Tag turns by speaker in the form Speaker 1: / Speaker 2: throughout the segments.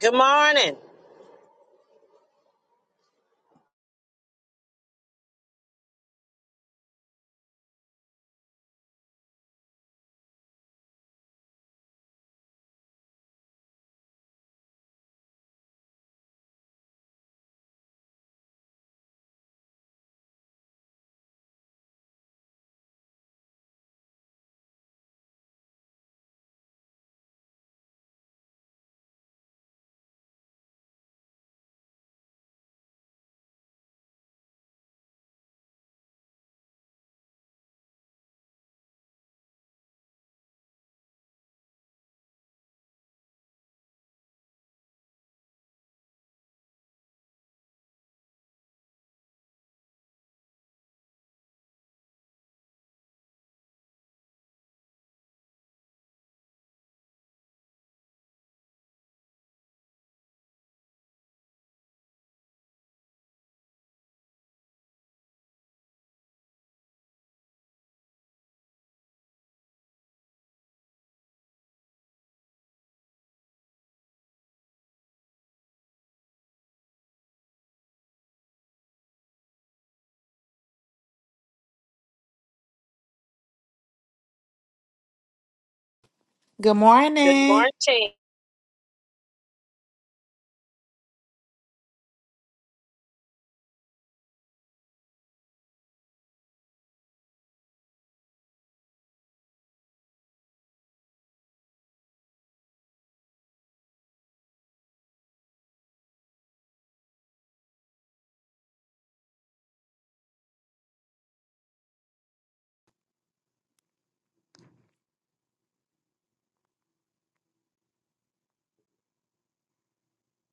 Speaker 1: Good morning.
Speaker 2: Good
Speaker 1: Good
Speaker 2: morning.
Speaker 1: morning.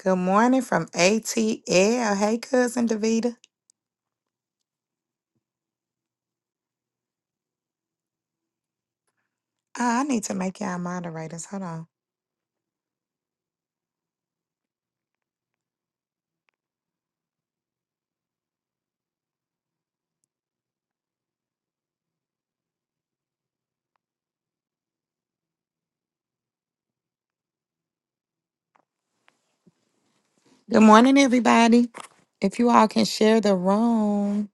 Speaker 2: Good morning from ATL. Hey, cousin Davita. Ah, I need to make y'all moderators. Hold on. Good morning, everybody. If you all can share the room.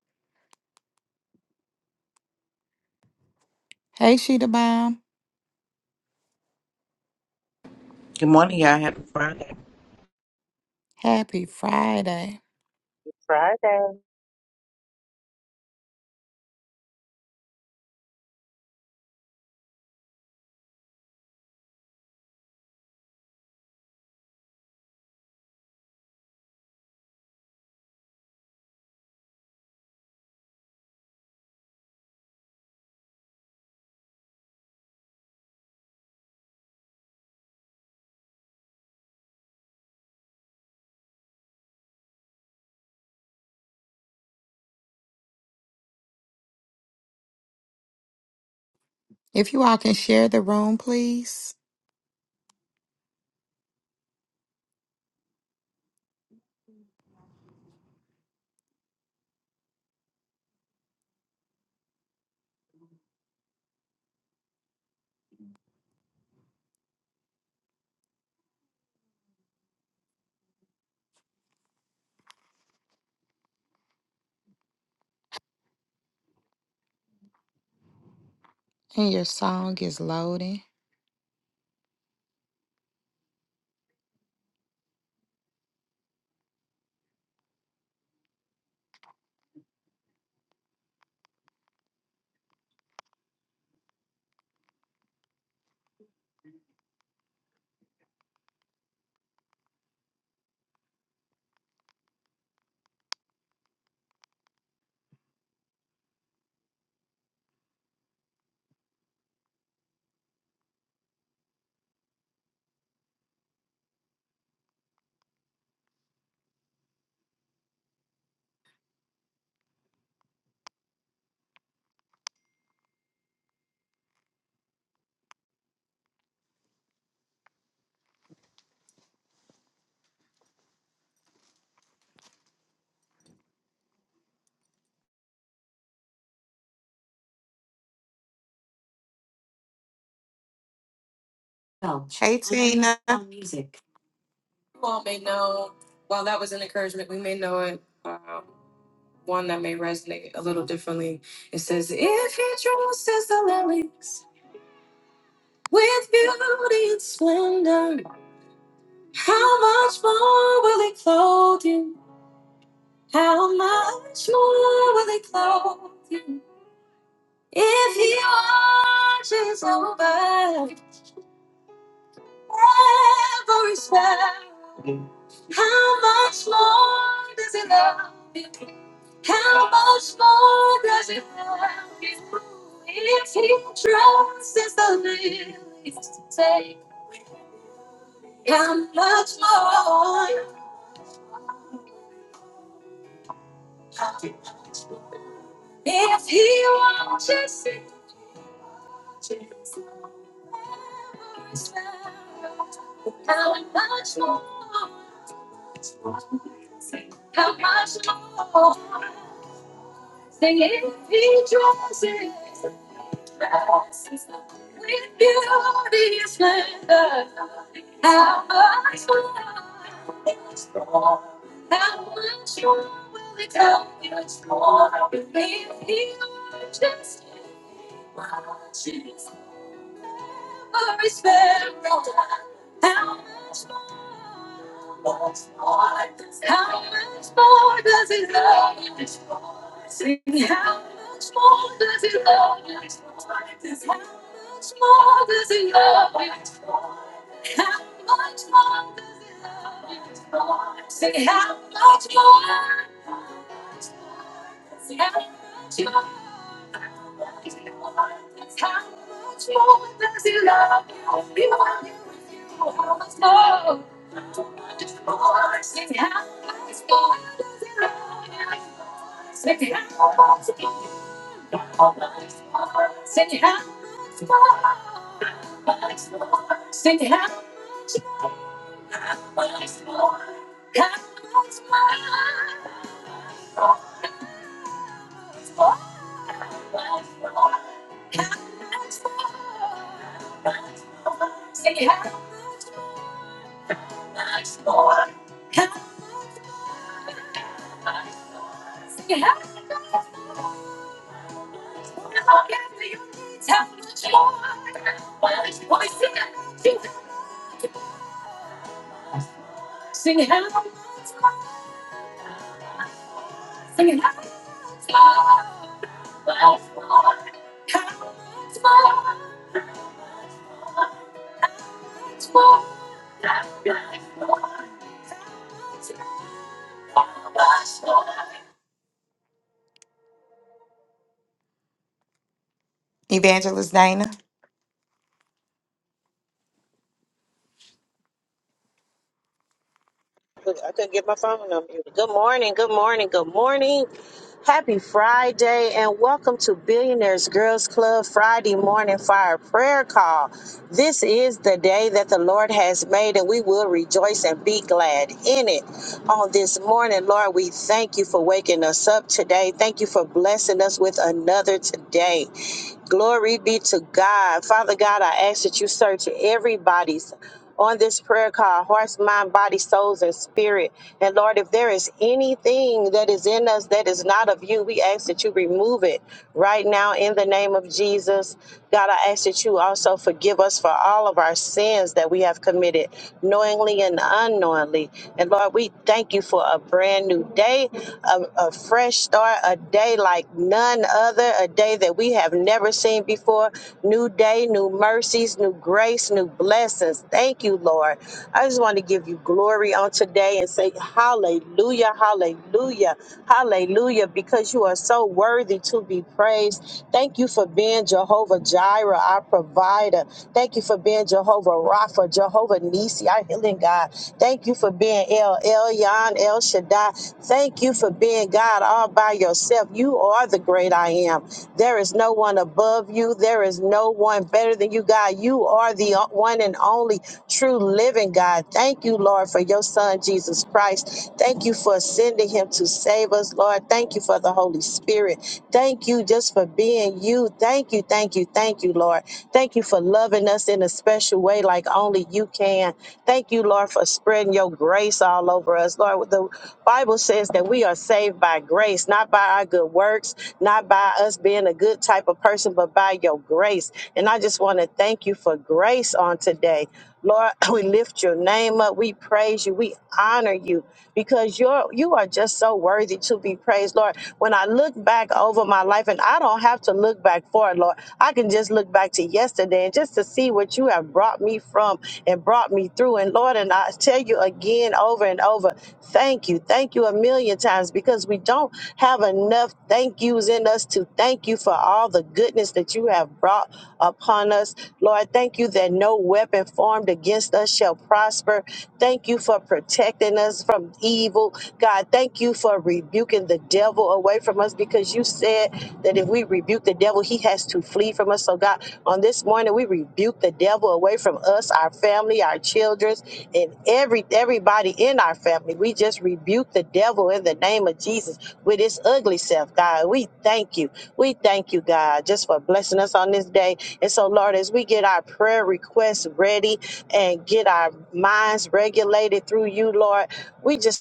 Speaker 2: Hey, Sheeta Bomb.
Speaker 3: Good morning, y'all. Happy
Speaker 2: Happy Friday.
Speaker 1: Friday.
Speaker 2: If you all can share the room, please. And your song is loading. Hey, Tina. You all may know, while that was an encouragement, we may know it. Um, one that may resonate a little differently. It says, If he dresses the lilies. With beauty and splendor, how much more will he clothe you? How much more will he clothe you? If he watches over every sparrow, how much more does he love you? How much more does he love you? If he trusts. Evangelist Dana,
Speaker 1: I couldn't get my phone on mute. Good morning. Good morning. Good morning. Happy Friday and welcome to Billionaires Girls Club Friday Morning Fire Prayer Call. This is the day that the Lord has made and we will rejoice and be glad in it. On this morning, Lord, we thank you for waking us up today. Thank you for blessing us with another today. Glory be to God. Father God, I ask that you search everybody's on this prayer call hearts, mind, body, souls, and spirit. And Lord, if there is anything that is in us that is not of you, we ask that you remove it right now in the name of Jesus. God, I ask that you also forgive us for all of our sins that we have committed, knowingly and unknowingly. And Lord, we thank you for a brand new day, a, a fresh start, a day like none other, a day that we have I've never seen before. New day, new mercies, new grace, new blessings. Thank you, Lord. I just want to give you glory on today and say hallelujah, hallelujah, hallelujah, because you are so worthy to be praised. Thank you for being Jehovah Jireh, our provider. Thank you for being Jehovah Rapha, Jehovah Nisi, our healing God. Thank you for being El Elyon, El Shaddai. Thank you for being God all by yourself. You are the great I am. There is is no one above you. There is no one better than you, God. You are the o- one and only true living God. Thank you, Lord, for your son, Jesus Christ. Thank you for sending him to save us, Lord. Thank you for the Holy Spirit. Thank you just for being you. Thank you, thank you, thank you, Lord. Thank you for loving us in a special way like only you can. Thank you, Lord, for spreading your grace all over us. Lord, the Bible says that we are saved by grace, not by our good works, not by us being a good type of person, but by your grace. And I just want to thank you for grace on today. Lord, we lift your name up. We praise you. We honor you because you're you are just so worthy to be praised, Lord. When I look back over my life, and I don't have to look back forward, Lord, I can just look back to yesterday and just to see what you have brought me from and brought me through. And Lord, and I tell you again over and over, thank you, thank you a million times because we don't have enough thank yous in us to thank Thank you for all the goodness that you have brought upon us. Lord, thank you that no weapon formed against us shall prosper. Thank you for protecting us from evil. God, thank you for rebuking the devil away from us because you said that if we rebuke the devil, he has to flee from us. So, God, on this morning, we rebuke the devil away from us, our family, our children, and every everybody in our family. We just rebuke the devil in the name of Jesus with his ugly self, God. We thank you. We thank you, God, just for blessing us on this day. And so, Lord, as we get our prayer requests ready and get our minds regulated through you, Lord, we just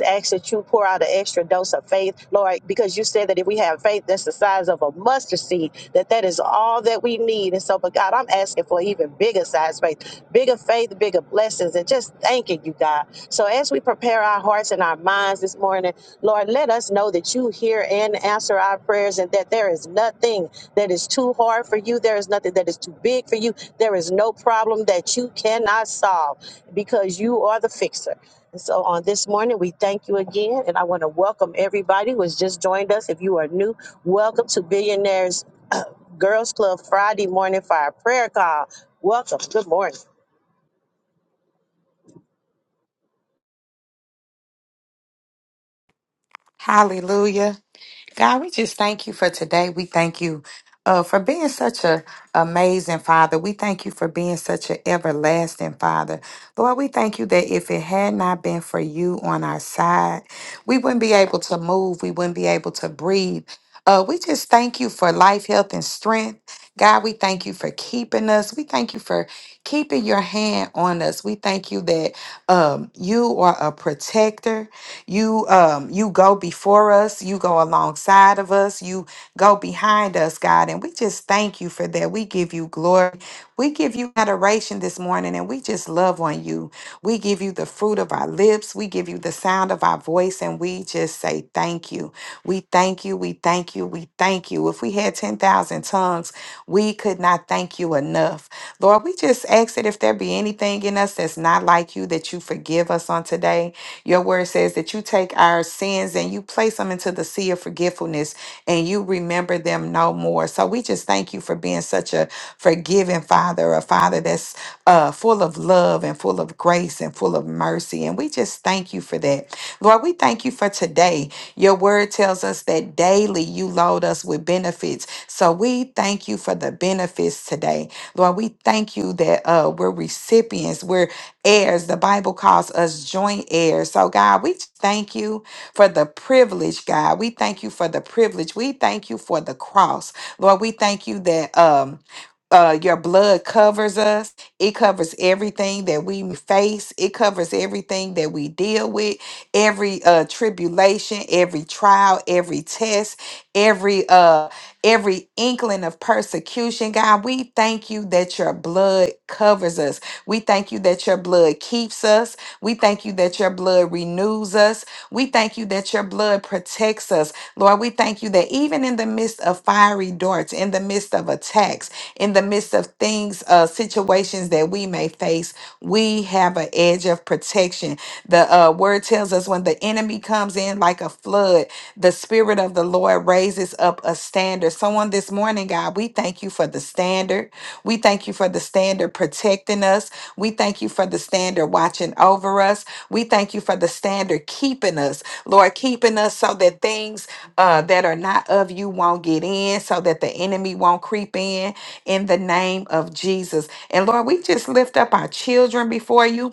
Speaker 1: ask that you pour out an extra dose of faith, Lord, because you said that if we have faith that's the size of a mustard seed, that that is all that we need. And so, but God, I'm asking for even bigger size faith, bigger faith, bigger blessings, and just thanking you, God. So as we prepare our hearts and our minds this morning, Lord, let us know that you hear and answer our prayers and that there is nothing that is too hard for you. There is nothing that is too big for you. There is no problem that you cannot solve because you are the fixer. So on this morning, we thank you again, and I want to welcome everybody who has just joined us. If you are new, welcome to Billionaires Girls Club Friday morning fire prayer call. Welcome. Good morning.
Speaker 2: hallelujah. God, we just thank you for today. We thank you uh, for being such a amazing Father. We thank you for being such an everlasting Father. Lord, we thank you that if it had not been for you on our side, we wouldn't be able to move. We wouldn't be able to breathe. Uh, we just thank you for life, health, and strength. God, we thank you for keeping us. We thank you for keeping your hand on us. We thank you that um, you are a protector. You um you go before us, you go alongside of us, you go behind us, God, and we just thank you for that. We give you glory. We give you adoration this morning and we just love on you. We give you the fruit of our lips, we give you the sound of our voice and we just say thank you. We thank you, we thank you, we thank you. If we had 10,000 tongues, we could not thank you enough. Lord, we just ask that if there be anything in us that's not like you, that you forgive us on today. Your word says that you take our sins and you place them into the sea of forgetfulness and you remember them no more. So we just thank you for being such a forgiving father, a father that's uh, full of love and full of grace and full of mercy. And we just thank you for that. Lord, we thank you for today. Your word tells us that daily you load us with benefits. So we thank you for the benefits today. Lord, we thank you that uh, we're recipients heirs. The Bible calls us joint heirs. So, God, we just thank you for the privilege, God. We thank you for the privilege. We thank you for the cross. Lord, we thank you that um uh, your blood covers us. It covers everything that we face. It covers everything that we deal with. Every uh, tribulation, every trial, every test, every uh, every inkling of persecution. God, we thank you that your blood covers us. We thank you that your blood keeps us. We thank you that your blood renews us. We thank you that your blood protects us. Lord, we thank you that even in the midst of fiery darts, in the midst of attacks, in the midst of things, uh, situations that we may face, we have an edge of protection. The uh, word tells us when the enemy comes in like a flood, the Spirit of the Lord raises up a standard. So on this morning, God, we thank you for the standard. We thank you for the standard protecting us. We thank you for the standard watching over us. We thank you for the standard keeping us, Lord, keeping us so that things uh, that are not of you won't get in, so that the enemy won't creep in, in the name of Jesus. And Lord, we just lift up our children before you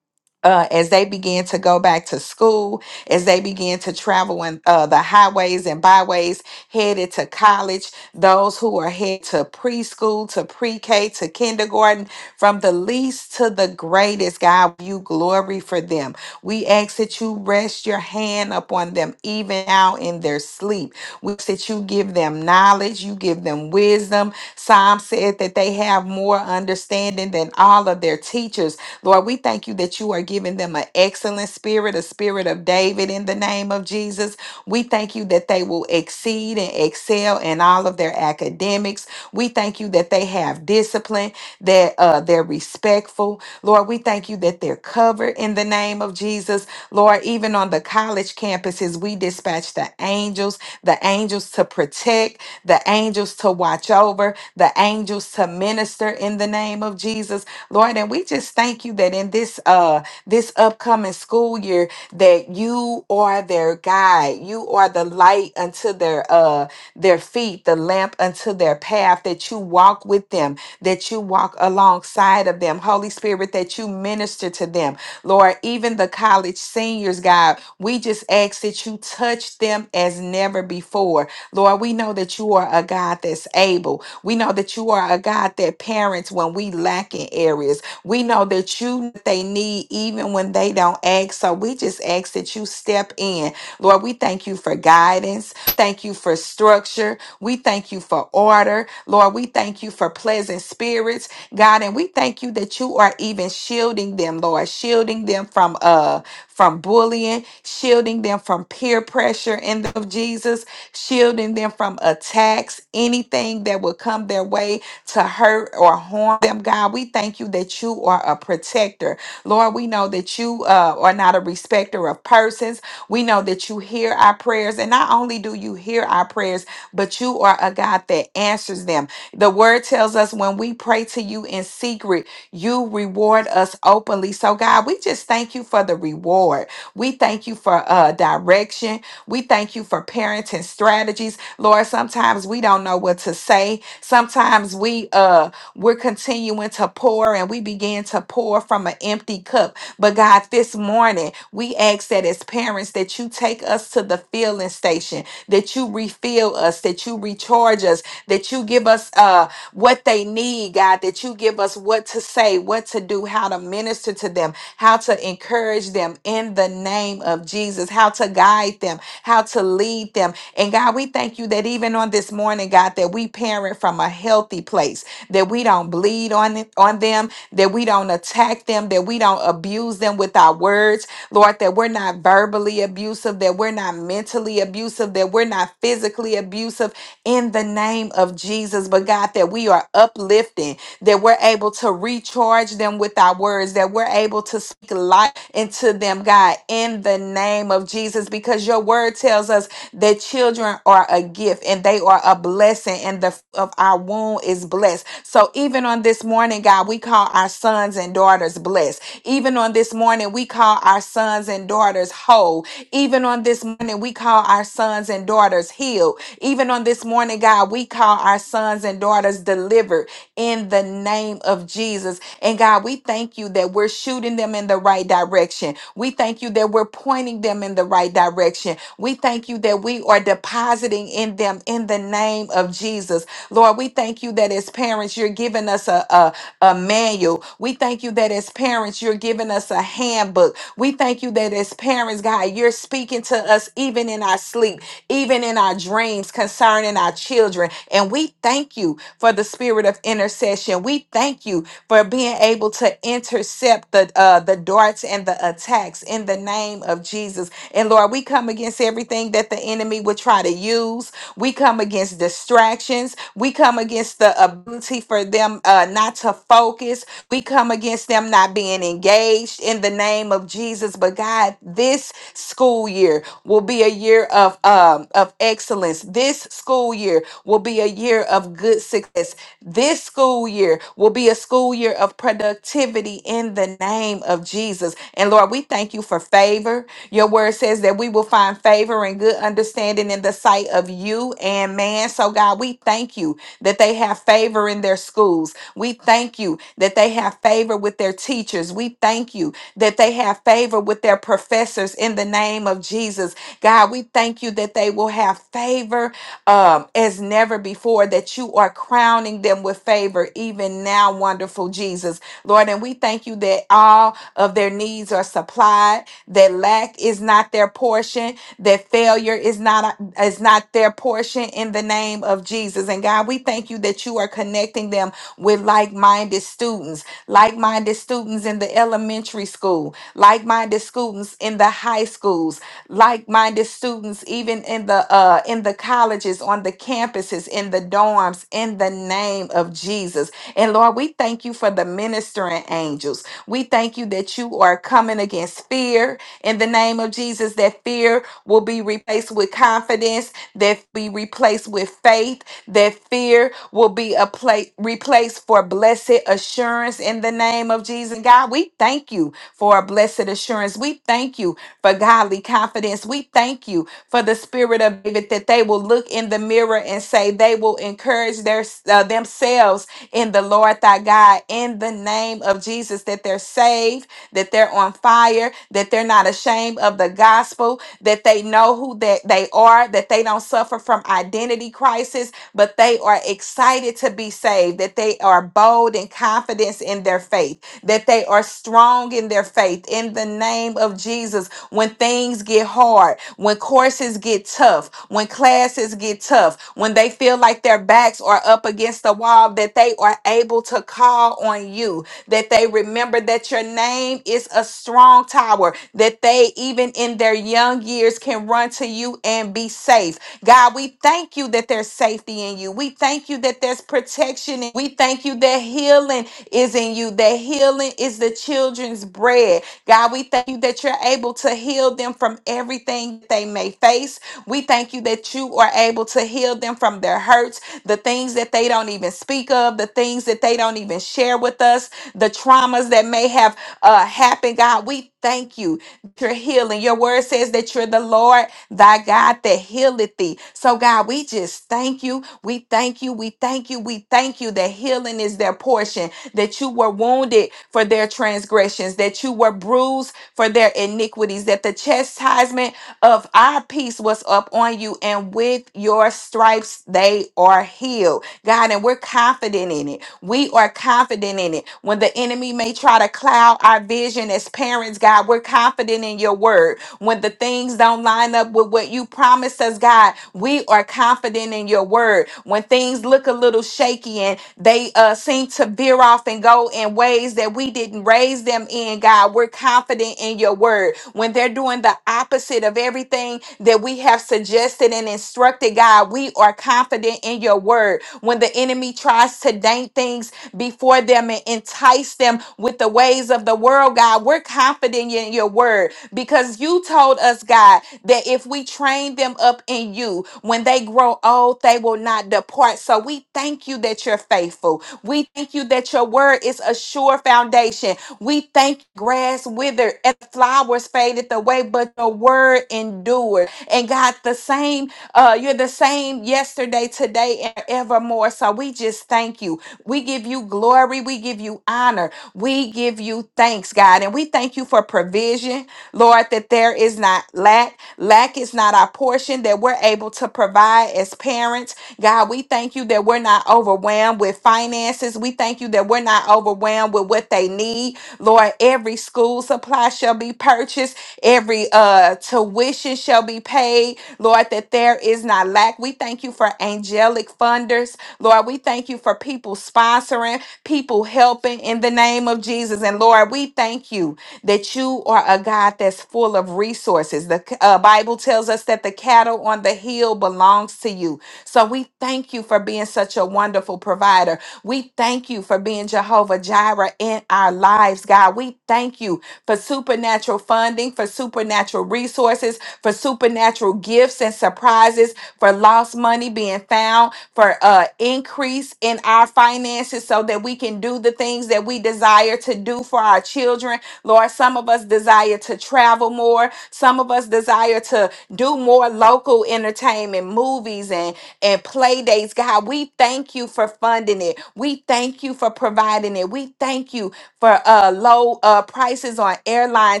Speaker 2: uh, as they begin to go back to school, as they begin to travel in uh, the highways and byways, headed to college, those who are headed to preschool, to pre K, to kindergarten, from the least to the greatest, God, you glory for them. We ask that you rest your hand upon them, even now in their sleep. We ask that you give them knowledge, you give them wisdom. Psalm said that they have more understanding than all of their teachers. Lord, we thank you that you are giving them an excellent spirit, a spirit of David in the name of Jesus. We thank you that they will exceed and excel in all of their academics. We thank you that they have discipline, that uh, they're respectful. Lord, we thank you that they're covered in the name of Jesus. Lord, even on the college campuses, we dispatch the angels, the angels to protect, the angels to watch over, the angels to minister in the name of Jesus. Lord, and we just thank you that in this uh this upcoming school year that you are their guide. You are the light unto their uh their feet, the lamp unto their path that you walk with them, that you walk alongside of them. Holy Spirit, that you minister to them. Lord, even the college seniors, God, we just ask that you touch them as never before. Lord, we know that you are a God that's able. We know that you are a God that parents when we lack in areas. We know that you they need even when they don't ask. So we just ask that you step in. Lord, we thank you for guidance. Thank you for structure. We thank you for order. Lord, we thank you for pleasant spirits, God, and we thank you that you are even shielding them, Lord, shielding them from uh from bullying, shielding them from peer pressure in the name of Jesus shielding them from attacks, anything that would come their way to hurt or harm them. God, we thank you that you are a protector. Lord, we know that you uh, are not a respecter of persons. We know that you hear our prayers, and not only do you hear our prayers, but you are a God that answers them. The word tells us when we pray to you in secret, you reward us openly. So, God, we just thank you for the reward. We thank you for uh, direction. We thank you for parenting strategies. Lord, sometimes we don't know what to say. Sometimes we uh we're continuing to pour and we begin to pour from an empty cup. But God, this morning we ask that as parents that you take us to the filling station, that you refill us, that you recharge us, that you give us uh what they need, God, that you give us what to say, what to do, how to minister to them, how to encourage them in the name of Jesus, how to guide them, how to lead them. And God, we thank you that even on this morning, God, that we parent from a healthy place, that we don't bleed on, it, on them, that we don't attack them, that we don't abuse them with our words, Lord, that we're not verbally abusive, that we're not mentally abusive, that we're not physically abusive in the name of Jesus. But God, that we are uplifting, that we're able to recharge them with our words, that we're able to speak life into them, God, in the name of Jesus, because your word tells us that children are a gift and they are a blessing, and the f- of our womb is blessed. So even on this morning, God, we call our sons and daughters blessed. Even on this morning, we call our sons and daughters whole. Even on this morning, we call our sons and daughters healed. Even on this morning, God, we call our sons and daughters delivered in the name of Jesus. And God, we thank you that we're shooting them in the right direction. We thank you that we're pointing them in the right direction. We thank you that we are depositing in them in the name of Jesus. Lord, we thank you that as parents, you're giving us a, a, a manual. We thank you that as parents, you're giving us a handbook. We thank you that as parents, God, you're speaking to us even in our sleep, even in our dreams concerning our children. And we thank you for the spirit of intercession. We thank you for being able to intercept the uh, the darts and the attacks in the name of Jesus. And Lord, we come against everything that the enemy would try to use. We come against distractions. We come against the ability for them uh, not to focus. We come against them not being engaged in the name of Jesus. But God, this school year will be a year of um, of excellence. This school year will be a year of good success this school year will be a school year of productivity in the name of Jesus. And Lord, we thank you for favor. Your word says that we will find favor and good understanding in the sight of you and man. So, God, we thank you that they have favor in their schools. We thank you that they have favor with their teachers. We thank you that they have favor with their professors in the name of Jesus. God, we thank you that they will have favor um, as never before, that you are crowning them with favor, even now, wonderful Jesus. Lord, and we thank you that all of their needs are supplied, that lack is not their portion, that failure is not is not their portion in the name of Jesus. And God, we thank you that you are connecting them with like-minded students, like-minded students in the elementary school, like-minded students in the high schools, like-minded students even in the uh in the colleges on the campuses in the dorms in the name of jesus and lord we thank you for the ministering angels we thank you that you are coming against fear in the name of jesus that fear will be replaced with confidence that be replaced with faith that fear will be a place replaced for blessed assurance in the name of jesus god we thank you for a blessed assurance we thank you for godly confidence. We thank you for the spirit of David that they will look in the mirror and say they will encourage their uh, themselves in the Lord thy God in the name of Jesus that they're saved, that they're on fire, that they're not ashamed of the gospel, that they know who that they are, that they don't suffer from identity crisis, but they are excited to be saved, that they are bold and confident in their faith, that they are strong in their faith in the name of Jesus when things get hard, when courses get tough, when classes get tough, when they feel like their backs are up against the wall, that they are able to call on you, that they remember that your name is a strong tower, that they, even in their young years, can run to you and be safe. God, we thank you that there's safety in you. We thank you that there's protection. in- We thank you that healing is in you, that healing is the children's bread God, we thank you that you're able to heal them from everything they may face. We thank you that you are able to heal them from their hurts, the things that they don't even speak of, the things that they don't even share with us, the traumas that may have uh, happened. God, we thank you that you're healing. Your word says that you're the Lord thy God that healeth thee. So, God, we just thank you. We thank you. We thank you. We thank you that healing is their portion that you were wounded for their transgressions, that you were bruised for their iniquities, that the chastisement of our peace was up on you, and with your stripes they are healed. God, and we're confident in it. We are confident in it. When the enemy may try to cloud our vision as parents, God, we're confident in your word. When the things don't line up with what you promised us, God, we are confident in your word. When things look a little shaky they uh, seem to veer off and go in ways that we didn't raise them in, God. We're confident in your word. When they're doing the opposite of everything that we have suggested and instructed, God, we are confident in your word. When the enemy tries to dank things before them and entice them with the ways of the world, God, we're confident in your word because you told us, God, that if we train them up in you, when they grow old, they will not depart. So we thank you that you're faithful. We thank you that your word is a sure foundation. We thank grass withered and flowers faded away, but your word endured. And God, the same, uh, you're the same yesterday, today, and evermore. So we just thank you. We give you glory. We give you honor. We give you thanks, God. And we thank you for provision, Lord, that there is not lack. Lack is not our portion that we're able to provide as parents. God, we thank you that we're not overwhelmed with finances. We thank you that we're not overwhelmed with what they need. Lord, every school supply shall be purchased, every uh tuition shall be paid. Lord, that there is not lack. We thank you for angelic funders. Lord, we thank you for people sponsoring, people helping in the name of Jesus. And Lord, we thank you that you are a God that's full of resources. The uh, Bible tells us that the cattle on the hill belongs to you. So we thank you for being such a wonderful provider. We thank you for being Jehovah Jireh in our lives, God. We thank you for supernatural funding, for supernatural resources, for supernatural gifts and surprises, for lost money being found, for uh, increase in our finances so that we can do the things that we desire to do for our children Lord, some of us desire to travel more. Some of us desire to do more local entertainment, movies, and, and play dates. God, we thank you for funding it. We thank you for providing it. We thank you for uh, low uh, prices on airline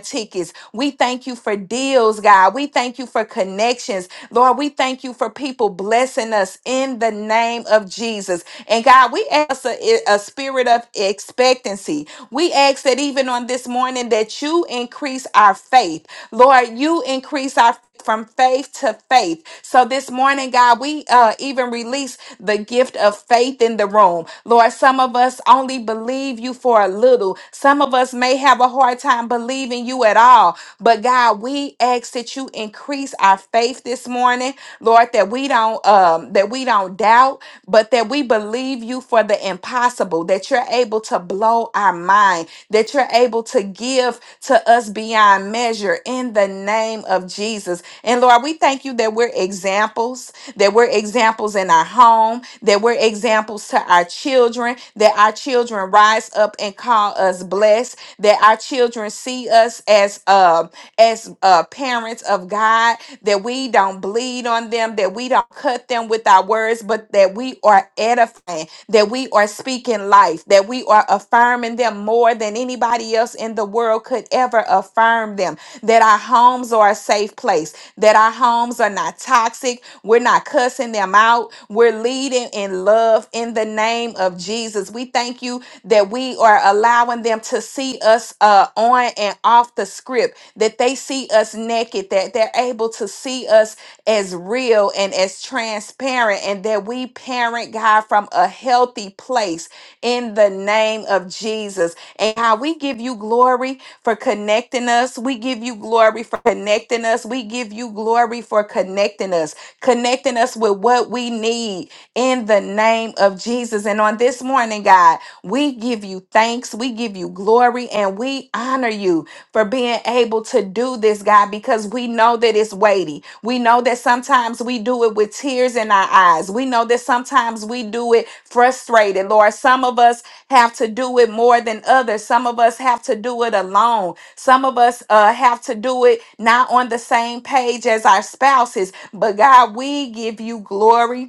Speaker 2: tickets. We thank you for deals, God. We thank you for connections. Lord, we thank you for people blessing us in the name of Jesus. And God, we ask a, a spirit of expectancy we ask that even on this morning that you increase our faith. Lord, you increase our from faith to faith. So this morning, God, we uh, even release the gift of faith in the room. Lord, some of us only believe you for a little. Some of us may have a hard time believing you at all. But God, we ask that you increase our faith this morning, Lord, that we don't um, that we don't doubt, but that we believe you for the impossible, that you're able to blow our mind, that you're able to give to us beyond measure in the name of Jesus. And Lord, we thank you that we're examples, that we're examples in our home, that we're examples to our children, that our children rise up and call us blessed, that our children see us as uh, as uh, parents of God, that we don't bleed on them, that we don't cut them with our words, but that we are edifying, that we are speaking life, that we are affirming them more than anybody else in the world could ever affirm them, that our homes are a safe place, that our homes are not toxic, we're not cussing them out, we're leading in love in the name of Jesus. We thank you that we are allowing them to see us uh, on and off the script that they see us naked, that they're able to see us as real and as transparent, and that we parent God from a healthy place in the name of Jesus. And how we give you glory for connecting us. We give you glory for connecting us. We give you glory for connecting us, connecting us with what we need in the name of Jesus. And on this morning, God, we give you thanks, we give you glory, and we honor you for being able to do this, God, because we know that it's weighty. We know that sometimes we do it with tears in our eyes. We know that sometimes we do it frustrated, Lord. Some of us have to do it more than others. Some of us have to do it alone. Some of us uh, have to do it not on the same page as our spouses. But God, we give you glory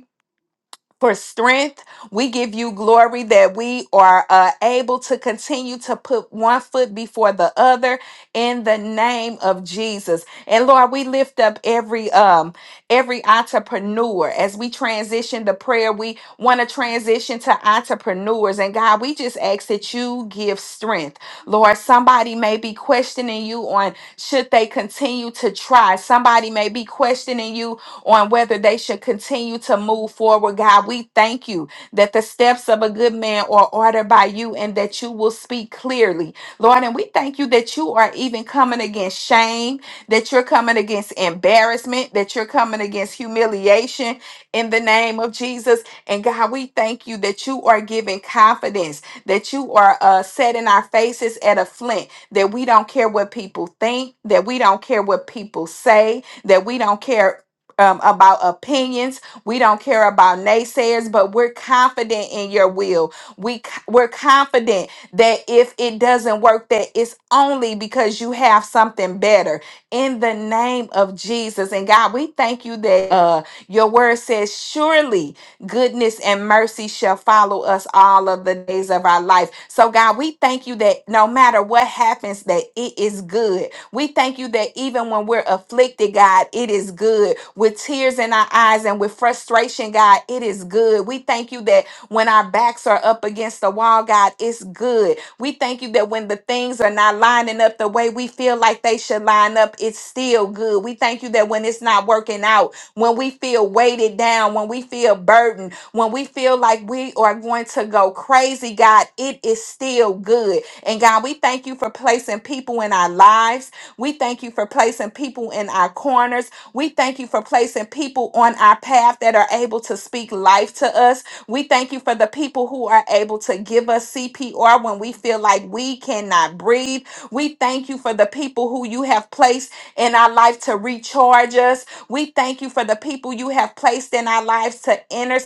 Speaker 2: for strength. We give you glory that we are uh, able to continue to put one foot before the other in the name of Jesus. And Lord, we lift up every um every entrepreneur as we transition to prayer. We want to transition to entrepreneurs, and God, we just ask that you give strength. Lord, somebody may be questioning you on should they continue to try. Somebody may be questioning you on whether they should continue to move forward. God, we thank you that the steps of a good man are ordered by you and that you will speak clearly. Lord, and we thank you that you are even coming against shame, that you're coming against embarrassment, that you're coming against humiliation in the name of Jesus. And God, we thank you that you are giving confidence, that you are uh, setting our faces at a flint, that we don't care what people think, that we don't care what people say, that we don't care um, about opinions. We don't care about naysayers, but we're confident in your will. We c- we're confident that if it doesn't work, that it's only because you have something better. In the name of Jesus and God, we thank you that uh, your word says, "Surely goodness and mercy shall follow us all of the days of our life." So God, we thank you that no matter what happens, that it is good we thank you that even when we're afflicted, God, it is good. With tears in our eyes and with frustration, God, it is good. We thank you that when our backs are up against the wall, God, it's good. We thank you that when the things are not lining up the way we feel like they should line up, it's still good. We thank you that when it's not working out, when we feel weighted down, when we feel burdened, when we feel like we are going to go crazy, God, it is still good. And God, we thank you for placing people in our lives we thank you for placing people in our corners. We thank you for placing people on our path that are able to speak life to us. We thank you for the people who are able to give us CPR when we feel like we cannot breathe. We thank you for the people who you have placed in our life to recharge us. We thank you for the people you have placed in our lives to intercede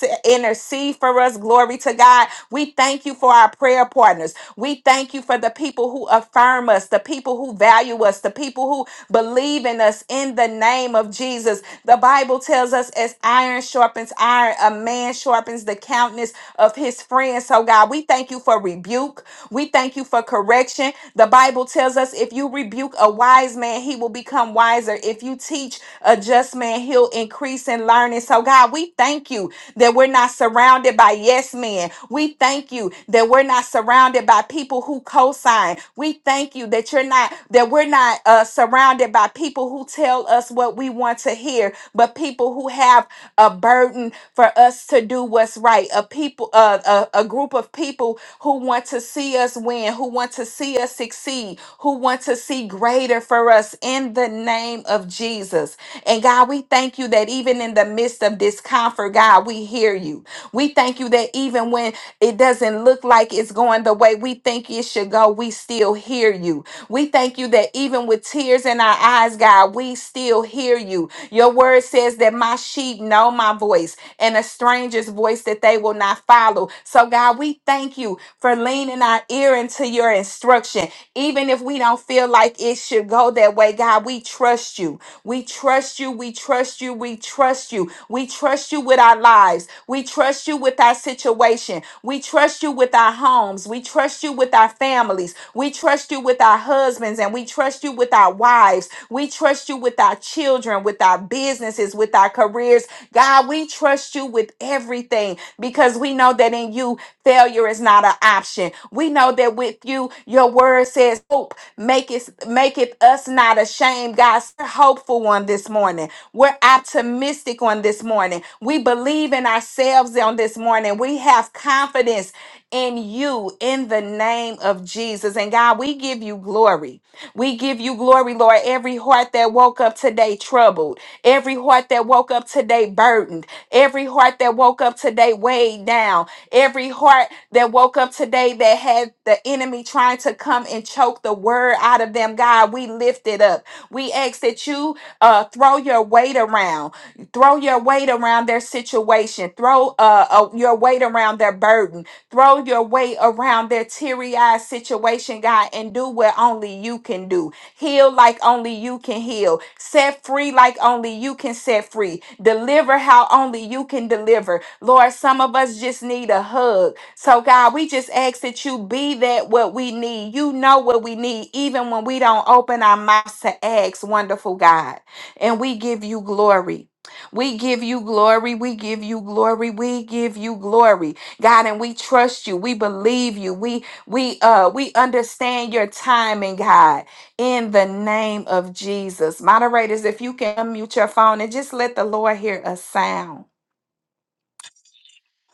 Speaker 2: to intercede for us. Glory to God. We thank you for our prayer partners. We thank you for the people who affirm us, the people who value us, the people who believe in us in the name of Jesus. The Bible tells us as iron sharpens iron, a man sharpens the countenance of his friends. So, God, we thank you for rebuke. We thank you for correction. The Bible tells us if you rebuke a wise man, he will become wiser. If you teach a just man, he'll increase in learning. So, God, we thank you that we're not surrounded by yes men. We thank you that we're not surrounded by people who co-sign. We thank you that you're not that we're not uh, surrounded by people who tell us what we want to hear, but people who have a burden for us to do what's right. A people, uh, a, a group of people who want to see us win, who want to see us succeed, who want to see greater for us in the name of Jesus. And God, we thank you that even in the midst of discomfort, God, we hear you. We thank you that even when it doesn't look like it's going the way we think it should go, we still hear you. We thank you that even with tears in our eyes, God, we still hear you. Your word says that my sheep know my voice and a stranger's voice that they will not follow. So, God, we thank you for leaning our ear into your instruction. Even if we don't feel like it should go that way, God, we trust you. We trust you. We trust you. We trust you. We trust you with our lives. We trust you with our situation. We trust you with our homes. We trust you with our families. We trust you with our husbands and we trust you with our wives. We trust you with our children, with our businesses, with our careers. God, we trust you with everything because we know that in you, failure is not an option. We know that with you, your word says hope Make it, make it us not ashamed, God. We're hopeful on this morning. We're optimistic on this morning. We believe in ourselves on this morning. We have confidence in you in the name of Jesus. And God, we give you glory. We give you glory, Lord. Every heart that woke up today troubled, every heart that woke up today burdened, every heart that woke up today weighed down, every heart that woke up today that had the enemy trying to come and choke the word out of them. God, we lift it up. We ask that you uh, throw your weight around, throw your weight around their situation, throw uh, uh, your weight around their burden, throw your weight around their teary eyed situation, God, and do what only you can do. Heal like only you can heal, set free like only you can set free, deliver how only you can deliver. Lord, some of us just need a hug. So, God, we just ask that you be that what we need. You know what we need, even when we don't open our mouths to ask, wonderful God. And we give you glory. We give you glory. We give you glory. We give you glory, God, and we trust you. We believe you. We we uh we understand your timing, God. In the name of Jesus, moderators, if you can unmute your phone and just let the Lord hear a sound.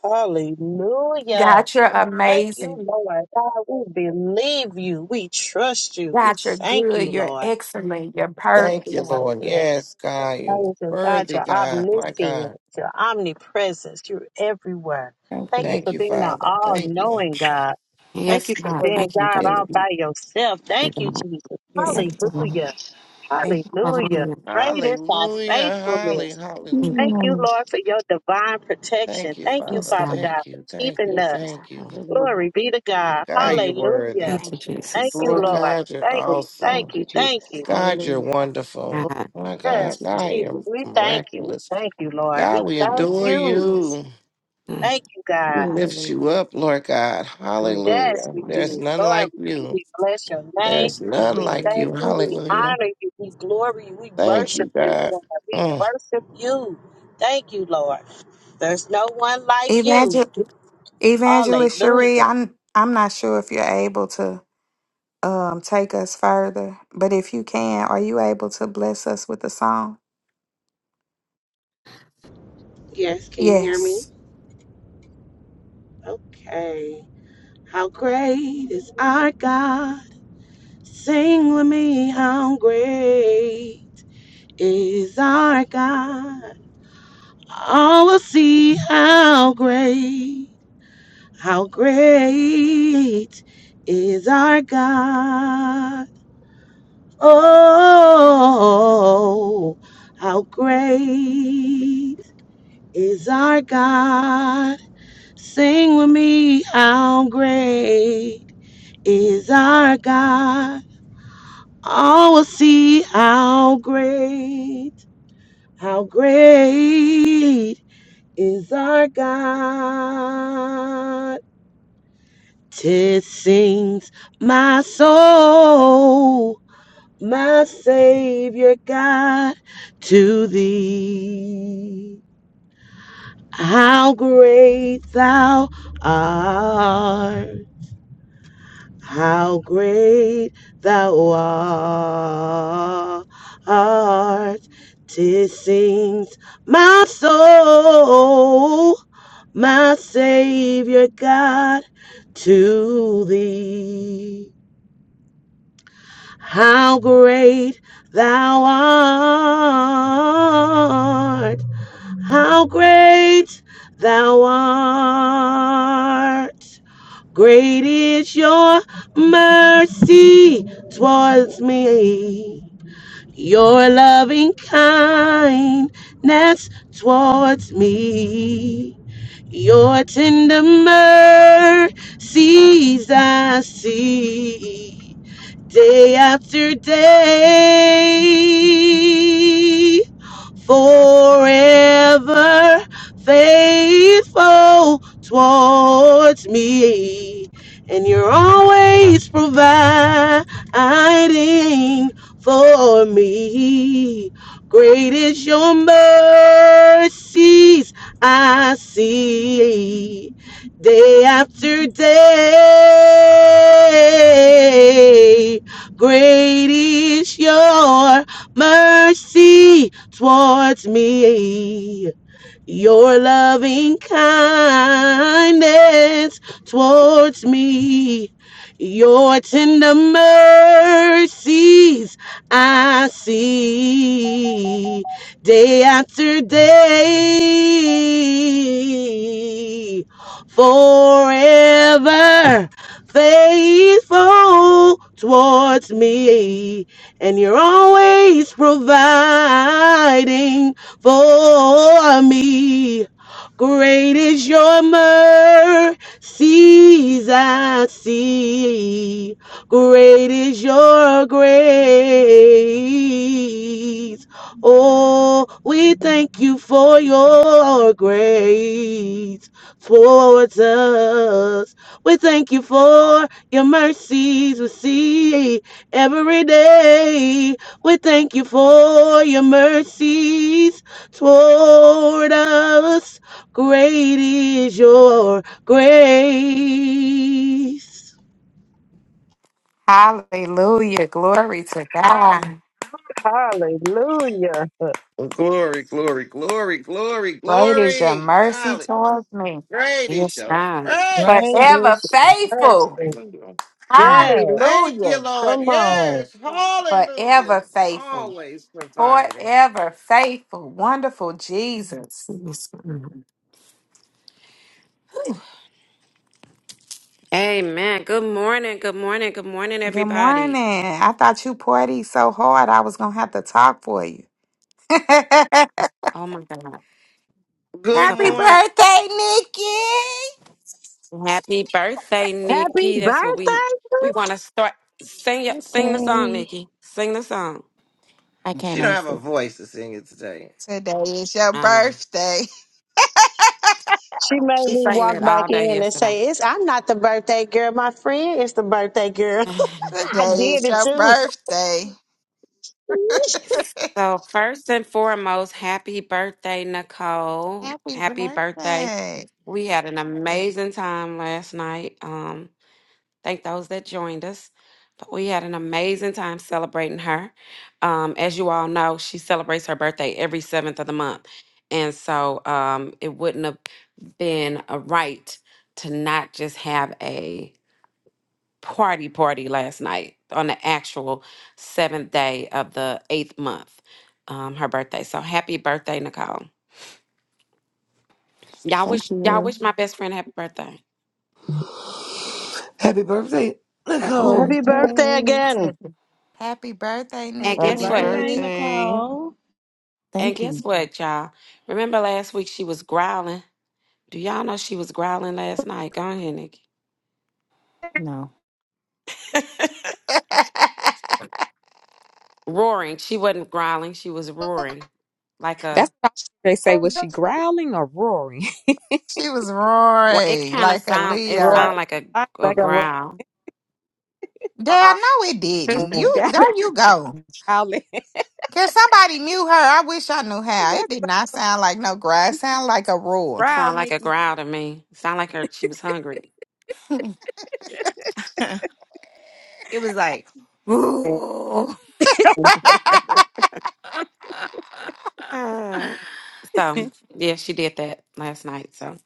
Speaker 1: Hallelujah.
Speaker 2: God, you're
Speaker 1: Thank you,
Speaker 2: amazing.
Speaker 1: Lord God. We believe you. We trust you. We
Speaker 2: God, you're
Speaker 1: thank
Speaker 2: good.
Speaker 1: you,
Speaker 2: You're
Speaker 1: Lord.
Speaker 2: excellent. You're perfect.
Speaker 4: Thank you, Lord. Yes, God, you're
Speaker 1: Praise you, God,
Speaker 4: worthy,
Speaker 1: your
Speaker 4: God. My God.
Speaker 1: omniscience, your omnipresence, you're everywhere.
Speaker 5: Thank you.
Speaker 1: Thank you
Speaker 5: Lord.
Speaker 4: Thank
Speaker 1: for
Speaker 4: you,
Speaker 1: being an
Speaker 4: Father.
Speaker 1: all
Speaker 4: Thank you.
Speaker 1: knowing God.
Speaker 5: Thank
Speaker 1: Thank
Speaker 6: Yes,
Speaker 1: you for
Speaker 6: God.
Speaker 7: Glory.
Speaker 1: being
Speaker 6: Thank you,
Speaker 1: God
Speaker 6: God.
Speaker 4: Thank
Speaker 6: Thank
Speaker 1: all
Speaker 4: you.
Speaker 1: by yourself.
Speaker 6: you,
Speaker 1: Thank you,
Speaker 6: God.
Speaker 1: Jesus.
Speaker 7: Yes,
Speaker 6: Thank
Speaker 5: thank
Speaker 6: you,
Speaker 5: you.
Speaker 6: God.
Speaker 5: Lord.
Speaker 1: Hallelujah.
Speaker 7: thank
Speaker 1: Hallelujah.
Speaker 6: Hallelujah.
Speaker 1: Great is thy
Speaker 4: Hallelujah. Holly,
Speaker 1: faithfulness.
Speaker 6: Thank you,
Speaker 1: Thank
Speaker 4: hallelujah.
Speaker 1: you,
Speaker 5: Mm,
Speaker 1: Lord, for your divine
Speaker 4: Thank
Speaker 1: protection.
Speaker 4: you,
Speaker 1: Thank you,
Speaker 6: Jesus,
Speaker 4: Father.
Speaker 1: Father
Speaker 6: God.
Speaker 1: God,
Speaker 4: Thank you.
Speaker 1: for
Speaker 4: Thank
Speaker 1: keeping
Speaker 4: you.
Speaker 8: Yes, God.
Speaker 1: us.
Speaker 4: Thank you.
Speaker 8: Hallelujah.
Speaker 1: Glory be to God.
Speaker 4: God,
Speaker 6: Yeah.
Speaker 4: you're worthy.
Speaker 1: Hallelujah.
Speaker 6: Thank you,
Speaker 8: Thank you, God.
Speaker 1: Thank
Speaker 7: you,
Speaker 6: Jesus.
Speaker 1: you,
Speaker 7: Lord.
Speaker 8: Hallelujah.
Speaker 1: Lord.
Speaker 4: God, you're
Speaker 1: Thank you. Thank
Speaker 4: awesome.
Speaker 8: Thank
Speaker 1: you.
Speaker 8: you,
Speaker 1: Thank you.
Speaker 8: Jesus.
Speaker 4: God, you're
Speaker 8: Hallelujah.
Speaker 4: wonderful.
Speaker 6: God.
Speaker 4: My
Speaker 8: Thank
Speaker 4: God,
Speaker 1: Yes,
Speaker 6: Thank you,
Speaker 8: you,
Speaker 6: God.
Speaker 8: God.
Speaker 4: God,
Speaker 1: Jesus.
Speaker 4: you're
Speaker 1: We thank you. We
Speaker 4: miraculous.
Speaker 1: thank you, Lord.
Speaker 4: God,
Speaker 1: We
Speaker 4: we
Speaker 8: Bless your
Speaker 1: thank
Speaker 8: name,
Speaker 4: adore
Speaker 8: Lord
Speaker 1: you.
Speaker 8: Jesus.
Speaker 4: you.
Speaker 6: Mm.
Speaker 1: Thank you,
Speaker 4: We
Speaker 1: God.
Speaker 4: lift
Speaker 8: Hallelujah.
Speaker 4: you up, Lord God.
Speaker 8: Great and
Speaker 1: Yes,
Speaker 4: Hallelujah.
Speaker 8: awesome
Speaker 1: we
Speaker 8: are you,
Speaker 4: There's
Speaker 8: Lord.
Speaker 1: do.
Speaker 4: none
Speaker 1: Lord,
Speaker 4: like
Speaker 1: we
Speaker 4: you.
Speaker 1: we bless your
Speaker 4: There's
Speaker 1: name.
Speaker 4: none
Speaker 1: We
Speaker 4: like
Speaker 8: Hallelujah.
Speaker 1: thank
Speaker 4: you.
Speaker 1: you. We
Speaker 4: Hallelujah.
Speaker 1: honor you. We glory you. We
Speaker 4: Thank
Speaker 1: worship
Speaker 4: you,
Speaker 1: you,
Speaker 4: God.
Speaker 1: God. We
Speaker 4: Oh,
Speaker 1: worship you. Thank you, Lord. There's no one like you.
Speaker 2: Evangel- Evangelist Cherie,
Speaker 1: Hallelujah.
Speaker 2: I'm I'm not sure if you're able to um take us further, but if you can, are you able to bless us with a song?
Speaker 9: Yes, can you hear me?
Speaker 2: Yes.
Speaker 9: Okay. How great is our God? Sing with me, how great is our God? All will see how great, how great is our God. Oh, how great is our God? Sing with me, how great is our God. All will see how great, how great is our God. Tis sings my soul, my Savior God, to thee. How great thou art. How great thou art. Tis sings my soul, my Savior God, to thee. How great thou art. How great thou art. Great is your mercy towards me. Your loving kindness towards me. Your tender mercies I see day after day forever faithful towards me. And you're always providing for me. Great is your mercies I see day after day. Great is your mercy towards me. Your loving kindness towards me. Your tender mercies I see day after day. Forever faithful towards me and you're always providing for me. Great is your mercies I see. Great is your grace. Oh, we thank you for your grace towards us. We thank you for your mercies we see. Every day we thank you for your mercies toward us. Great is your grace.
Speaker 2: Hallelujah. Glory to God.
Speaker 1: Hallelujah.
Speaker 4: glory, glory, glory, glory,
Speaker 2: Great is your
Speaker 4: glory.
Speaker 2: mercy
Speaker 4: Golly,
Speaker 2: towards me.
Speaker 4: great is
Speaker 6: Yes,
Speaker 4: your
Speaker 6: God.
Speaker 4: grace.
Speaker 1: Rain
Speaker 2: Forever
Speaker 1: is your
Speaker 2: faithful.
Speaker 1: mercy.
Speaker 4: Hallelujah.
Speaker 6: Mm.
Speaker 1: Yes.
Speaker 4: Thank you,
Speaker 2: Hallelujah.
Speaker 4: Lord.
Speaker 1: Come on.
Speaker 4: Yes, hallelujah.
Speaker 2: Forever faithful.
Speaker 4: Always providing.
Speaker 2: Forever faithful. Wonderful Jesus.
Speaker 6: Yes, God. Whew. Amen. Good morning. Good morning. Good morning,
Speaker 2: Good
Speaker 6: everybody.
Speaker 2: morning. I thought you partied so hard I was gonna have to talk for you. Happy
Speaker 6: Oh, my God. It's
Speaker 4: Good
Speaker 6: okay.
Speaker 4: morning.
Speaker 2: birthday, Nikki!
Speaker 6: Happy birthday,
Speaker 1: Happy
Speaker 6: Nikki. That's what we
Speaker 1: birthday
Speaker 6: we want to start. Sing, your-
Speaker 8: Happy
Speaker 6: sing the song,
Speaker 8: birthday.
Speaker 6: Nikki. Sing the song.
Speaker 5: I
Speaker 4: She
Speaker 5: can't
Speaker 4: don't have a
Speaker 5: understand.
Speaker 4: voice to sing it today.
Speaker 2: Today is your
Speaker 6: I know.
Speaker 2: birthday.
Speaker 1: She made
Speaker 6: She
Speaker 1: me
Speaker 6: sang
Speaker 1: walk
Speaker 6: that
Speaker 1: back
Speaker 6: all day
Speaker 1: in and
Speaker 6: yesterday.
Speaker 1: say, "It's I'm not the birthday girl. My friend is the birthday girl. I
Speaker 2: Today
Speaker 1: did
Speaker 2: is
Speaker 1: it
Speaker 2: your
Speaker 1: too.
Speaker 2: birthday.
Speaker 6: So, first and foremost, happy birthday, Nicole.
Speaker 2: Happy
Speaker 6: Happy birthday.
Speaker 2: birthday.
Speaker 6: We had an amazing time last night. Um, thank those that joined us. But we had an amazing time celebrating her. Um, as you all know, she celebrates her birthday every seventh of the month. And so um, it wouldn't have been a right to not just have a party party last night on the actual seventh day of the eighth month, um, her birthday. So happy birthday, Nicole. Y'all
Speaker 5: Thank
Speaker 6: wish y'all
Speaker 5: you.
Speaker 6: wish my best friend happy birthday.
Speaker 10: Happy birthday,
Speaker 8: Happy
Speaker 10: Nicole.
Speaker 5: Oh,
Speaker 1: Happy birthday
Speaker 8: birthday.
Speaker 1: again!"
Speaker 2: Happy birthday,
Speaker 6: And
Speaker 2: Nikki.
Speaker 11: Happy
Speaker 6: guess
Speaker 4: Happy
Speaker 6: what?
Speaker 11: birthday,
Speaker 4: birthday.
Speaker 11: Nicole.
Speaker 6: And
Speaker 5: thank you.
Speaker 6: guess what, y'all? Remember last week she was growling. Do y'all know she was growling last night? Go ahead, Nikki.
Speaker 5: No.
Speaker 6: roaring. She wasn't growling. She was roaring, like
Speaker 7: That's
Speaker 6: a.
Speaker 7: what I, they say. Was she growling or roaring?
Speaker 2: she was
Speaker 6: Well, it
Speaker 2: roaring
Speaker 6: kind of
Speaker 2: like a
Speaker 6: sound. It
Speaker 7: roaring
Speaker 2: Leo.
Speaker 6: sound like a,
Speaker 7: like
Speaker 6: a
Speaker 1: Like a lie.
Speaker 6: growl.
Speaker 2: Dad, no, it didn't.
Speaker 7: a lion,
Speaker 2: You
Speaker 7: that is
Speaker 2: there you go.
Speaker 7: growling.
Speaker 2: Can somebody mute her? I wish I knew how. It
Speaker 7: That's
Speaker 2: did not sound like no grass. It sounded like a roar.
Speaker 6: It
Speaker 7: growl,
Speaker 6: sound like a
Speaker 7: Nikki.
Speaker 6: growl to me. It sound like her. She was hungry.
Speaker 5: It was like, ooh.
Speaker 6: So, yeah, she did that last night. So,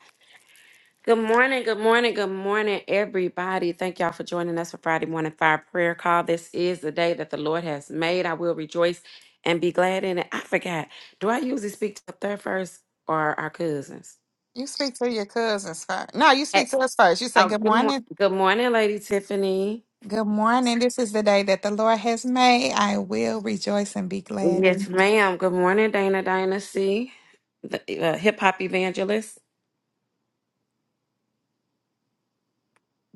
Speaker 6: good morning, good morning, good morning, everybody. Thank y'all for joining us for Friday Morning Fire Prayer Call. This is the day that the Lord has made. I will rejoice and be glad in it. I forgot. Do I usually speak to up there first or our cousins?
Speaker 2: you speak to your cousins first. No, you
Speaker 6: Hey,
Speaker 2: speak to us first. You say,
Speaker 6: oh,
Speaker 2: Good
Speaker 6: good, mor-
Speaker 2: morning.
Speaker 6: good morning, Lady Tiffany.
Speaker 2: Good morning. This is the day that the Lord has made. I will rejoice and be glad.
Speaker 6: Yes, ma'am. Good morning, Dana Dynasty, the uh, hip hop evangelist.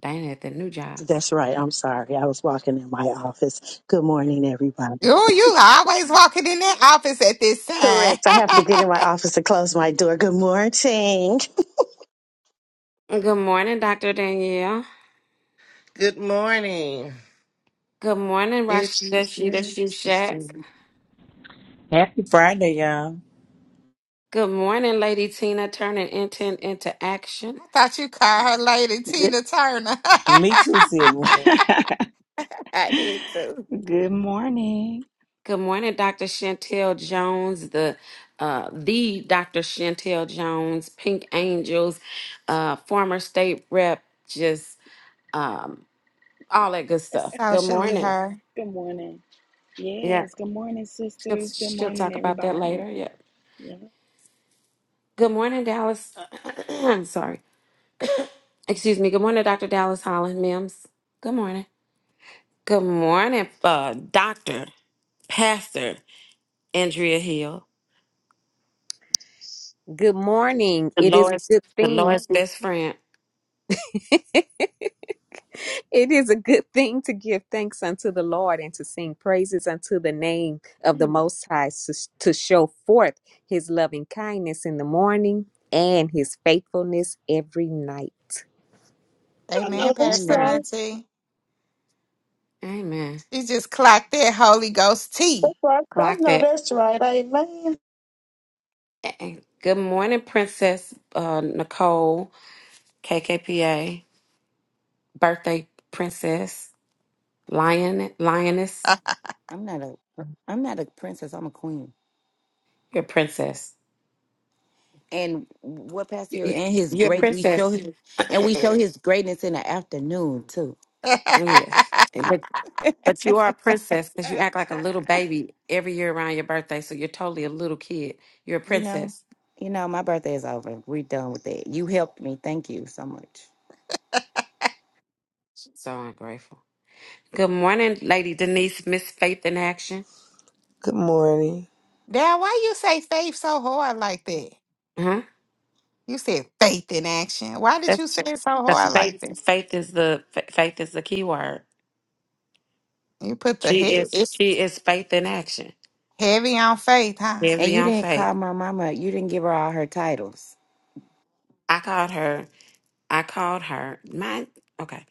Speaker 6: Dana at the new job.
Speaker 1: That's right. I'm sorry. I was walking in my office. Good morning, everybody.
Speaker 2: Oh, you always walking in that office at this time.
Speaker 1: Correct. I have to get in
Speaker 2: I
Speaker 1: my office to close my door. Good morning.
Speaker 6: Good morning, Dr. Danielle.
Speaker 4: Good morning.
Speaker 6: Good morning,
Speaker 4: If you
Speaker 6: Rasheshi
Speaker 4: just-
Speaker 6: Shushat.
Speaker 3: Happy Friday, y'all.
Speaker 6: Good morning, Lady Tina, turning intent into action.
Speaker 2: thought you called her Lady
Speaker 8: Good.
Speaker 2: Tina Turner.
Speaker 3: Me too, Sylvia.
Speaker 5: I did too.
Speaker 8: Good morning.
Speaker 6: Good morning, Dr. Chantel Jones, the uh, the Dr. Chantel Jones, Pink Angels, uh, former state rep, just um, all that good stuff. Good
Speaker 2: Socially
Speaker 6: morning.
Speaker 2: her.
Speaker 11: Good morning.
Speaker 6: Yeah,
Speaker 11: Yes, good morning,
Speaker 6: she'll,
Speaker 11: sisters. Good
Speaker 6: she'll
Speaker 11: morning,
Speaker 6: talk about that
Speaker 11: everybody.
Speaker 6: later. Yeah.
Speaker 11: Yeah.
Speaker 6: Good morning, Dallas. I'm sorry. Excuse me. Good morning, Dr. Dallas Holland Mims. Good morning. Good morning, uh, Doctor. Pastor Andrea Hill,
Speaker 7: Good morning.
Speaker 6: the
Speaker 7: It is a
Speaker 6: Lord's
Speaker 7: good
Speaker 6: the
Speaker 7: thing.
Speaker 6: Lord's best friend.
Speaker 7: it is a good thing to give thanks unto the Lord and to sing praises unto the name of
Speaker 6: Come
Speaker 7: the
Speaker 6: on,
Speaker 7: Most High to, to show forth his loving kindness in the morning and his faithfulness every night.
Speaker 1: I
Speaker 2: Amen,
Speaker 1: know that's
Speaker 2: Pastor
Speaker 1: right.
Speaker 6: amen,
Speaker 2: Auntie.
Speaker 6: amen.
Speaker 2: She just clocked that Holy Ghost
Speaker 1: That's
Speaker 2: tea.
Speaker 1: right. I
Speaker 6: Clock
Speaker 1: know
Speaker 6: that.
Speaker 1: that's right. Amen.
Speaker 6: Eh, Good morning, Princess uh, Nicole, KKPA, birthday princess, lion, lioness.
Speaker 5: I'm not a I'm not a princess, I'm a queen.
Speaker 6: You're a princess.
Speaker 5: And what Pastor
Speaker 6: You-
Speaker 5: Hill
Speaker 6: you-
Speaker 5: and his
Speaker 6: You're a
Speaker 5: great we
Speaker 6: princess.
Speaker 5: show him and we show his greatness in the afternoon too.
Speaker 6: yes,
Speaker 2: Dad,
Speaker 6: but but you are a princess because you act like a little baby every year around your birthday. So you're totally a little kid. You're a
Speaker 5: you know,
Speaker 6: princess.
Speaker 5: you know, my birthday is over. We're done with that. You helped me. Thank you so much.
Speaker 6: So I'm grateful. Good morning, Lady Denise. Miss Faith in action.
Speaker 10: Good morning.
Speaker 2: why you say faith so hard like that?
Speaker 6: Uh-huh.
Speaker 2: You said faith in action. Why did you
Speaker 6: That's,
Speaker 2: say it so
Speaker 6: that's
Speaker 2: hard like that?
Speaker 6: faith. Faith is the fa- faith is the key word.
Speaker 2: You put the
Speaker 6: She
Speaker 2: head
Speaker 6: is
Speaker 2: it's
Speaker 6: she is faith in action.
Speaker 2: heavy on faith, huh?
Speaker 5: And
Speaker 6: Heavy
Speaker 5: you
Speaker 6: on
Speaker 5: didn't call
Speaker 6: faith.
Speaker 5: my mama. You didn't give her all her titles.
Speaker 6: I called her. I called her. My okay.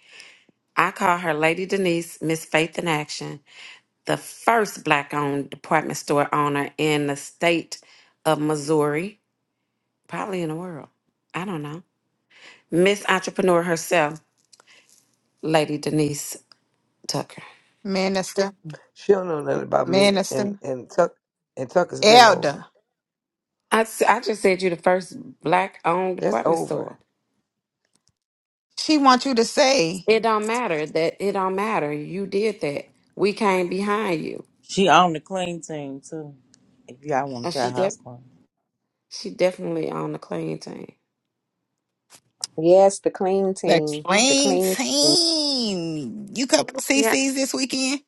Speaker 6: I called her Lady Denise, Miss Faith in Action, the first black-owned department store owner in the state of Missouri, probably in the world. I don't know. Miss Entrepreneur herself, Lady Denise Tucker.
Speaker 2: Minister.
Speaker 10: She don't know nothing about me, and
Speaker 2: Minister.
Speaker 10: and Tuck and Tucker's been over.
Speaker 2: Elder.
Speaker 6: I, s- I just said you the first black owned
Speaker 10: That's
Speaker 6: department
Speaker 10: over.
Speaker 6: store.
Speaker 2: She wants you to say.
Speaker 6: It don't matter that it don't matter. You did that. We came behind you.
Speaker 3: She on the clean team too. If y'all want to
Speaker 6: And
Speaker 3: try
Speaker 6: she def-
Speaker 3: house
Speaker 6: she definitely on the clean team.
Speaker 7: Yes, the clean
Speaker 2: The
Speaker 7: team. The
Speaker 2: Queen
Speaker 7: clean.
Speaker 2: Team. You couple of
Speaker 6: Yeah.
Speaker 2: CCs this weekend?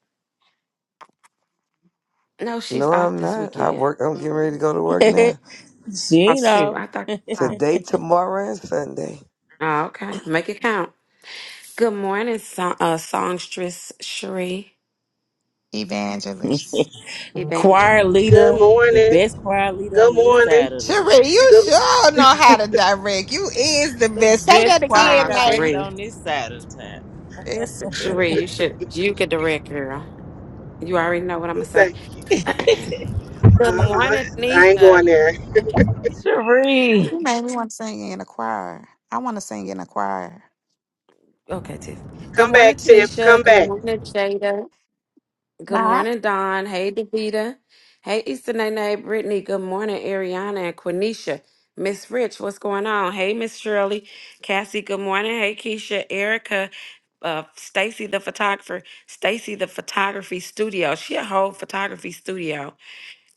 Speaker 6: No,
Speaker 10: No,
Speaker 6: she's off
Speaker 10: I'm
Speaker 6: this
Speaker 10: not. I
Speaker 6: weekend.
Speaker 10: work. I'm getting ready to
Speaker 6: Oh
Speaker 10: go to work
Speaker 3: clean.
Speaker 10: now.
Speaker 3: she
Speaker 6: shoot,
Speaker 3: know.
Speaker 6: I thought you were off.
Speaker 10: Today, tomorrow, and Sunday.
Speaker 6: Oh, okay. Make it count. Good morning, song, uh, songstress Cherie
Speaker 2: Evangelist.
Speaker 6: Evangelist.
Speaker 3: Choir
Speaker 9: Good
Speaker 3: leader, the
Speaker 9: morning.
Speaker 3: best choir leader
Speaker 9: Good
Speaker 3: on this
Speaker 9: morning.
Speaker 3: side of the
Speaker 2: Cherie, you
Speaker 9: Good
Speaker 2: sure know how to direct. You is the
Speaker 3: the
Speaker 2: best. Say that
Speaker 3: best choir
Speaker 6: Ah,
Speaker 2: again, Lane.
Speaker 3: director
Speaker 6: Cherie.
Speaker 3: on this side of the town.
Speaker 2: It's
Speaker 6: Cherie, you should you could direct girl. You already know what I'm gonna say.
Speaker 9: thank you.
Speaker 6: Good
Speaker 9: Uh-huh.
Speaker 6: morning,
Speaker 9: I ain't
Speaker 6: Nisha.
Speaker 9: going there.
Speaker 3: Cherie.
Speaker 2: you made me want to sing in a choir. I want to sing in a choir.
Speaker 6: Okay, Tiffany. Good
Speaker 9: Come
Speaker 6: morning,
Speaker 9: back, Tiff.
Speaker 6: Tanisha.
Speaker 9: Come
Speaker 6: Good
Speaker 9: back.
Speaker 6: morning, Jada. Good
Speaker 2: Nah.
Speaker 6: morning, Don. Hey, Davita. Hey, Easter Nene, Brittany. Good morning, Ariana and Quenisha. Miss Rich, what's going on? Hey, Miss Shirley. Cassie, good morning. Hey, Keisha, Erica, uh, Stacy the photographer, Stacy the photography studio. She a whole photography studio.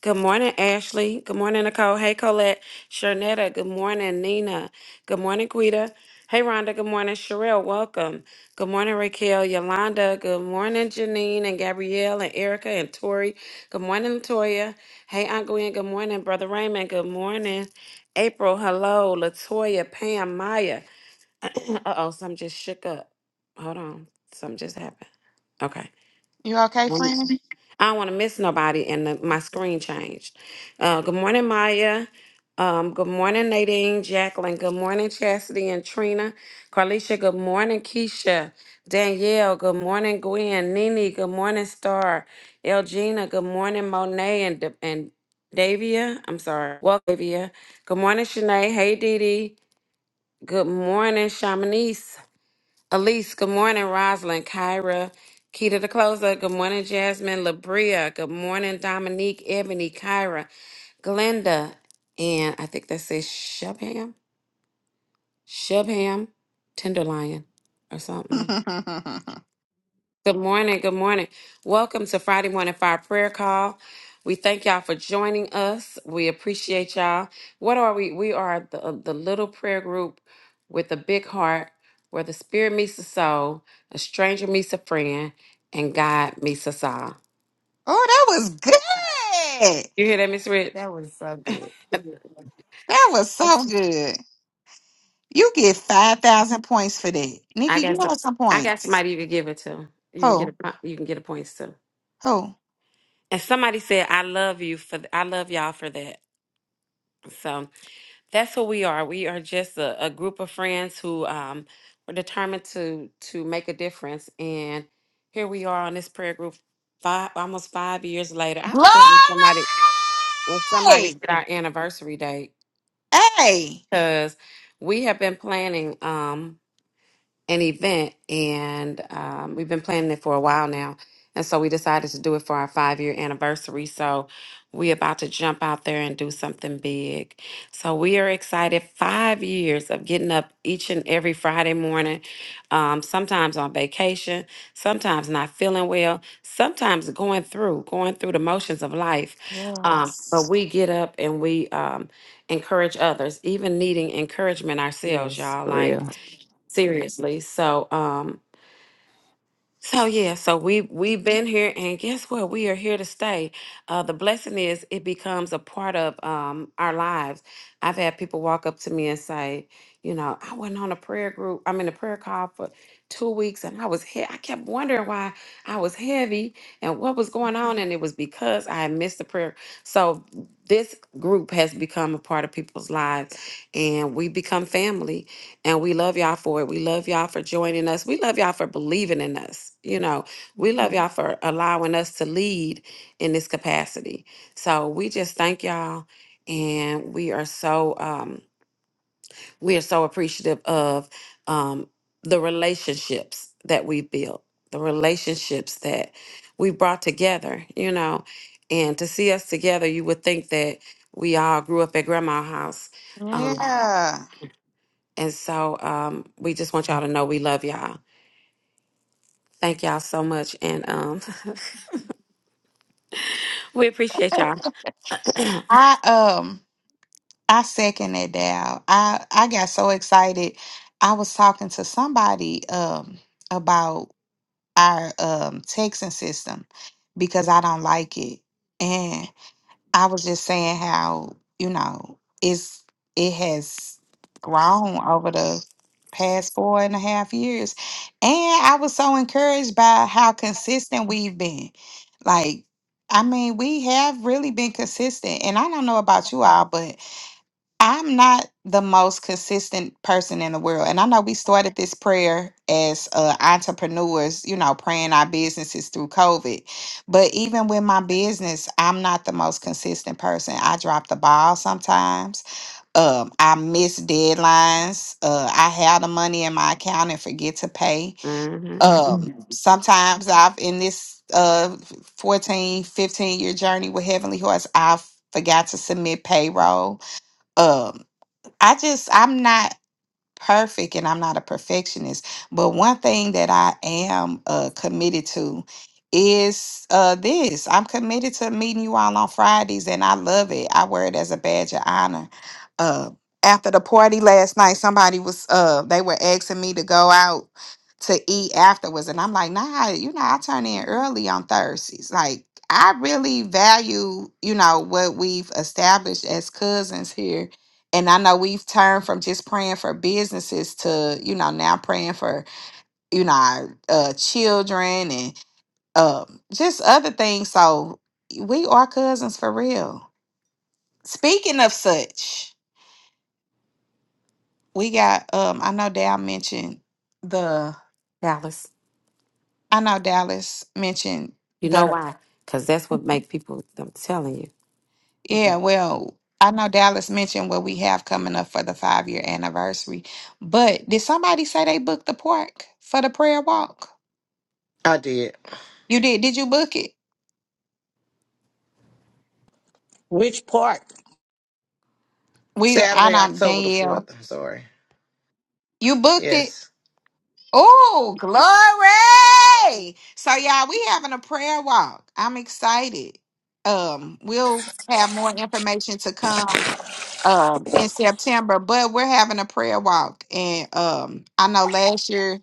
Speaker 6: Good morning, Ashley. Good morning, Nicole. Hey, Colette. Sharnetta. Good morning, Nina. Good morning, Quita. Hey, Rhonda. Good morning, Sherelle. Welcome. Good morning, Raquel. Yolanda. Good morning, Janine and Gabrielle and Erica and Tori. Good morning, Latoya. Hey, Aunt Gwen. Good morning, Brother Raymond. Good morning, April. Hello, Latoya, Pam, Maya. uh oh, something just shook up. Hold on. Something just happened. Okay.
Speaker 2: You okay, friend?
Speaker 6: I don't want to miss nobody, and the, my screen changed. Uh, good morning, Maya. Um, good morning, Nadine, Jacqueline. Good morning, Chastity and Trina. Carlicia, good morning, Keisha. Danielle, good morning, Gwen. Nini, good morning, Star. Elgina, good morning, Monet and, Da- and Davia. I'm sorry. Well, Davia. Good morning, Shanae. Hey, Dee Dee. Good morning, Shamanice. Elise, good morning. Rosalind, Kyra, Key to the Closer, good morning. Jasmine, Labria, good morning. Dominique, Ebony, Kyra, Glenda, and I think that says Shubham, Shubham, Tenderlion, or something.
Speaker 2: oh,
Speaker 6: Good morning. Good morning. Welcome to Friday Morning Fire Prayer Call. We thank y'all for joining us. We appreciate y'all. What are we? We are the, uh, the little prayer group with a big heart where the spirit meets the soul, a stranger meets a friend, and God meets us all.
Speaker 2: that was good.
Speaker 6: You hear that, Miss Rich?
Speaker 5: That was so good.
Speaker 6: I
Speaker 2: That was so good. You get 5,000 points for that. Nikki, give
Speaker 6: got some.
Speaker 2: us some
Speaker 6: I got
Speaker 2: points.
Speaker 6: somebody you can give it to. You can get
Speaker 2: Who?
Speaker 6: a. po- You can get a points to.
Speaker 2: Who?
Speaker 6: And somebody said, "I love you for. th- I love y'all for that." So. that's who we are. We are just a, a group of friends who um, were determined to to make a difference. And here we are on this prayer group, five almost five years later. I'll
Speaker 2: Glory!
Speaker 6: be glad when somebody when somebody get our anniversary date
Speaker 2: Hey,
Speaker 6: because we have been planning. Um, an event, and um, we've been planning it for a while now. And so we decided to do it for our five year anniversary. So we're about to jump out there and do something big. So we are excited. Five years of getting up each and every Friday morning, um, sometimes on vacation, sometimes not feeling well, sometimes going through, going through the motions of life. Um, but we get up and we um, encourage others, even needing encouragement ourselves,
Speaker 5: Yes,
Speaker 6: y'all.
Speaker 5: for
Speaker 6: Like,
Speaker 5: real.
Speaker 6: Seriously. So um so yeah, so we we've been here and guess what? We are here to stay. Uh the blessing is it becomes a part of um our lives. I've had people walk up to me and say, you know, I went on a prayer group, I'm in a prayer call for two weeks and I was he- I kept wondering why I was heavy and what was going on and it was because I had missed the prayer. So this group has become a part of people's lives and we become family and we love y'all for it. We love y'all for joining us. We love y'all for believing in us. You know, we love y'all for allowing us to lead in this capacity. So we just thank y'all. And we are so um we are so appreciative of um the relationships that we built, the relationships that we brought together, you know. And to see us together, you would think that we all grew up at grandma's house. um,
Speaker 2: Yeah.
Speaker 6: and so um, we just want y'all to know we love y'all. Thank y'all so much. And um, we appreciate y'all.
Speaker 2: I um I second that Dow. I I got so excited. I was talking to somebody um about our um texting system because I don't like it. I was just saying how, you know, it's it has grown over the past four and a half years. And I was so encouraged by how consistent we've been. Like, I mean, we have really been consistent. And I don't know about you all, but I'm not the most consistent person in the world. And I know we started this prayer as uh, entrepreneurs, you know, praying our businesses through COVID. But even with my business, I'm not the most consistent person. I drop the ball sometimes. Um, I miss deadlines. Uh, I have the money in my account and forget to pay.
Speaker 6: hmm
Speaker 2: Um, sometimes I've, in this uh, 14, 15 year journey with Heavenly Horse, I've forgot to submit payroll. Um, I just I'm not perfect and I'm not a perfectionist, but one thing that I am uh committed to is uh this. I'm committed to meeting you all on Fridays and I love it. I wear it as a badge of honor. Uh after the party last night, somebody was uh they were asking me to go out to eat afterwards and I'm like, "Nah, you know, I turn in early on Thursdays." Like I really value, you know, what we've established as cousins here and I know we've turned from just praying for businesses to you know now praying for you know our uh, children and um, just other things. So we are cousins for real. Speaking of such, we got um I know Dal mentioned the
Speaker 6: Dallas.
Speaker 2: I know Dallas mentioned
Speaker 6: You know
Speaker 2: the
Speaker 6: why? Because that's what make people. I'm telling you.
Speaker 5: Keep
Speaker 2: yeah
Speaker 5: on.
Speaker 2: well I know Dallas mentioned what we have coming up for the five year anniversary. But did somebody say they booked the park for the prayer walk?
Speaker 4: I did.
Speaker 2: You did? Did you book it?
Speaker 1: Which part?
Speaker 2: We, I
Speaker 4: Saturday,
Speaker 2: don't,
Speaker 4: October the
Speaker 2: Danielle.
Speaker 4: 4th. I'm sorry.
Speaker 2: You booked it.
Speaker 4: Yes.
Speaker 2: Oh, glory! So, y'all, we having a prayer walk. I'm excited. Um, we'll have more information to come um in September, but we're having a prayer walk. And um I know last year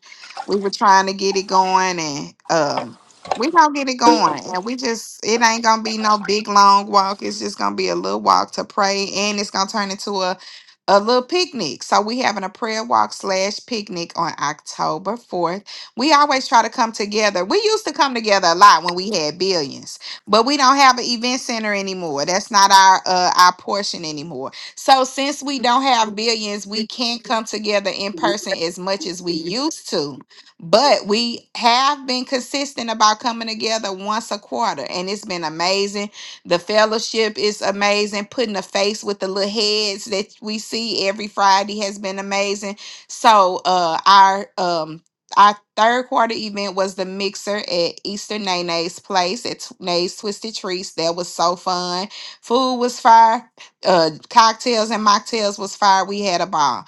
Speaker 2: we were trying to get it going and um we gonna get it going and we just it ain't gonna be no big long walk. It's just gonna be a little walk to pray and it's gonna turn into a a little picnic. So we having a prayer walk slash picnic on October 4th. We always try to come together. We used to come together a lot when we had billions, but we don't have an event center anymore. That's not our uh, our portion anymore. So since we don't have billions, we can't come together in
Speaker 6: Mhm.
Speaker 2: person as much as we used to. But we have been consistent about coming together once a quarter, and it's been amazing. The fellowship is amazing. Putting a face with the little heads that we see every Friday has been amazing. So uh our um our third quarter event was the mixer at Easter Nana's place at Tw- Nay's Twisted Treats. That was so fun. Food was fire uh cocktails and mocktails was fire. We had a ball.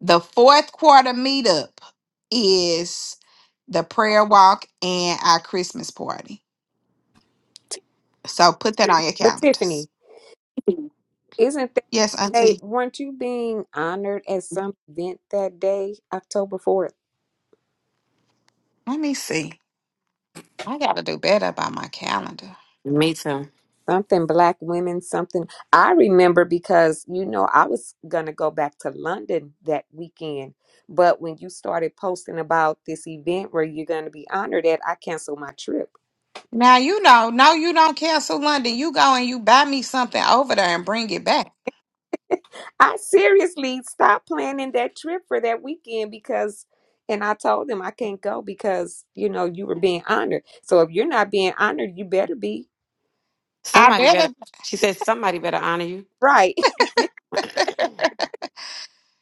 Speaker 2: The fourth quarter meetup is the prayer walk and our Christmas party. So put that on your
Speaker 7: But Tiffany,
Speaker 2: calendars.
Speaker 7: Isn't that the
Speaker 2: Yes,
Speaker 7: day?
Speaker 2: Auntie.
Speaker 7: Weren't you being honored at some event that day, October 4th?
Speaker 2: Let me see. I gotta do better by my calendar.
Speaker 6: Me too.
Speaker 7: Something black women, something. I remember because, you know, I was going to go back to London that weekend. But when you started posting about this event where you're going to be honored at, I canceled my trip.
Speaker 2: Now you know, no, you don't cancel London. You go and you buy me something over there and bring it back.
Speaker 7: I seriously stopped planning that trip for that weekend because, and I told them I can't go because, you know, you were being honored. So if you're not being honored, you better be.
Speaker 2: I
Speaker 6: Somebody better.
Speaker 2: better.
Speaker 6: She said somebody better honor you.
Speaker 7: Right.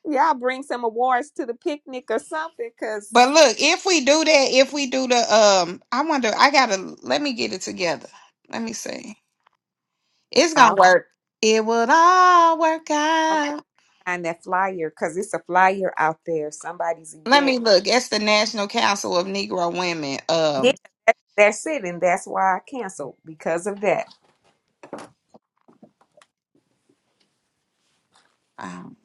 Speaker 7: Y'all bring some awards to the picnic or something, cause
Speaker 2: But look, if we do that, if we do the um, I wonder. I gotta let me get it together. Let me see. It's gonna
Speaker 7: I'll go,
Speaker 2: work. It would all work
Speaker 7: I'll go
Speaker 2: out.
Speaker 7: find that flyer, cause it's a flyer out there. Somebody's
Speaker 2: Let
Speaker 7: event.
Speaker 2: me look. It's the National Council of Negro Women.
Speaker 7: Yeah,
Speaker 2: Um,
Speaker 7: that, that's it, and that's why I canceled because of that.
Speaker 2: um,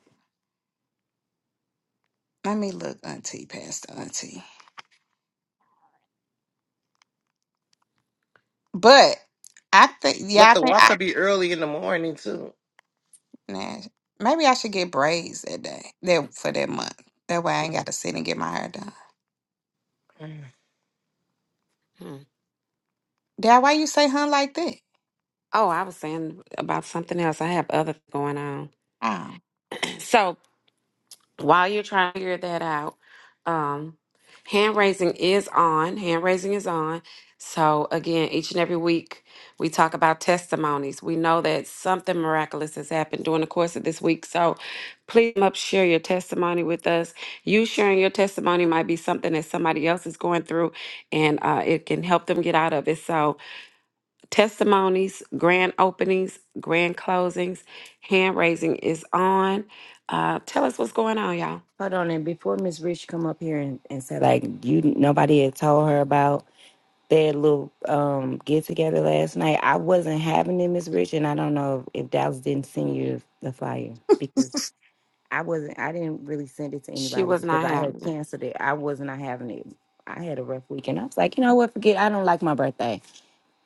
Speaker 2: let me look, Auntie, Pastor Auntie. But I think,
Speaker 4: But
Speaker 2: yeah, I
Speaker 4: the
Speaker 2: think
Speaker 4: walk
Speaker 2: I
Speaker 4: could be early in the morning too.
Speaker 2: nah, maybe I should get braids that day, that for that month. That way, I ain't got to sit and get my hair done.
Speaker 6: Hmm.
Speaker 2: Dad, why you say hun like that?
Speaker 6: oh, I was saying about something else. I have other going on.
Speaker 2: Oh,
Speaker 6: So while you're trying to figure that out, um, hand raising is on. Hand raising is on. So, again, each and every week we talk about testimonies. We know that something miraculous has happened during the course of this week. So, please come up, share your testimony with us. You sharing your testimony might be something that somebody else is going through and uh, it can help them get out of it. So, testimonies, grand openings, grand closings, hand raising is on. Uh, tell us what's going on, y'all.
Speaker 5: Hold on, and before Miss Rich come up here and, and say like you, nobody had told her about that little um get together last night. I wasn't having it, Miss Rich, and I don't know if Dallas didn't send you the flyer because I wasn't. I didn't really send it to
Speaker 6: She
Speaker 5: anybody
Speaker 6: was
Speaker 5: because
Speaker 6: not
Speaker 5: I had
Speaker 6: having it.
Speaker 5: canceled it. I was not having it. I had a rough weekend. I was like, you know what? Forget. I don't like my birthday.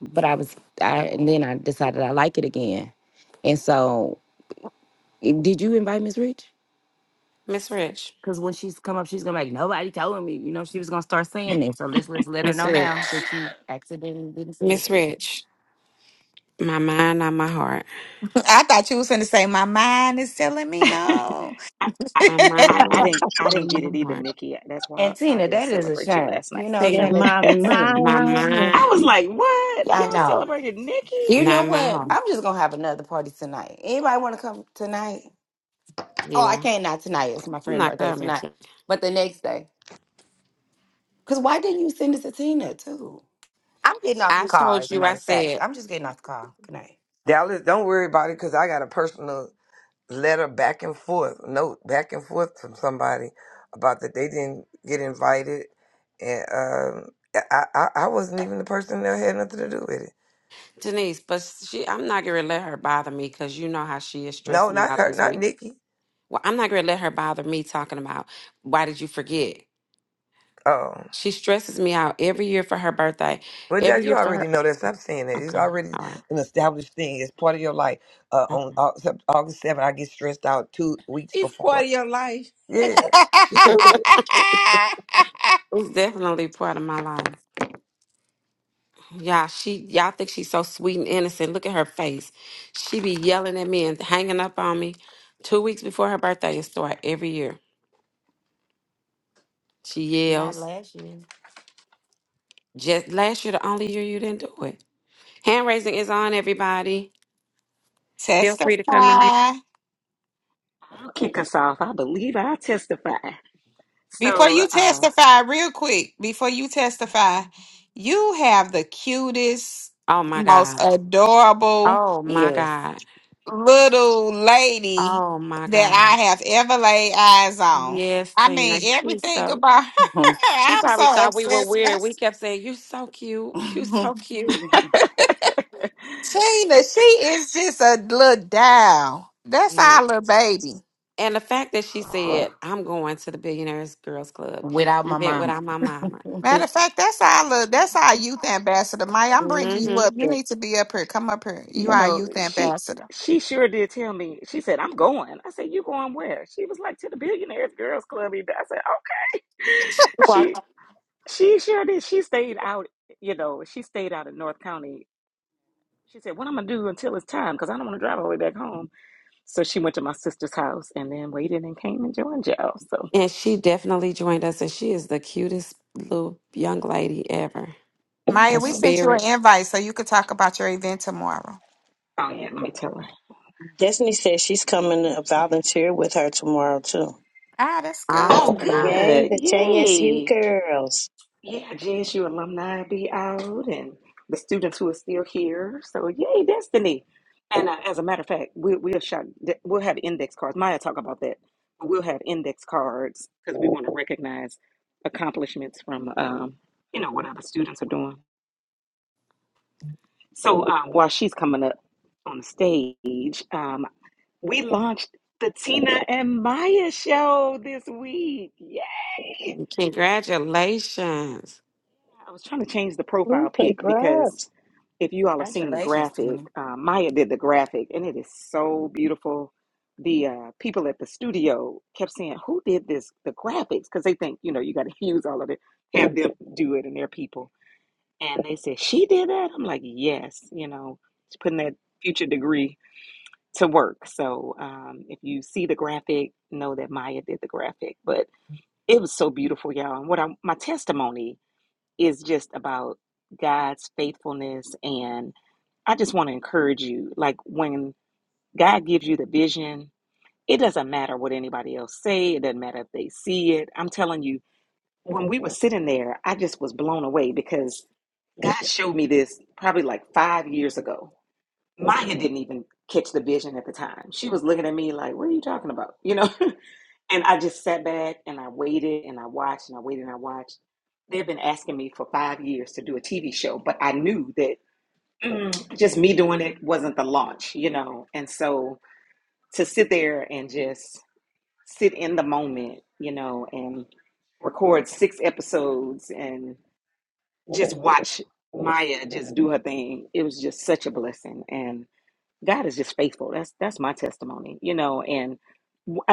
Speaker 5: but I was I and then I decided I like it again. And so i- did you invite Miss Rich?
Speaker 6: Miss Rich.
Speaker 5: Because when she's come up, she's gonna be like, nobody told me, you know, she was gonna start saying this. So let's let's let her
Speaker 6: Miss
Speaker 5: know now
Speaker 6: Rich.
Speaker 5: that you accidentally didn't send this
Speaker 6: Miss
Speaker 5: with me.
Speaker 6: Rich. My mind, not my heart.
Speaker 2: I thought you was gonna say my mind is telling me
Speaker 8: I,
Speaker 2: no.
Speaker 8: I, I
Speaker 6: My
Speaker 8: I
Speaker 6: mind,
Speaker 8: didn't I
Speaker 6: not
Speaker 8: didn't get it
Speaker 6: my
Speaker 8: either,
Speaker 6: heart.
Speaker 8: Nikki. That's why
Speaker 5: And
Speaker 8: I
Speaker 5: Tina,
Speaker 8: didn't
Speaker 5: that is a
Speaker 8: celebrate you
Speaker 5: shame.
Speaker 8: last
Speaker 5: You
Speaker 8: night.
Speaker 5: know,
Speaker 6: Say
Speaker 1: In
Speaker 5: saying
Speaker 6: it.
Speaker 5: that
Speaker 1: my
Speaker 5: Tina.
Speaker 6: My
Speaker 1: mind.
Speaker 8: I was
Speaker 6: mind,
Speaker 8: like, what?
Speaker 5: Yeah, I
Speaker 8: Y'all
Speaker 5: know.
Speaker 8: celebrated Nikki?
Speaker 5: You know
Speaker 6: not my
Speaker 5: what?
Speaker 6: heart.
Speaker 5: I'm just gonna have another party tonight. Anybody wanna come tonight? Oh, I
Speaker 6: Yeah.
Speaker 5: can't not tonight. It's my
Speaker 6: I'm
Speaker 5: friend's
Speaker 6: not
Speaker 5: birthday
Speaker 6: coming
Speaker 5: tonight.
Speaker 6: to
Speaker 5: But the next day. Cause why didn't you send it to Tina too? I'm getting off the
Speaker 6: I
Speaker 5: car,
Speaker 6: told
Speaker 5: as a
Speaker 6: you I
Speaker 5: matter of fact.
Speaker 6: said
Speaker 5: I'm just getting off the car. Good night.
Speaker 10: Dallas, don't worry about it, cause I got a personal. letter back and forth, note back and forth from somebody about that they didn't get invited, and um, I, I I wasn't even the person that had nothing to do with it.
Speaker 6: Denise, but she I'm not gonna let her bother me because you know how she is
Speaker 10: No,
Speaker 6: stressing me
Speaker 10: not
Speaker 6: out
Speaker 10: her,
Speaker 6: this
Speaker 10: not
Speaker 6: week.
Speaker 10: Nikki.
Speaker 6: Well, I'm not going to let her bother me talking about why did you forget?
Speaker 10: Oh,
Speaker 6: She stresses me out every year for her birthday,
Speaker 10: well, that
Speaker 6: every
Speaker 10: you
Speaker 6: year for
Speaker 10: already
Speaker 6: her.
Speaker 10: know that. Stop saying that. It's
Speaker 6: Okay,
Speaker 10: already
Speaker 6: all right.
Speaker 10: an established thing. It's part of your life. Uh, on
Speaker 6: Okay.
Speaker 10: Au- Sep- August seventh, I get stressed out two weeks
Speaker 3: It's part
Speaker 10: before.
Speaker 3: of your life.
Speaker 10: Yeah, she knew it.
Speaker 6: It's definitely part of my life. Yeah, she y'all think she's so sweet and innocent. Look at her face. She be yelling at me and hanging up on me two weeks before her birthday and start every year. She
Speaker 5: Not
Speaker 6: yells.
Speaker 5: last year.
Speaker 6: Just last year, the only year you didn't do it. Hand raising is on, everybody. Feel free to come on.
Speaker 2: Testify.
Speaker 8: I'll kick us off. I believe I testify.
Speaker 2: Before
Speaker 8: So,
Speaker 2: you
Speaker 8: uh,
Speaker 2: testify, real quick, before you testify, you have the cutest,
Speaker 6: Oh my
Speaker 2: most
Speaker 6: God.
Speaker 2: adorable
Speaker 6: Oh my
Speaker 5: Yes.
Speaker 6: God.
Speaker 2: little lady
Speaker 6: Oh my
Speaker 2: that
Speaker 6: God.
Speaker 2: I have ever laid eyes on.
Speaker 6: Yes,
Speaker 2: I
Speaker 6: Tina.
Speaker 2: mean,
Speaker 6: She's
Speaker 2: everything
Speaker 6: so
Speaker 2: about her,
Speaker 6: she
Speaker 2: I'm
Speaker 6: probably
Speaker 2: so
Speaker 6: thought we were
Speaker 2: obsessed with her.
Speaker 6: weird. We kept saying, You so cute, you so cute.
Speaker 2: Tina, she is just a little doll. That's
Speaker 6: Yeah.
Speaker 2: our little baby.
Speaker 6: And the fact that she
Speaker 8: uh,
Speaker 6: said, I'm going to the Billionaires Girls Club
Speaker 5: Without my
Speaker 6: event
Speaker 5: mom.
Speaker 6: without my mama.
Speaker 2: Matter of fact, that's our look. That's our youth ambassador, Maya. I'm bringing you up.
Speaker 6: Mm-hmm.
Speaker 2: You need to be up here. Come up here. You
Speaker 8: you
Speaker 2: are our
Speaker 8: know,
Speaker 2: youth
Speaker 8: she
Speaker 2: ambassador.
Speaker 8: she sure did tell me. She said, "I'm going." I said, "You going where?" She was like, "To the Billionaires Girls Club." event." I said, "Okay." She
Speaker 6: Walked.
Speaker 8: she sure did. She stayed out. You know, she stayed out in North County. She said, "What I'm gonna do until it's time, because I don't want to drive all the way back home." So she went to my sister's house and then waited and came and joined y'all. So,
Speaker 6: And she definitely joined us and she is the cutest little young lady ever.
Speaker 8: oh yeah,
Speaker 2: Maya,
Speaker 6: Her
Speaker 2: we sent you an
Speaker 6: spirit
Speaker 2: invite so you could talk about your event tomorrow.
Speaker 8: let me tell her.
Speaker 1: Destiny says she's coming to volunteer with her tomorrow too.
Speaker 2: Ah, that's good.
Speaker 8: Oh,
Speaker 2: Wow.
Speaker 6: awesome.
Speaker 1: Yay,
Speaker 8: good.
Speaker 1: the JSU
Speaker 8: Yay.
Speaker 1: girls.
Speaker 8: Yeah, JSU alumni be out and the students who are still here. So, yay, Destiny. And uh, as a matter of fact, we, we'll, shop, we'll have index cards. Maya talk about that. We'll have index cards because we want to recognize accomplishments from, um, you know, what other students are doing. So um, while she's coming up on the stage, um, we launched the Tina and Maya show this week. Yay!
Speaker 6: Congratulations.
Speaker 8: I was trying to change the
Speaker 1: Ooh,
Speaker 8: profile pic because
Speaker 1: congrats.
Speaker 8: if you all have seen the
Speaker 5: Congratulations to
Speaker 8: graphic,
Speaker 5: me.
Speaker 8: uh, Maya did the graphic, and it is so beautiful. The uh, people at the studio kept saying, "Who did this? The graphics?" Because they think you know you got to use all of it, have them do it, and their people. And they said she did that. I'm like, yes, you know, she's putting that future degree to work. So um, if you see the graphic, know that Maya did the graphic. But it was so beautiful, y'all. And what I my testimony is just about God's faithfulness. And I just want to encourage you like, when God gives you the vision, it doesn't matter what anybody else say, it doesn't matter if they see it. I'm telling you, when we were sitting there, I just was blown away because God showed me this probably like five years ago. Maya didn't even catch the vision at the time. She was looking at me like, What are you talking about? You know? And I just sat back and I waited and I watched and I waited and I watched. They've been asking me for five years to do a TV show, but I knew that Mm. just me doing it wasn't the launch, you know. And so to sit there and just sit in the moment, you know, and record six episodes and just watch Maya just do her thing, it was just such a blessing. and. God is just faithful. That's that's my testimony, you know. And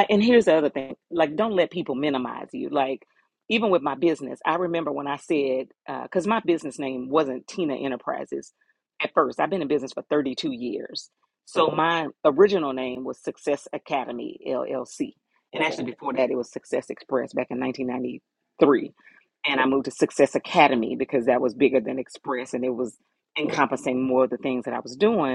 Speaker 8: and here's the other thing: like, don't let people minimize you. Like, even with my business, I remember when I said because my business name wasn't Tina Enterprises at first. I've been in business for 32 years, so my original name was Success Academy LLC, and actually before that, it was Success Express back in 1993 and I moved to Success Academy because that was bigger than Express and it was encompassing more of the things that I was doing.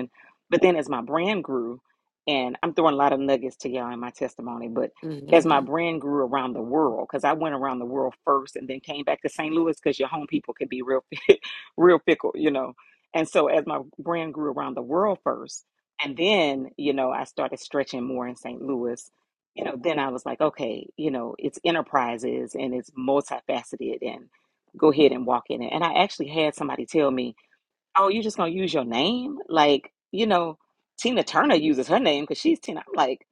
Speaker 8: But then as my brand grew, and I'm throwing a lot of nuggets to y'all in my testimony, but as
Speaker 6: hmm
Speaker 8: my brand grew around the world, because I went around the world first and then came back to St. Louis because your home people could be real real fickle, you know. And so as my brand grew around the world first, and then, you know, I started stretching more in St. Louis, you know, then I was like, okay, you know, it's enterprises and it's multifaceted and go ahead and walk in it. And I actually had somebody tell me, oh, you just gonna use your name? Like, you know, Tina Turner uses her name because she's Tina. I'm like,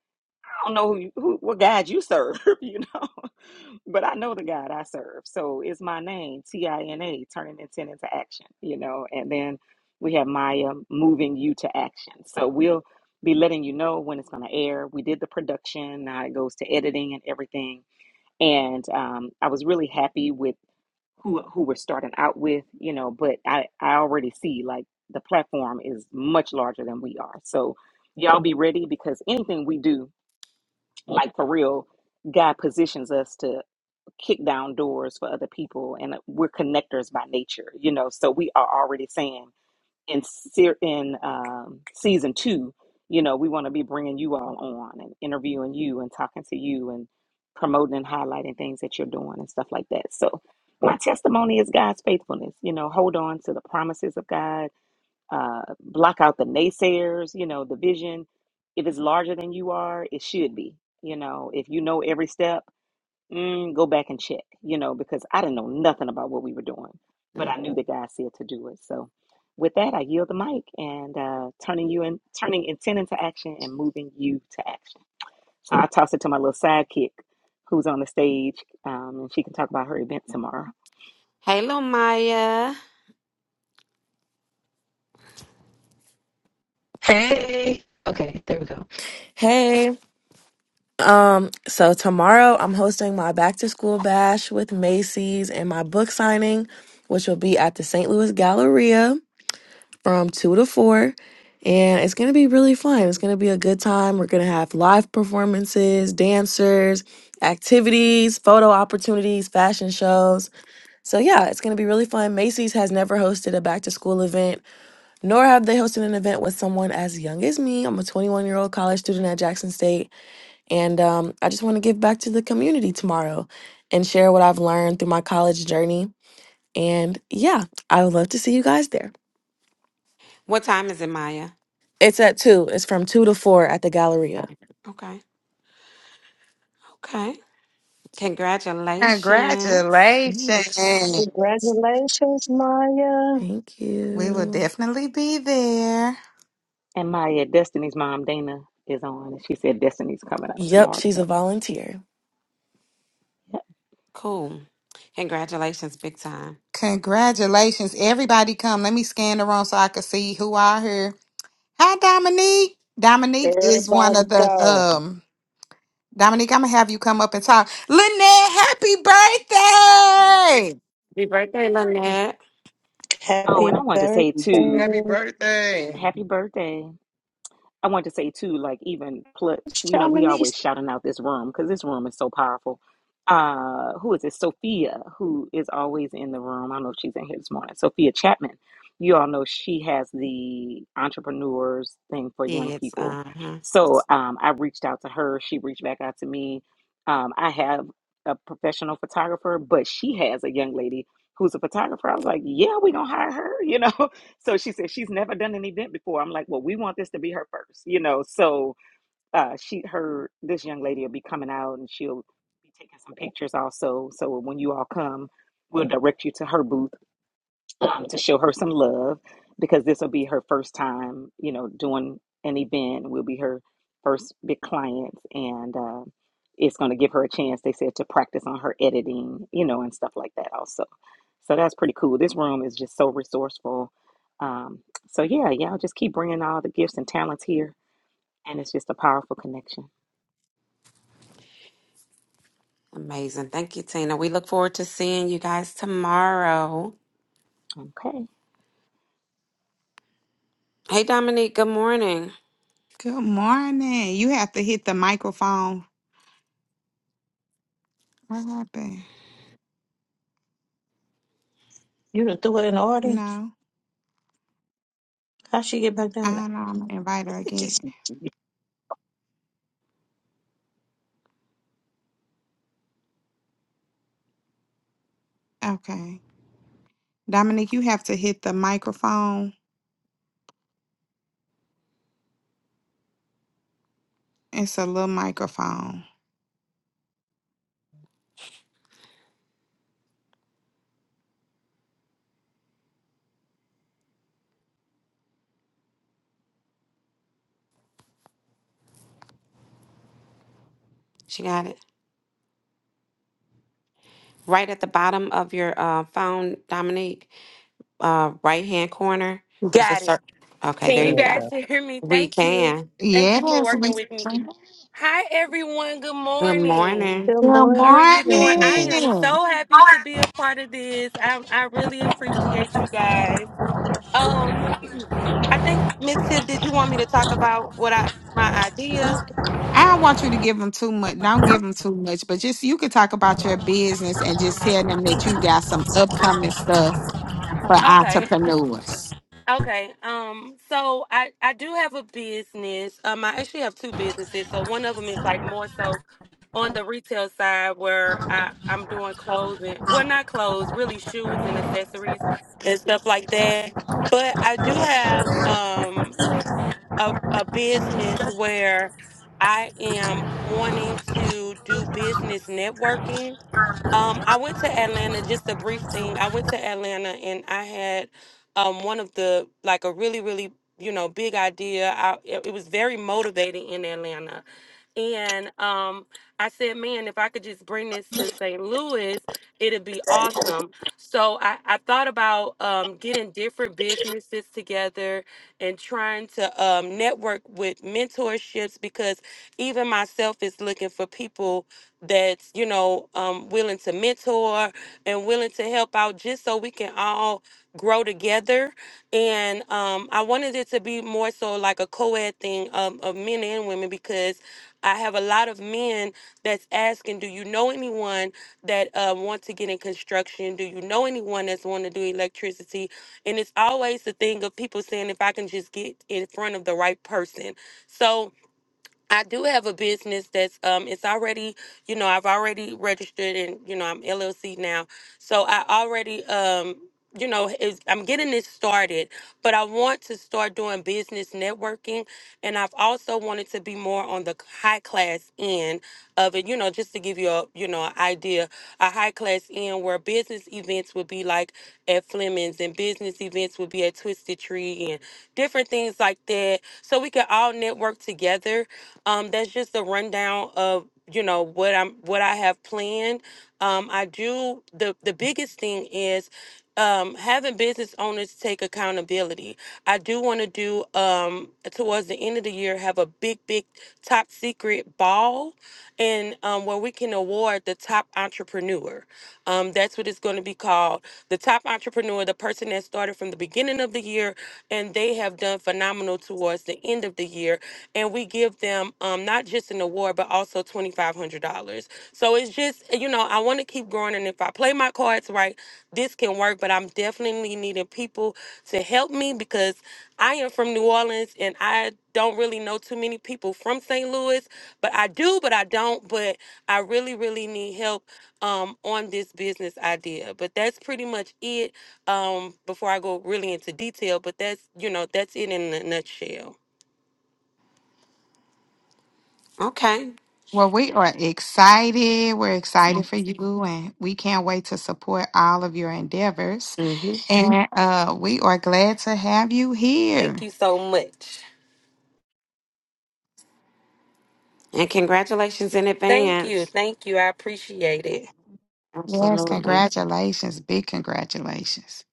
Speaker 8: I don't know who, you, who what God you serve, you know, but I know the God I serve. So it's my name, T I N A, turning intent into action, you know, and then we have Maya moving you to action. So we'll be letting you know when it's going to air. We did the production, now it goes to editing and everything. And um, I was really happy with who who we're starting out with, you know, but I I already see like the platform is much larger than we are. So y'all be ready because anything we do, like for real, God positions us to kick down doors for other people and uh, we're connectors by nature, you know. So we are already saying in ser- in um, season two, you know, we want to be bringing you all on and interviewing you and talking to you and promoting and highlighting things that you're doing and stuff like that. So my testimony is God's faithfulness. You know, hold on to the promises of God. Uh, block out the naysayers. You know, the vision. If it's larger than you are, it should be. You know, if you know every step mm, go back and check, you know, because I didn't know nothing about what we were doing, but I knew the guy said to do it. So, with that, I yield the mic and uh, turning you in, turning intent into action and moving you to action. So I toss it to my little sidekick, who's on the stage, um, and she can talk about her event tomorrow.
Speaker 6: Hey, little Maya.
Speaker 12: Hey. Okay, there we go. Hey, um, so tomorrow I'm hosting my back to school bash with Macy's and my book signing, which will be at the St. Louis Galleria from 2 to 4. And it's going to be really fun. It's going to be a good time. We're going to have live performances, dancers, activities, photo opportunities, fashion shows. So, yeah, it's going to be really fun. Macy's has never hosted a back to school event nor have they hosted an event with someone as young as me. I'm a 21 year old college student at Jackson State, and um, I just want to give back to the community tomorrow and share what I've learned through my college journey. And yeah, I would love to see you guys there.
Speaker 6: What time is it, Maya?
Speaker 12: It's at two, it's from two to four at the Galleria.
Speaker 6: Right. Okay. Okay. Congratulations.
Speaker 12: Thanks.
Speaker 2: Congratulations.
Speaker 1: Congratulations, Maya.
Speaker 12: Thank
Speaker 2: We will
Speaker 12: you.
Speaker 2: definitely be there.
Speaker 8: And my uh, Destiny's mom, Dana, is on, and she said Destiny's coming out
Speaker 12: Yep,
Speaker 8: tomorrow to
Speaker 12: she's a
Speaker 8: help.
Speaker 12: volunteer.
Speaker 8: Yep.
Speaker 6: Cool. Congratulations, big time.
Speaker 2: Congratulations. Everybody come. Let me scan the room so I can see who are here. Hi, Dominique. Dominique is one
Speaker 1: Everybody
Speaker 2: of the
Speaker 1: go.
Speaker 2: um. Dominique, I'm gonna have you come up and talk. Lynette, happy birthday!
Speaker 6: Happy birthday, Lynette.
Speaker 8: Oh,
Speaker 1: Happy
Speaker 8: and I wanted to say
Speaker 1: birthday.
Speaker 8: too,
Speaker 4: Happy birthday.
Speaker 8: happy birthday. I want to say too, like even pl- you know, we
Speaker 1: Thank
Speaker 8: always shouting out this room because this room is so powerful. Uh, who is it? Sophia, who is always in the room. I don't know if she's in here this morning. Sophia Chapman. You all know she has the entrepreneurs thing for young
Speaker 6: Yes.
Speaker 8: people.
Speaker 6: Uh huh.
Speaker 8: So um, I reached out to her. She reached back out to me. Um, I have a professional photographer, but she has a young lady who's a photographer. I was like, yeah, we gonna hire her, you know. So she said she's never done an event before. I'm like, well, we want this to be her first, you know. So uh, she, her, this young lady will be coming out and she'll be taking some pictures also. So when you all come, we'll direct you to her booth um, to show her some love because this will be her first time, you know, doing an event. Will be her first big client, and uh, it's going to give her a chance. They said to practice on her editing, you know, and stuff like that also. So that's pretty cool. This room is just so resourceful. Um, so yeah, y'all just keep bringing all the gifts and talents here, and it's just a powerful connection.
Speaker 6: Amazing. Thank you, Tina. We look forward to seeing you guys tomorrow.
Speaker 8: Okay,
Speaker 6: Hey, Dominique. Good morning.
Speaker 2: Good morning. You have to hit the microphone. What happened?
Speaker 1: You done threw her in the audience.
Speaker 2: No,
Speaker 1: How she get back
Speaker 2: I
Speaker 1: down there?
Speaker 2: don't know. I'm gonna invite her
Speaker 1: Look
Speaker 2: again.
Speaker 1: at you,
Speaker 2: Okay, Dominique, you have to hit the microphone. It's a little microphone.
Speaker 6: She got it right at the bottom of your uh, phone, Dominique. Uh, right hand corner. There's a
Speaker 13: Got it.
Speaker 6: circle. Okay,
Speaker 13: Can
Speaker 6: there
Speaker 13: you
Speaker 6: you
Speaker 1: Jesus.
Speaker 6: go.
Speaker 13: guys hear me?
Speaker 6: We
Speaker 13: Thank you.
Speaker 6: can.
Speaker 13: Thank you for
Speaker 2: Yes. we-
Speaker 13: working with me. Hi, everyone. Good
Speaker 6: Good
Speaker 13: morning.
Speaker 6: morning.
Speaker 2: Good
Speaker 13: How are
Speaker 1: Good
Speaker 13: you doing? I
Speaker 1: morning.
Speaker 13: am
Speaker 2: morning.
Speaker 13: so happy to be a part of this. I, I really appreciate you guys. Um, I think Miss Tiff, did you want me to talk about what I my idea?
Speaker 2: I don't want you to give them too much. Don't give them too much, but just you could talk about your business and just tell them that you got some upcoming stuff for
Speaker 13: Okay.
Speaker 2: entrepreneurs.
Speaker 13: Okay. Um. So I I do have a business. Um. I actually have two businesses. So one of them is like more so on the retail side where I I'm doing clothes and well not clothes really shoes and accessories and stuff like that. But I do have um a a business where I am wanting to do business networking um, I went to Atlanta, just a brief thing. I went to Atlanta and I had um one of the like a really, really, you know, big idea. I it, it was very motivating in Atlanta. And um I said, man, if I could just bring this to St. Louis, it'd be awesome. So I, I thought about um getting different businesses together and trying to um network with mentorships because even myself is looking for people that's you know um, willing to mentor and willing to help out just so we can all grow together and um, i wanted it to be more so like a co-ed thing um, of men and women because i have a lot of men that's asking do you know anyone that uh, want to get in construction do you know anyone that's want to do electricity and it's always the thing of people saying if i can just get in front of the right person so I do have a business that's um it's already, you know, I've already registered and you know, I'm LLC now. So I already um you know, is I'm getting this started, but I want to start doing business networking and I've also wanted to be more on the high class end of it, you know, just to give you a, you know, an idea, a high class end where business events would be like at Fleming's and business events would be at Twisted Tree and different things like that, so we can all network together. Um, that's just a rundown of you know what I'm what I have planned. Um, I do the the biggest thing is um, having business owners take accountability. I do want to do um, towards the end of the year have a big big top secret ball, and um, where we can award the top entrepreneur. Um, that's what it's going to be called. The top entrepreneur entrepreneur, the person that started from the beginning of the year, and they have done phenomenal towards the end of the year. And we give them um, not just an award, but also $2,500. So it's just, you know, I want to keep growing. And if I play my cards right, this can work. But I'm definitely needing people to help me because I am from New Orleans and I don't really know too many people from St. Louis, but I do, but I don't. But I really, really need help um on this business idea but that's pretty much it um before i go really into detail but that's you know that's it in a nutshell
Speaker 6: Okay.
Speaker 2: Well, we are excited. We're excited for you, and we can't wait to support all of your endeavors.
Speaker 6: Mm-hmm.
Speaker 2: And uh, we are glad to have you
Speaker 13: thank
Speaker 2: here.
Speaker 13: you so much
Speaker 6: And congratulations in
Speaker 13: thank you
Speaker 6: advance.
Speaker 13: thank you i appreciate it
Speaker 2: Yes,
Speaker 6: Absolutely.
Speaker 2: congratulations. Big congratulations.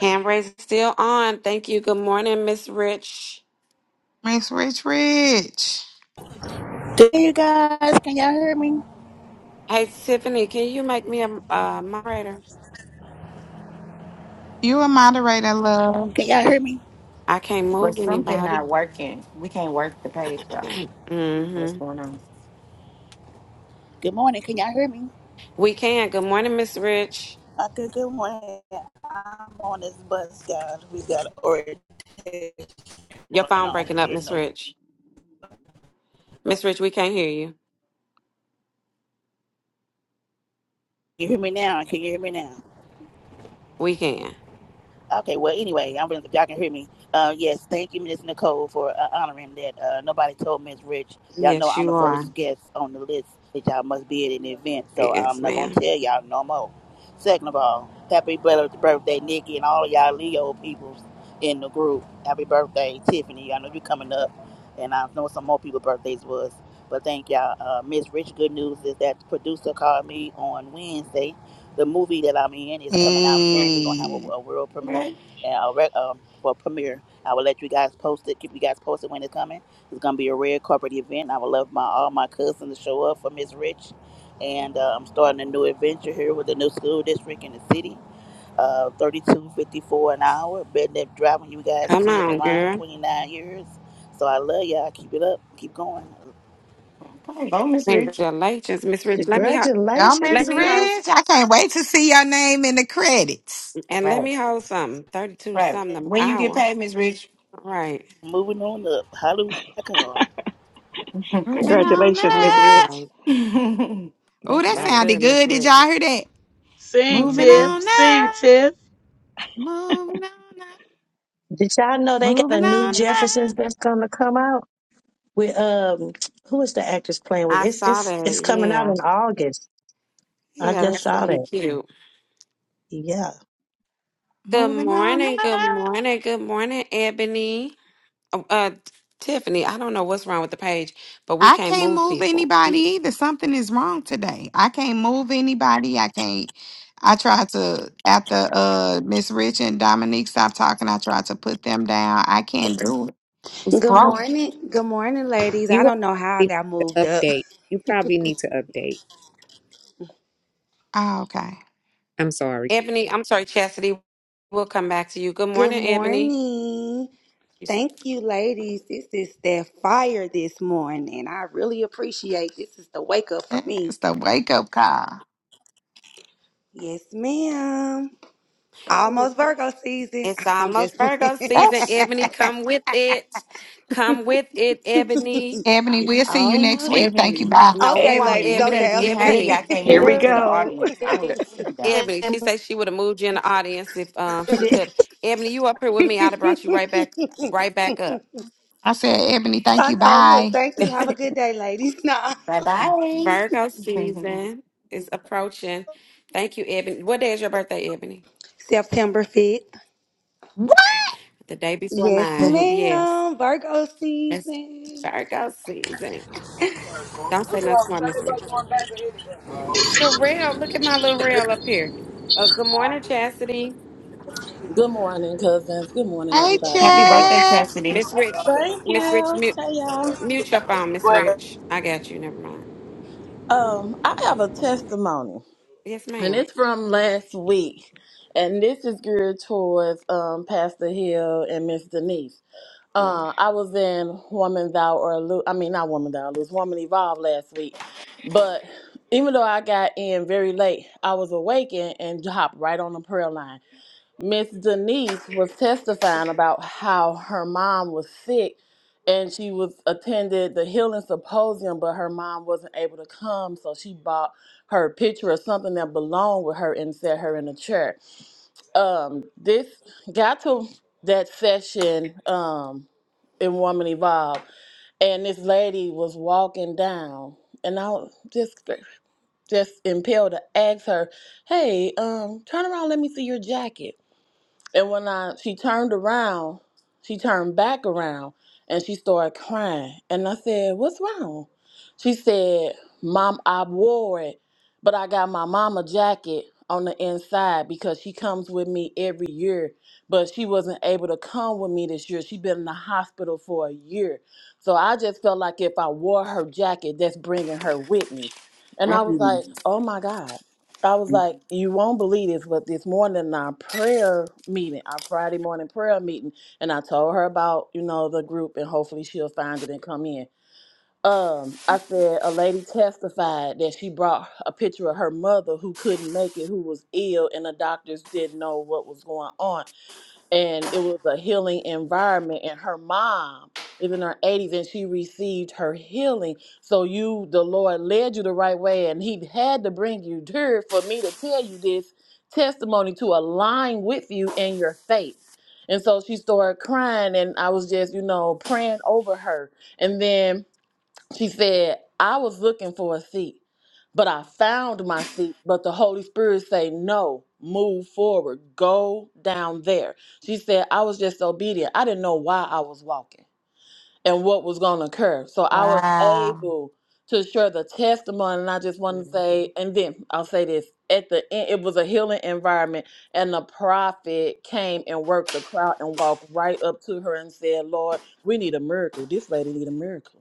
Speaker 6: Hand raise is still on. Thank you. Good morning, Miss Rich.
Speaker 2: Miss Rich Rich,
Speaker 14: Hey you guys, can y'all hear me?
Speaker 6: Hey, Tiffany, can you make me a uh, moderator?
Speaker 2: you a moderator, love.
Speaker 14: Can y'all hear me?
Speaker 6: I can't
Speaker 5: But
Speaker 6: move
Speaker 5: something
Speaker 6: anybody.
Speaker 5: not working. We can't work the page, though. I don't know
Speaker 6: hmm
Speaker 5: what's going on.
Speaker 14: Good morning, can y'all hear me?
Speaker 6: We can. Good morning, Miss Rich.
Speaker 14: Okay, good morning. I'm on this bus, guys. We got orientation
Speaker 6: Your
Speaker 14: going
Speaker 6: phone
Speaker 14: on. We're
Speaker 6: breaking up,
Speaker 14: heading
Speaker 6: Miss
Speaker 14: over.
Speaker 6: Rich. Miss Rich, we can't hear you.
Speaker 14: You hear me now? Can you hear me now?
Speaker 6: We can.
Speaker 14: Okay, well, anyway, I'm if y'all can hear me. Uh, yes, thank you, Miss Nicole, for uh, honoring that. Uh, nobody told Miss Rich. Y'all know
Speaker 6: Yes,
Speaker 14: I'm
Speaker 6: you
Speaker 14: the
Speaker 6: are.
Speaker 14: first guest on the list that y'all must be at an event, so I'm
Speaker 6: Yes,
Speaker 14: not gonna
Speaker 6: ma'am.
Speaker 14: tell y'all no more. Second of all, happy birthday, Nikki, and all of y'all Leo peoples in the group. Happy birthday, Tiffany. I know you're coming up, and I know some more people' birthdays was. But thank y'all, uh, Miss Rich. Good news is that the producer called me on Wednesday. The movie that I'm in is coming out soon. We're gonna have a,
Speaker 2: Hey.
Speaker 14: a world premiere
Speaker 5: Okay.
Speaker 14: uh, rec- um, for premiere. I will let you guys post it. Keep you guys posted when it's coming. It's gonna be a rare corporate event. I would love my all my cousins to show up for Miss Rich, and uh, I'm starting a new adventure here with a new school district in the city. Uh, 32.54 an hour. Been there driving you guys
Speaker 6: Come
Speaker 14: kids
Speaker 6: on,
Speaker 14: around
Speaker 6: girl.
Speaker 14: 29 years. So I love y'all. Keep it up. Keep going.
Speaker 5: Okay. Go, Miss Rich.
Speaker 6: Congratulations, Miss Rich. Let me ho-
Speaker 2: Y'all
Speaker 6: let
Speaker 2: Miss
Speaker 1: Congratulations,
Speaker 6: me host
Speaker 1: friends.
Speaker 2: Rich. I can't wait to see your name in the credits.
Speaker 6: and let
Speaker 5: Right.
Speaker 6: me hold something. Thirty two
Speaker 5: Right.
Speaker 6: something an
Speaker 5: When you get
Speaker 6: hour.
Speaker 5: paid, Miss Rich.
Speaker 6: Right.
Speaker 14: Moving on up. Hallelujah. Come.
Speaker 2: Moving on
Speaker 8: congratulations,
Speaker 6: No,
Speaker 8: Miss
Speaker 6: that's
Speaker 2: up.
Speaker 8: Rich.
Speaker 6: right.
Speaker 2: Oh,
Speaker 8: That's
Speaker 2: that
Speaker 6: That's
Speaker 2: sounded
Speaker 8: nice.
Speaker 6: good, Miss
Speaker 2: good. Did
Speaker 6: Rich.
Speaker 2: y'all hear that?
Speaker 9: Sing,
Speaker 2: Moving
Speaker 8: hmm
Speaker 9: Tiff.
Speaker 2: on
Speaker 9: Sing,
Speaker 2: up.
Speaker 9: Tiff.
Speaker 2: Moving on up.
Speaker 1: Did y'all know they got a
Speaker 2: Moving
Speaker 1: new
Speaker 2: on up.
Speaker 1: Jeffersons that's gonna come out with um who is the actress playing with?
Speaker 6: I
Speaker 1: It's
Speaker 6: saw
Speaker 1: it's
Speaker 6: that.
Speaker 1: it's coming out
Speaker 6: Yeah.
Speaker 1: in August. I
Speaker 6: Yeah,
Speaker 1: just
Speaker 6: that's
Speaker 1: saw
Speaker 6: gonna be
Speaker 1: that.
Speaker 6: cute.
Speaker 1: Yeah.
Speaker 6: Good
Speaker 2: Moving on
Speaker 6: morning. Good
Speaker 2: up.
Speaker 6: morning. Good morning, Ebony. Uh, uh, Tiffany, I don't know what's wrong with the page, but we
Speaker 2: I
Speaker 6: can't
Speaker 2: can't
Speaker 6: move
Speaker 2: move
Speaker 6: people.
Speaker 2: anybody either. Something is wrong today. I can't move anybody. I can't. I tried to after uh Miss Rich and Dominique stopped talking. I tried to put them down. I can't do it. It's
Speaker 15: Good
Speaker 2: broke.
Speaker 15: morning. Good morning, ladies. I
Speaker 7: You all
Speaker 15: don't know how I
Speaker 7: probably need
Speaker 15: got moved
Speaker 7: to
Speaker 15: up.
Speaker 7: update. You probably need to update.
Speaker 2: Oh, okay.
Speaker 7: I'm sorry.
Speaker 6: Ebony, I'm sorry, Chastity. We'll come back to you. Good
Speaker 15: Good
Speaker 6: morning, Ebony.
Speaker 15: morning. Thank you, ladies. This is that fire this morning. I really appreciate this is the wake up for me.
Speaker 2: That's the wake up call.
Speaker 15: Yes, ma'am. Almost Virgo season.
Speaker 6: It's
Speaker 15: I'm
Speaker 6: almost
Speaker 15: just playing.
Speaker 6: Virgo season.
Speaker 2: Yes.
Speaker 6: Ebony, come with it. Come with it, Ebony.
Speaker 2: Ebony,
Speaker 15: it's
Speaker 2: we'll see you next
Speaker 15: almost
Speaker 2: week. Thank you.
Speaker 5: Ebony,
Speaker 2: Bye.
Speaker 6: No, we
Speaker 15: okay,
Speaker 6: want
Speaker 5: Ebony,
Speaker 15: ladies.
Speaker 5: you better
Speaker 6: Ebony.
Speaker 15: Okay,
Speaker 5: be happy
Speaker 6: Ebony.
Speaker 15: okay.
Speaker 5: I can't
Speaker 8: Here
Speaker 5: move
Speaker 8: we
Speaker 5: you
Speaker 1: There
Speaker 5: to the
Speaker 8: go.
Speaker 5: audience. I would see you down.
Speaker 6: Ebony, she said she would have moved you in the audience if um
Speaker 1: it
Speaker 6: she
Speaker 1: is.
Speaker 6: could. Ebony, you up here with me? I'd have brought you right back, right back up.
Speaker 2: I said, Ebony, thank
Speaker 15: I
Speaker 2: you.
Speaker 15: know. Look,
Speaker 2: Bye.
Speaker 15: thank you. Have a good day, ladies. Nah.
Speaker 5: Bye bye.
Speaker 6: Virgo season is approaching. Thank you, Ebony. What day is your birthday, Ebony?
Speaker 15: September 5th.
Speaker 2: What?
Speaker 6: The day before
Speaker 15: Yes,
Speaker 6: mine. Yes,
Speaker 15: ma'am. Virgo
Speaker 6: that's
Speaker 15: season.
Speaker 6: Virgo season. Don't say nothing smart, Miss Rich. Sherelle, look at my little rail up here. Uh, good morning, Chastity.
Speaker 16: Good morning, cousins. Good morning,
Speaker 2: Hey,
Speaker 16: everybody on the
Speaker 5: Happy
Speaker 16: panel.
Speaker 5: birthday,
Speaker 2: Chad.
Speaker 5: Chastity.
Speaker 6: Miss Rich,
Speaker 16: Thank
Speaker 6: Miss Rich,
Speaker 16: you.
Speaker 6: mute,
Speaker 16: Hey, y'all.
Speaker 6: mute your phone, Miss Rich. I got you. Never mind.
Speaker 16: Um, I have a testimony,
Speaker 6: Yes,
Speaker 16: and
Speaker 6: madam
Speaker 16: it's from last week, and this is geared towards um, Pastor Hill and Miss Denise. Uh, I was in Woman Thou or Lose. I mean, not Woman Thou Lose, Woman Evolve last week, but even though I got in very late, I was awakened and hopped right on the prayer line. Miss Denise was testifying about how her mom was sick and she was attended the healing symposium, but her mom wasn't able to come, so she bought her a picture of something that belonged with her and set her in a chair. Um, this got to that session um, in Woman Evolve, and this lady was walking down, and I was just just impelled to ask her, "Hey, um, turn around, let me see your jacket." And when I she turned around, she turned back around and she started crying. And I said, What's wrong? She said, Mom, I wore it, but I got my mama jacket on the inside because she comes with me every year. But she wasn't able to come with me this year. she been in the hospital for a year. So I just felt like if I wore her jacket, that's bringing her with me. And I was
Speaker 5: Mm.
Speaker 16: like, oh my God. I was like, you won't believe this, but this morning in our prayer meeting, our Friday morning prayer meeting, and I told her about, you know, the group and hopefully she'll find it and come in. Um, I said a lady testified that she brought a picture of her mother who couldn't make it, who was ill, and the doctors didn't know what was going on and it was a healing environment and her mom is in her 80s and she received her healing so you the lord led you the right way and he had to bring you here for me to tell you this testimony to align with you in your faith and so she started crying and i was just you know praying over her and then she said, I was looking for a seat, but I found my seat, but the Holy Spirit say, no, move forward, go down there. She said, I was just obedient. I didn't know why I was walking and what was going to occur. So I was
Speaker 2: Wow.
Speaker 16: able to share the testimony. And I just want to
Speaker 6: Mm-hmm.
Speaker 16: say, and then I'll say this at the end, it was a healing environment. And the prophet came and worked the crowd and walked right up to her and said, Lord, we need a miracle. This lady need a miracle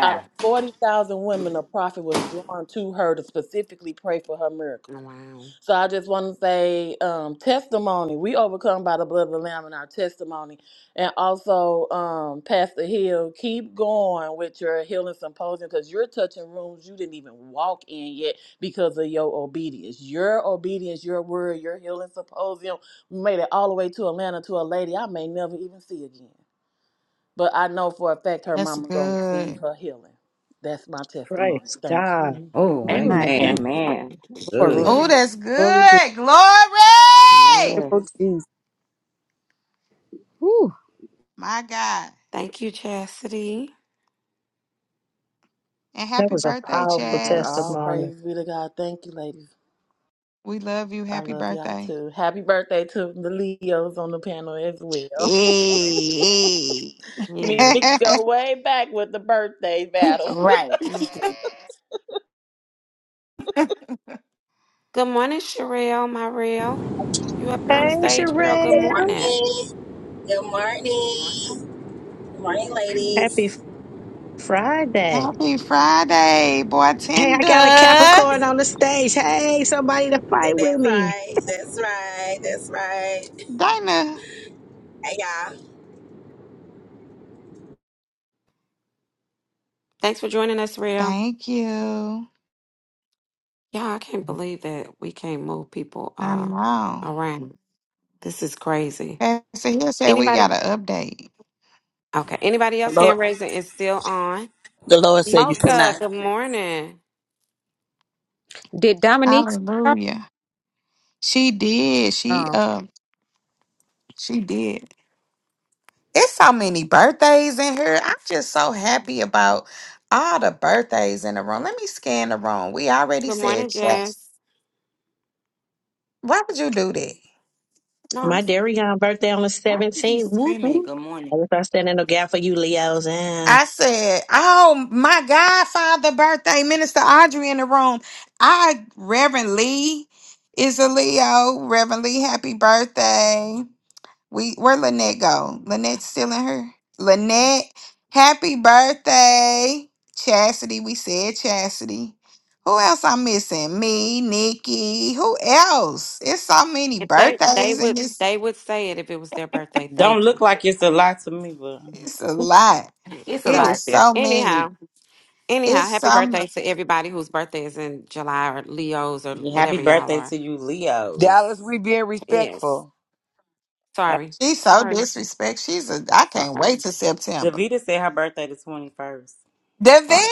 Speaker 16: out of 40,000 women, a prophet was drawn to her to specifically pray for her miracle.
Speaker 6: Wow.
Speaker 16: So I just want to say um, testimony. We overcome by the blood of the Lamb and our testimony. And also, um, Pastor Hill, keep going with your healing symposium because you're touching rooms you didn't even walk in yet because of your obedience. Your obedience, your word, your healing symposium made it all the way to Atlanta to a lady I may never even see again. But I know for a fact her
Speaker 2: That's
Speaker 16: mama gonna receive
Speaker 2: good.
Speaker 16: her healing. That's my testimony.
Speaker 1: Praise
Speaker 16: Thank you.
Speaker 1: God.
Speaker 6: Mhm.
Speaker 3: Oh,
Speaker 8: Ooh,
Speaker 7: My
Speaker 5: Amen.
Speaker 3: amen.
Speaker 8: amen.
Speaker 7: glory,
Speaker 3: Good.
Speaker 2: Oh,
Speaker 8: Glory.
Speaker 6: Amen.
Speaker 2: that's
Speaker 7: glory, glory,
Speaker 2: good. Glory.
Speaker 8: Yes.
Speaker 7: to Jesus. Whew.
Speaker 2: My God.
Speaker 6: Thank you, Chastity.
Speaker 2: And
Speaker 1: That
Speaker 2: happy
Speaker 1: was a
Speaker 2: birthday,
Speaker 1: powerful
Speaker 16: Thank you. All
Speaker 2: Chaz.
Speaker 1: testimony.
Speaker 16: praise be to God. Thank you, ladies.
Speaker 2: We love you.
Speaker 16: I
Speaker 2: Happy
Speaker 16: love y'all
Speaker 2: birthday.
Speaker 16: too. Happy birthday to the Leos on the panel as well.
Speaker 2: Hey. hey.
Speaker 16: Me and
Speaker 6: Yeah.
Speaker 16: Nikki go way back with the birthday battle.
Speaker 5: Right. Good
Speaker 6: Good morning, Sherelle, my real. You up here on the
Speaker 1: Hey
Speaker 6: stage, girl. Good
Speaker 1: Sherelle.
Speaker 17: Hey,
Speaker 6: morning.
Speaker 17: good
Speaker 5: morning.
Speaker 17: morning. Good morning,
Speaker 1: Happy
Speaker 17: ladies.
Speaker 1: Friday.
Speaker 2: happy Friday, boy
Speaker 1: Hey, I got a Capricorn on the stage. Hey, somebody to fight with
Speaker 17: That's
Speaker 1: me.
Speaker 17: right. That's right. That's right.
Speaker 2: Dinah.
Speaker 17: Hey, y'all.
Speaker 6: Thanks for joining us, real.
Speaker 2: Thank you.
Speaker 6: Yeah, I can't believe that we can't move people
Speaker 2: I
Speaker 6: uh
Speaker 2: know.
Speaker 6: around. This is crazy.
Speaker 2: Pastor Hill said we got
Speaker 6: Anybody?
Speaker 2: to update.
Speaker 6: Okay. Anybody
Speaker 14: The
Speaker 6: else?
Speaker 14: Lord,
Speaker 6: Hand raising is still on.
Speaker 14: the Lord said you
Speaker 6: Mocha.
Speaker 14: cannot.
Speaker 6: Good morning.
Speaker 7: Did Dominique? start?
Speaker 2: Hallelujah. She did. She
Speaker 7: Oh,
Speaker 2: um she did. It's so many birthdays in here. I'm just so happy about all the birthdays in the room. Let me scan the room. We already
Speaker 6: Good
Speaker 2: said
Speaker 6: morning,
Speaker 2: yes.
Speaker 6: Jess.
Speaker 2: Why would you do that?
Speaker 6: No, I'm.
Speaker 1: My Darion birthday on the
Speaker 5: Why is she
Speaker 1: 17th. Whoop,
Speaker 5: screaming?
Speaker 1: whoop.
Speaker 5: Good morning.
Speaker 1: I guess I stand in the gap for you, Leos. Ah,
Speaker 2: I said, Oh, my godfather birthday, Minister Audrey in the room. I Reverend Lee is a Leo. Reverend Lee, happy birthday. We where Lynette go? Lynette still in her. Lynette, happy birthday. Chastity, we said Chastity. Who else I'm missing? Me, Nikki. Who else? It's so many
Speaker 6: If they they
Speaker 2: birthdays and
Speaker 6: would
Speaker 2: it's
Speaker 6: they would say it if it was their birthday.
Speaker 3: Don't
Speaker 6: Thank
Speaker 3: look like it's a lot to me, but
Speaker 2: it's a lot.
Speaker 6: you.
Speaker 5: It's a
Speaker 2: It
Speaker 6: So
Speaker 5: lot
Speaker 2: is
Speaker 5: there.
Speaker 2: so many.
Speaker 6: anyhow, anyhow,
Speaker 2: It's
Speaker 6: happy
Speaker 2: some
Speaker 6: birthday to everybody whose birthday is in July or Leo's or
Speaker 3: happy
Speaker 6: whatever y'all
Speaker 3: birthday to
Speaker 6: are.
Speaker 3: you,
Speaker 10: Dallas,
Speaker 3: Leos.
Speaker 10: we being
Speaker 6: Yes.
Speaker 10: respectful.
Speaker 6: Sorry.
Speaker 2: she's so
Speaker 6: Sorry.
Speaker 2: disrespect. She's a I can't wait
Speaker 6: Sorry.
Speaker 2: to September.
Speaker 3: Davita said her birthday the twenty first.
Speaker 6: Sorry.
Speaker 2: Davida!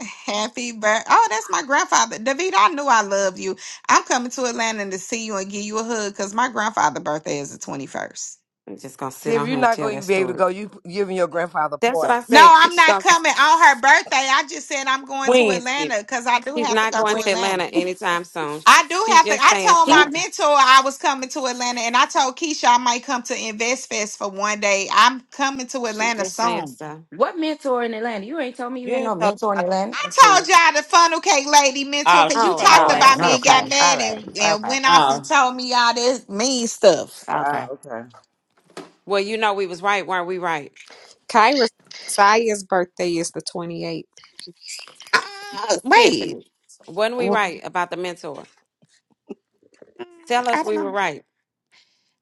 Speaker 2: Happy birthday. Oh, that's my grandfather. David, I knew I loved you. I'm coming to Atlanta to see you and give you a hug because my grandfather's birthday is the 21st.
Speaker 6: I'm just gonna sit
Speaker 10: Tiff,
Speaker 6: on
Speaker 10: you're
Speaker 6: here and
Speaker 10: not going
Speaker 6: tell
Speaker 10: to
Speaker 6: that
Speaker 10: even be able to
Speaker 6: story.
Speaker 10: go. You p- giving your grandfather a
Speaker 6: That's what
Speaker 10: party.
Speaker 6: I
Speaker 2: No,
Speaker 6: said.
Speaker 2: I'm
Speaker 6: She's
Speaker 2: not
Speaker 6: gonna
Speaker 2: coming on her birthday. I just said I'm going to
Speaker 3: Wednesday.
Speaker 2: Atlanta because I do
Speaker 6: she's
Speaker 2: have to
Speaker 6: not
Speaker 2: go
Speaker 6: going
Speaker 2: to
Speaker 3: Wednesday.
Speaker 6: to Atlanta
Speaker 2: Atlanta.
Speaker 6: anytime soon.
Speaker 2: I do
Speaker 6: She's
Speaker 2: have to.
Speaker 6: just
Speaker 2: I
Speaker 6: saying
Speaker 2: told my
Speaker 5: She,
Speaker 6: stuff.
Speaker 2: mentor I was coming to Atlanta and I told Keisha I might come to Invest Fest for one day. I'm coming to
Speaker 6: She's
Speaker 2: Atlanta
Speaker 6: just saying
Speaker 2: soon.
Speaker 6: stuff.
Speaker 5: what mentor in Atlanta? You ain't told me you
Speaker 3: You
Speaker 5: had
Speaker 3: ain't
Speaker 5: no
Speaker 3: talking
Speaker 5: mentor in
Speaker 3: about
Speaker 5: Atlanta.
Speaker 2: I told
Speaker 3: until.
Speaker 2: y'all the funnel cake lady mentor
Speaker 3: Oh,
Speaker 2: because
Speaker 3: she
Speaker 2: you
Speaker 6: Oh
Speaker 3: from
Speaker 2: talked
Speaker 6: Lord,
Speaker 5: Oh,
Speaker 2: about
Speaker 3: Atlanta.
Speaker 2: me and
Speaker 5: okay.
Speaker 2: got
Speaker 6: Tiffany.
Speaker 5: All
Speaker 2: mad
Speaker 5: right.
Speaker 2: and, and
Speaker 5: Okay.
Speaker 2: went off and
Speaker 3: Oh.
Speaker 6: Um,
Speaker 2: told me all this mean stuff.
Speaker 3: Oh,
Speaker 5: Okay.
Speaker 3: okay.
Speaker 6: well, you know we was right, weren't we right?
Speaker 7: Kyra Saya's birthday is the 28th.
Speaker 2: Uh, wait,
Speaker 6: Tiffany, when we
Speaker 2: Well,
Speaker 6: right about the mentor,
Speaker 2: mm,
Speaker 6: tell
Speaker 2: I
Speaker 6: us
Speaker 2: don't
Speaker 6: we
Speaker 2: know.
Speaker 6: were right.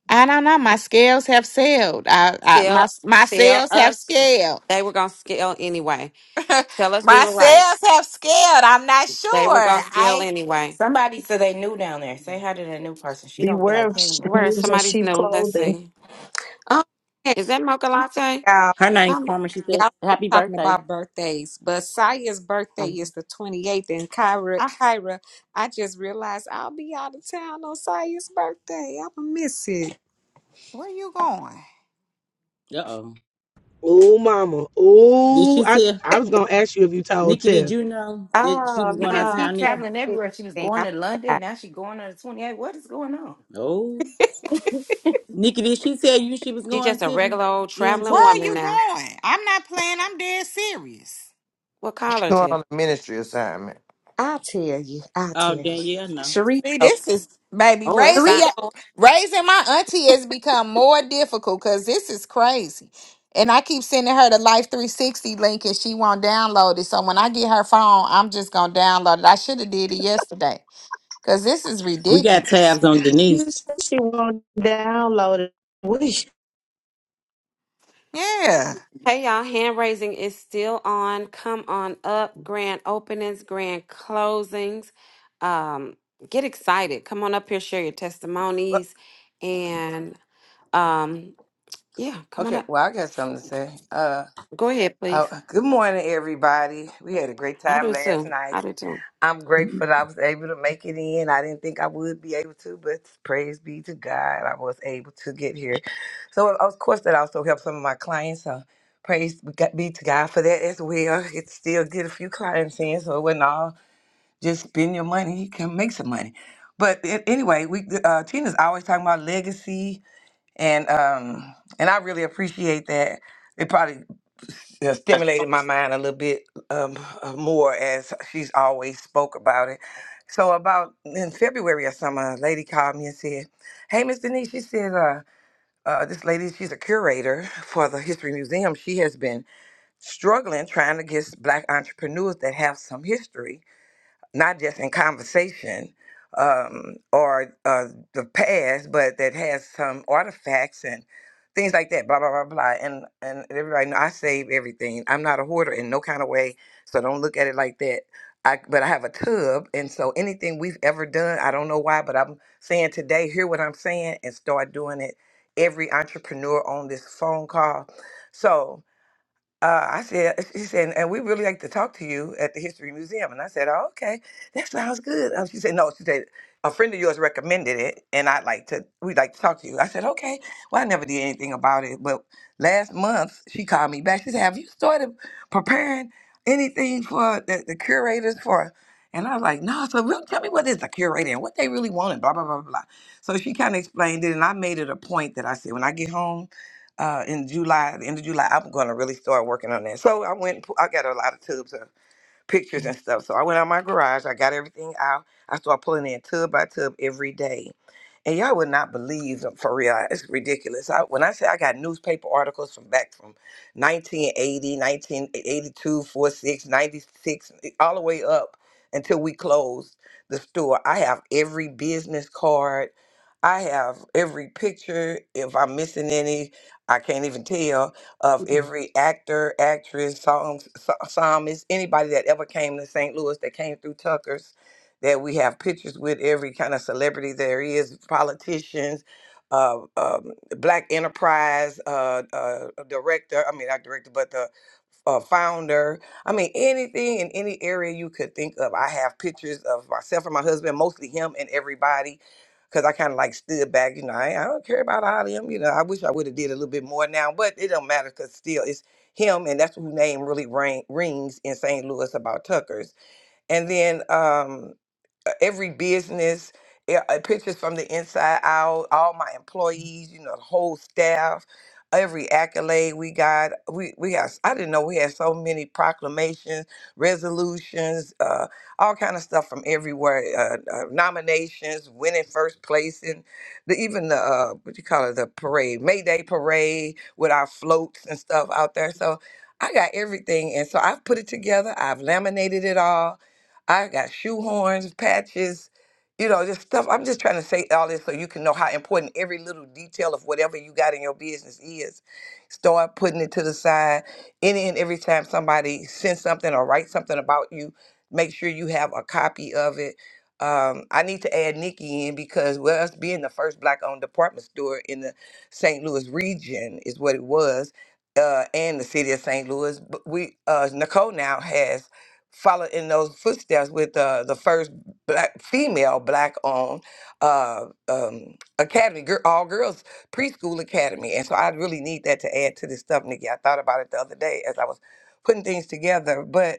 Speaker 2: I don't know. My scales have sailed. I, I my
Speaker 6: Tell
Speaker 2: my
Speaker 6: tell
Speaker 2: scales have
Speaker 6: us
Speaker 2: scaled.
Speaker 6: they were gonna steal anyway. Tell us we
Speaker 2: my
Speaker 6: were right.
Speaker 2: scales have scaled. I'm not sure.
Speaker 6: They were gonna steal
Speaker 2: I,
Speaker 6: anyway.
Speaker 5: Somebody said they knew down there. Say hi to that new person. She don't feel
Speaker 1: beware
Speaker 5: like
Speaker 1: of sh-
Speaker 5: hearing it.
Speaker 6: Where is
Speaker 1: wolves in
Speaker 6: somebody's
Speaker 1: sheep
Speaker 6: new? Let's
Speaker 1: clothing.
Speaker 6: see.
Speaker 7: Oh man,
Speaker 6: Is that Mocha Latte?
Speaker 7: y'all.
Speaker 3: Her name Carmen. She said,
Speaker 7: Y'all still
Speaker 3: "Happy
Speaker 7: talking
Speaker 3: birthday."
Speaker 7: about birthdays, but Saya's birthday is
Speaker 6: Um,
Speaker 7: the 28th, and Kyra,
Speaker 2: I
Speaker 7: Kyra, I just realized I'll be out of town on Saya's birthday. I'ma miss it.
Speaker 2: where you going?
Speaker 3: Uh oh.
Speaker 9: Oh, mama.
Speaker 3: Did
Speaker 9: Oh,
Speaker 3: she
Speaker 9: I
Speaker 3: tell
Speaker 9: I was gonna ask you if you told
Speaker 3: Nikki? Did
Speaker 9: Tiff.
Speaker 3: you know that she was
Speaker 7: Oh
Speaker 5: She
Speaker 3: going
Speaker 7: no,
Speaker 3: out of
Speaker 5: just
Speaker 7: I
Speaker 3: town,
Speaker 5: keep
Speaker 7: can't
Speaker 3: Nikki?
Speaker 5: traveling
Speaker 7: do
Speaker 5: everywhere. She was
Speaker 7: anything.
Speaker 5: going
Speaker 7: I
Speaker 5: to London.
Speaker 7: forgot.
Speaker 5: Now she going on the 28. What is going on?
Speaker 3: No. Nikki, did she tell you she was
Speaker 6: She
Speaker 3: going,
Speaker 6: just a
Speaker 3: Tiffany?
Speaker 6: regular old
Speaker 3: You and
Speaker 6: traveling
Speaker 2: Where
Speaker 3: Tiffany?
Speaker 2: are
Speaker 6: woman
Speaker 2: you
Speaker 6: now.
Speaker 2: going? I'm not playing. I'm dead serious.
Speaker 6: What call her
Speaker 4: Going
Speaker 6: to?
Speaker 4: on a ministry assignment.
Speaker 7: I'll tell you. I'll
Speaker 3: Oh,
Speaker 7: tell you.
Speaker 3: Danielle, no.
Speaker 2: See,
Speaker 7: Sheriko.
Speaker 2: this is baby
Speaker 6: Oh, it's
Speaker 2: raising
Speaker 6: si-
Speaker 2: your
Speaker 7: Sheriko.
Speaker 2: raising my auntie has become more difficult because this is crazy. And I keep sending her the Life 360 link and she won't download it. So when I get her phone, I'm just gonna download it. I should have did it yesterday. Cause this is
Speaker 3: We got
Speaker 2: ridiculous.
Speaker 3: tabs on
Speaker 6: Mm.
Speaker 1: You
Speaker 3: Denise.
Speaker 1: said she won't download it. We should
Speaker 2: Yeah.
Speaker 6: Hey y'all, hand raising is still on. Come on up. Grand openings, grand closings. Um, get excited. Come on up here, share your
Speaker 10: Well,
Speaker 6: testimonies. And um, yeah, come on
Speaker 10: okay,
Speaker 6: up.
Speaker 10: well, I got something to say. Uh,
Speaker 6: Go ahead,
Speaker 10: uh,
Speaker 6: please.
Speaker 10: good morning, everybody. We had a great
Speaker 6: I
Speaker 10: time
Speaker 6: do
Speaker 10: last
Speaker 6: too.
Speaker 10: night.
Speaker 6: I do too.
Speaker 10: I'm grateful that I was able to make it in. I didn't think I would be able to, but praise be to God, I was able to get here. So, of course, that also helped some of my clients. So, praise be to God for that as well. It still get a few clients in, so it wasn't all just spend your money. You can make some money. But a- anyway, we uh, Tina's always talking about legacy, and um, and I really appreciate that. It probably uh, stimulated my mind a little bit um, uh, more as she's always spoke about it. So about in February or something, a lady called me and said, "Hey, Miss Denise," she said, uh, uh, "This lady, she's a curator for the History Museum. She has been struggling trying to get Black entrepreneurs that have some history." not just in conversation um, or uh, the past, but that has some artifacts and things like that. Blah blah blah blah. And and everybody, know I save everything. I'm not a hoarder in no kind of way, so don't look at it like that. I, but I have a tub, and so anything we've ever done, I don't know why, but I'm saying today, hear what I'm saying, and start doing it. Every entrepreneur on this phone call. So uh, I said, she said, and we really like to talk to you at the History Museum. And I said, oh, okay, that sounds good. Um, she said, no, she said, a friend of yours recommended it, and I'd like to, we'd like to talk to you. I said, okay. Well, I never did anything about it, but last month she called me back. She said, have you started preparing anything for the, the curators for? And I was like, no. So real, tell me what is a curator and what they really want, and blah blah blah blah. blah." So she kind of explained it, and I made it a point that I said, when I get home uh, in July, the end of July, I'm going to really start working on that. So I went, and pu- I got a lot of tubes. of pictures and stuff. So I went out my garage, I got everything out. I started pulling in tub by tub every day. And y'all would not believe them, for real. It's ridiculous. I, when I say I got newspaper articles from back from nineteen eighty, nineteen eighty two, four six, ninety six, all the way up until we closed the store. I have every business card. I have every picture. If I'm missing any, I can't even tell of
Speaker 6: Mm-hmm.
Speaker 10: every actor, actress, song, so- psalmist, anybody that ever came to St. Louis that came through Tucker's, that we have pictures with every kind of celebrity there is, politicians, uh, um, Black Enterprise uh, uh, director, I mean, not director, but the a founder. I mean, anything in any area you could think of. I have pictures of myself and my husband, mostly him and everybody, because I kind of like stood back. You know, I, I don't care about all of them. You know, I wish I would have did a little bit more now, but it don't matter because still it's him, and that's who name really ring, rings in St. Louis about Tuckers. And then, um, uh, every business e- uh, pictures from the inside out all my employees you know the whole staff every accolade we got we we got i didn't know we had so many proclamations resolutions uh all kind of stuff from everywhere uh, uh nominations winning first place and the even the uh what you call it the parade may day parade with our floats and stuff out there so i got everything and so i've put it together i've laminated it all I got shoehorns, patches, you know, just stuff. I'm just trying to say all this so you can know how important every little detail of whatever you got in your business is. Start putting it to the side. Any and every time somebody sends something or writes something about you, make sure you have a copy of it. Um, I need to add Nikki in because with us being the first black-owned department store in the St. Louis region is what it was, uh, and the city of St. Louis. But we uh, Nicole now has follow in those footsteps with uh, the first black female black owned uh, um, academy, gir- all girls preschool academy. And so I really need that to add to this stuff, Nikki. I thought about it the other day as I was putting things together, but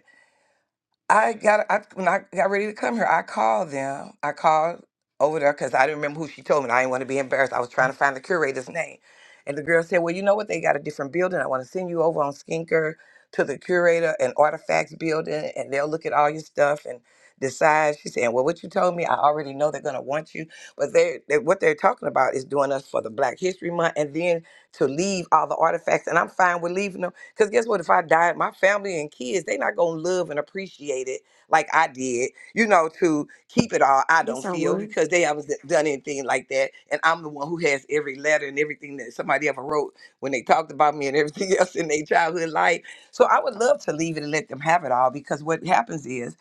Speaker 10: I got I when I got ready to come here, I called them. I called over there because I didn't remember who she told me. and I didn't want to be embarrassed. I was trying to find the curator's name. And the girl said, Well, you know what? They got a different building. I want to send you over on Skinker to the curator and artifacts building and they'll look at all your stuff and decide. She said, Well, what you told me, I already know they're gonna want you. But they, they what they're talking about is doing us for the Black History Month and then to leave all the artifacts. And I'm fine with leaving them because guess what? If I die, my family and kids, they not going to love and appreciate it like I did, you know, to keep it all, I
Speaker 5: Yes,
Speaker 10: don't
Speaker 5: I
Speaker 10: feel,
Speaker 5: would.
Speaker 10: because they haven't d- done anything like that. And I'm the one who has every letter and everything that somebody ever wrote when they talked about me and everything else in their childhood life. So I would love to leave it and let them have it all because what happens is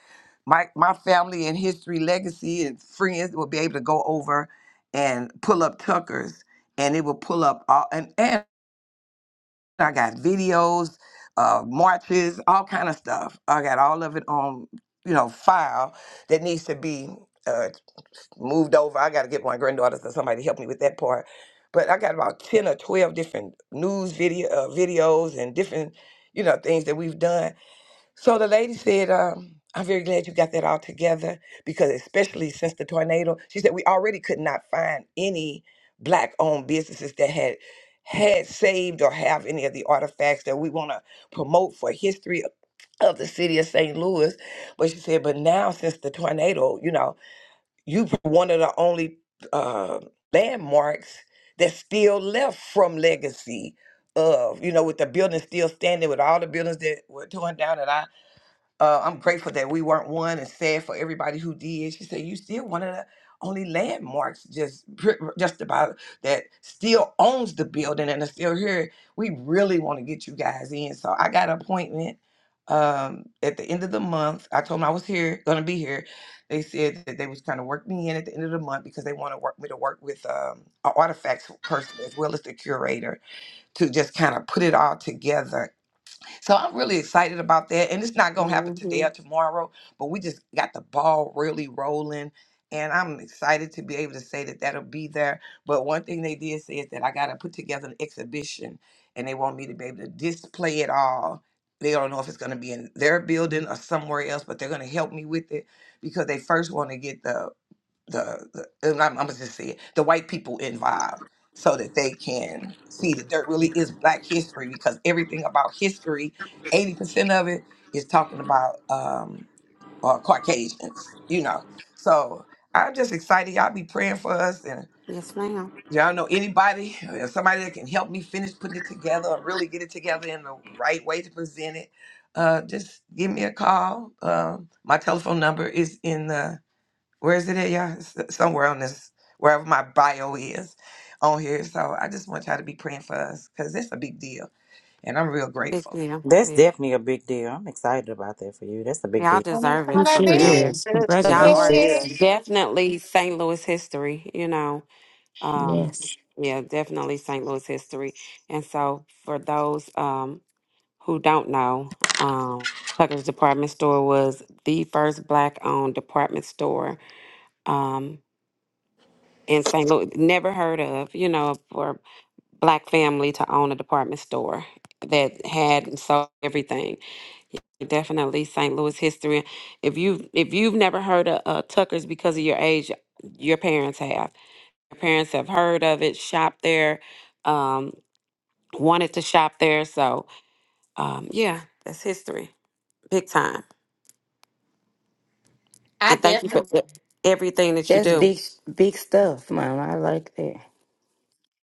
Speaker 10: my, my family and history, legacy, and friends will be able to go over and pull up Tucker's and it will pull up all and, and I got videos, uh, marches, all kind of stuff. I got all of it on, you know, file that needs to be uh, moved over. I got to get my granddaughters or somebody to help me with that part. But I got about ten or twelve different news video uh, videos and different, you know, things that we've done so the lady said, um, I'm very glad you got that all together because, especially since the tornado, she said, we already could not find any black owned businesses that had had saved or have any of the artifacts that we want to promote for history of the city of St. Louis. But she said, but now since the tornado, you know, you one of the only uh, landmarks that's still left from legacy of, you know, with the building still standing, with all the buildings that were torn down. And I uh, I'm grateful that we weren't one and sad for everybody who did. She said, you still one of the only landmarks just pr- just about that still owns the building and is still here. We really want to get you guys in. So I got an appointment um, at the end of the month. I told them I was here, gonna be here. They said that they was trying to work me in at the end of the month because they want to work me to work with um, an artifacts person as well as the curator to just kind of put it all together so I'm really excited about that. And it's not going to happen
Speaker 6: Mm-hmm.
Speaker 10: today or tomorrow, but we just got the ball really rolling. And I'm excited to be able to say that that'll be there. But one thing they did say is that I got to put together an exhibition and they want me to be able to display it all. They don't know if it's going to be in their building or somewhere else, but they're going to help me with it because they first want to get the the, the and I'm, I'm gonna just say it, the white people involved so that they can see that
Speaker 6: Mhm.
Speaker 10: there really is black history because everything about history 80% of it is talking about um uh, caucasians you know so i'm just excited y'all be praying for us and
Speaker 6: Yes, ma'am.
Speaker 10: y'all know anybody uh, somebody that can help me finish putting it together or really get it together in the right way to present it uh just give me a call um my telephone number is in the where is it at, y'all? It's somewhere on this, wherever my bio is on here. So I just want y'all to be praying for us because it's a big deal. And I'm real
Speaker 6: Big
Speaker 10: grateful.
Speaker 6: deal.
Speaker 3: That's
Speaker 6: Yeah.
Speaker 3: definitely a big deal. I'm excited about that for you. That's a big
Speaker 6: Y'all
Speaker 3: deal.
Speaker 2: When it's
Speaker 6: deserve
Speaker 2: on
Speaker 6: it
Speaker 8: It
Speaker 2: that
Speaker 6: for
Speaker 8: sure
Speaker 6: real.
Speaker 5: Yeah.
Speaker 2: bed,
Speaker 8: is.
Speaker 1: have
Speaker 6: Y'all
Speaker 1: something to
Speaker 6: are
Speaker 1: you.
Speaker 8: Congratulations.
Speaker 2: baby,
Speaker 6: definitely St. Louis history, you know. Um,
Speaker 8: Yes.
Speaker 6: yeah, definitely St. Louis history. And so for those um who don't know, um Tucker's department store was the first black owned department store um in St. Louis. Never heard of, you know, for a black family to own a department store that had and sold everything. definitely St. Louis history. If you if you've never heard of uh, Tucker's because of your age, your parents have. Your parents have heard of it, shopped there, um, wanted to shop there. So um, yeah, that's history, big time.
Speaker 2: I
Speaker 6: And thank you for
Speaker 2: definitely
Speaker 6: e- everything that you
Speaker 5: That's
Speaker 6: do.
Speaker 5: big, big stuff, Mom. I like that.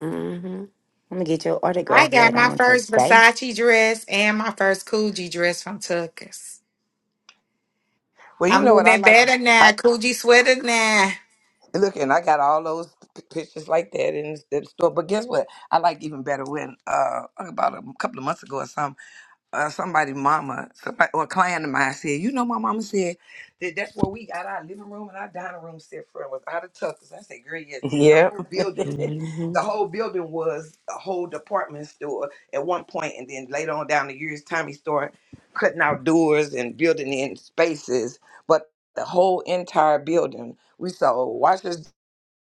Speaker 6: hmm
Speaker 5: I'm gonna get your
Speaker 2: I
Speaker 5: autograph
Speaker 2: got
Speaker 5: later
Speaker 2: my
Speaker 5: on
Speaker 2: first
Speaker 5: today.
Speaker 2: Versace dress and my first Coogee dress from Tuckers.
Speaker 10: Well, you
Speaker 2: I'm
Speaker 10: know what I
Speaker 2: living
Speaker 10: like.
Speaker 2: better
Speaker 10: I
Speaker 2: now. Coogee sweater now.
Speaker 10: look and I got all those p- pictures like that in the store. But guess what? I like even better when uh about a couple of months ago or something. uh, somebody mama somebody or a client of mine said, you know, my mama said that that's where we got our living room and our dining room set for was out of Tuckers. I said, girl, yes, the whole building,
Speaker 6: hmm
Speaker 10: the whole building was a whole department store at one point, and then later on down the years, Tommy started cutting out doors and building in spaces, but the whole entire building. We sold washers,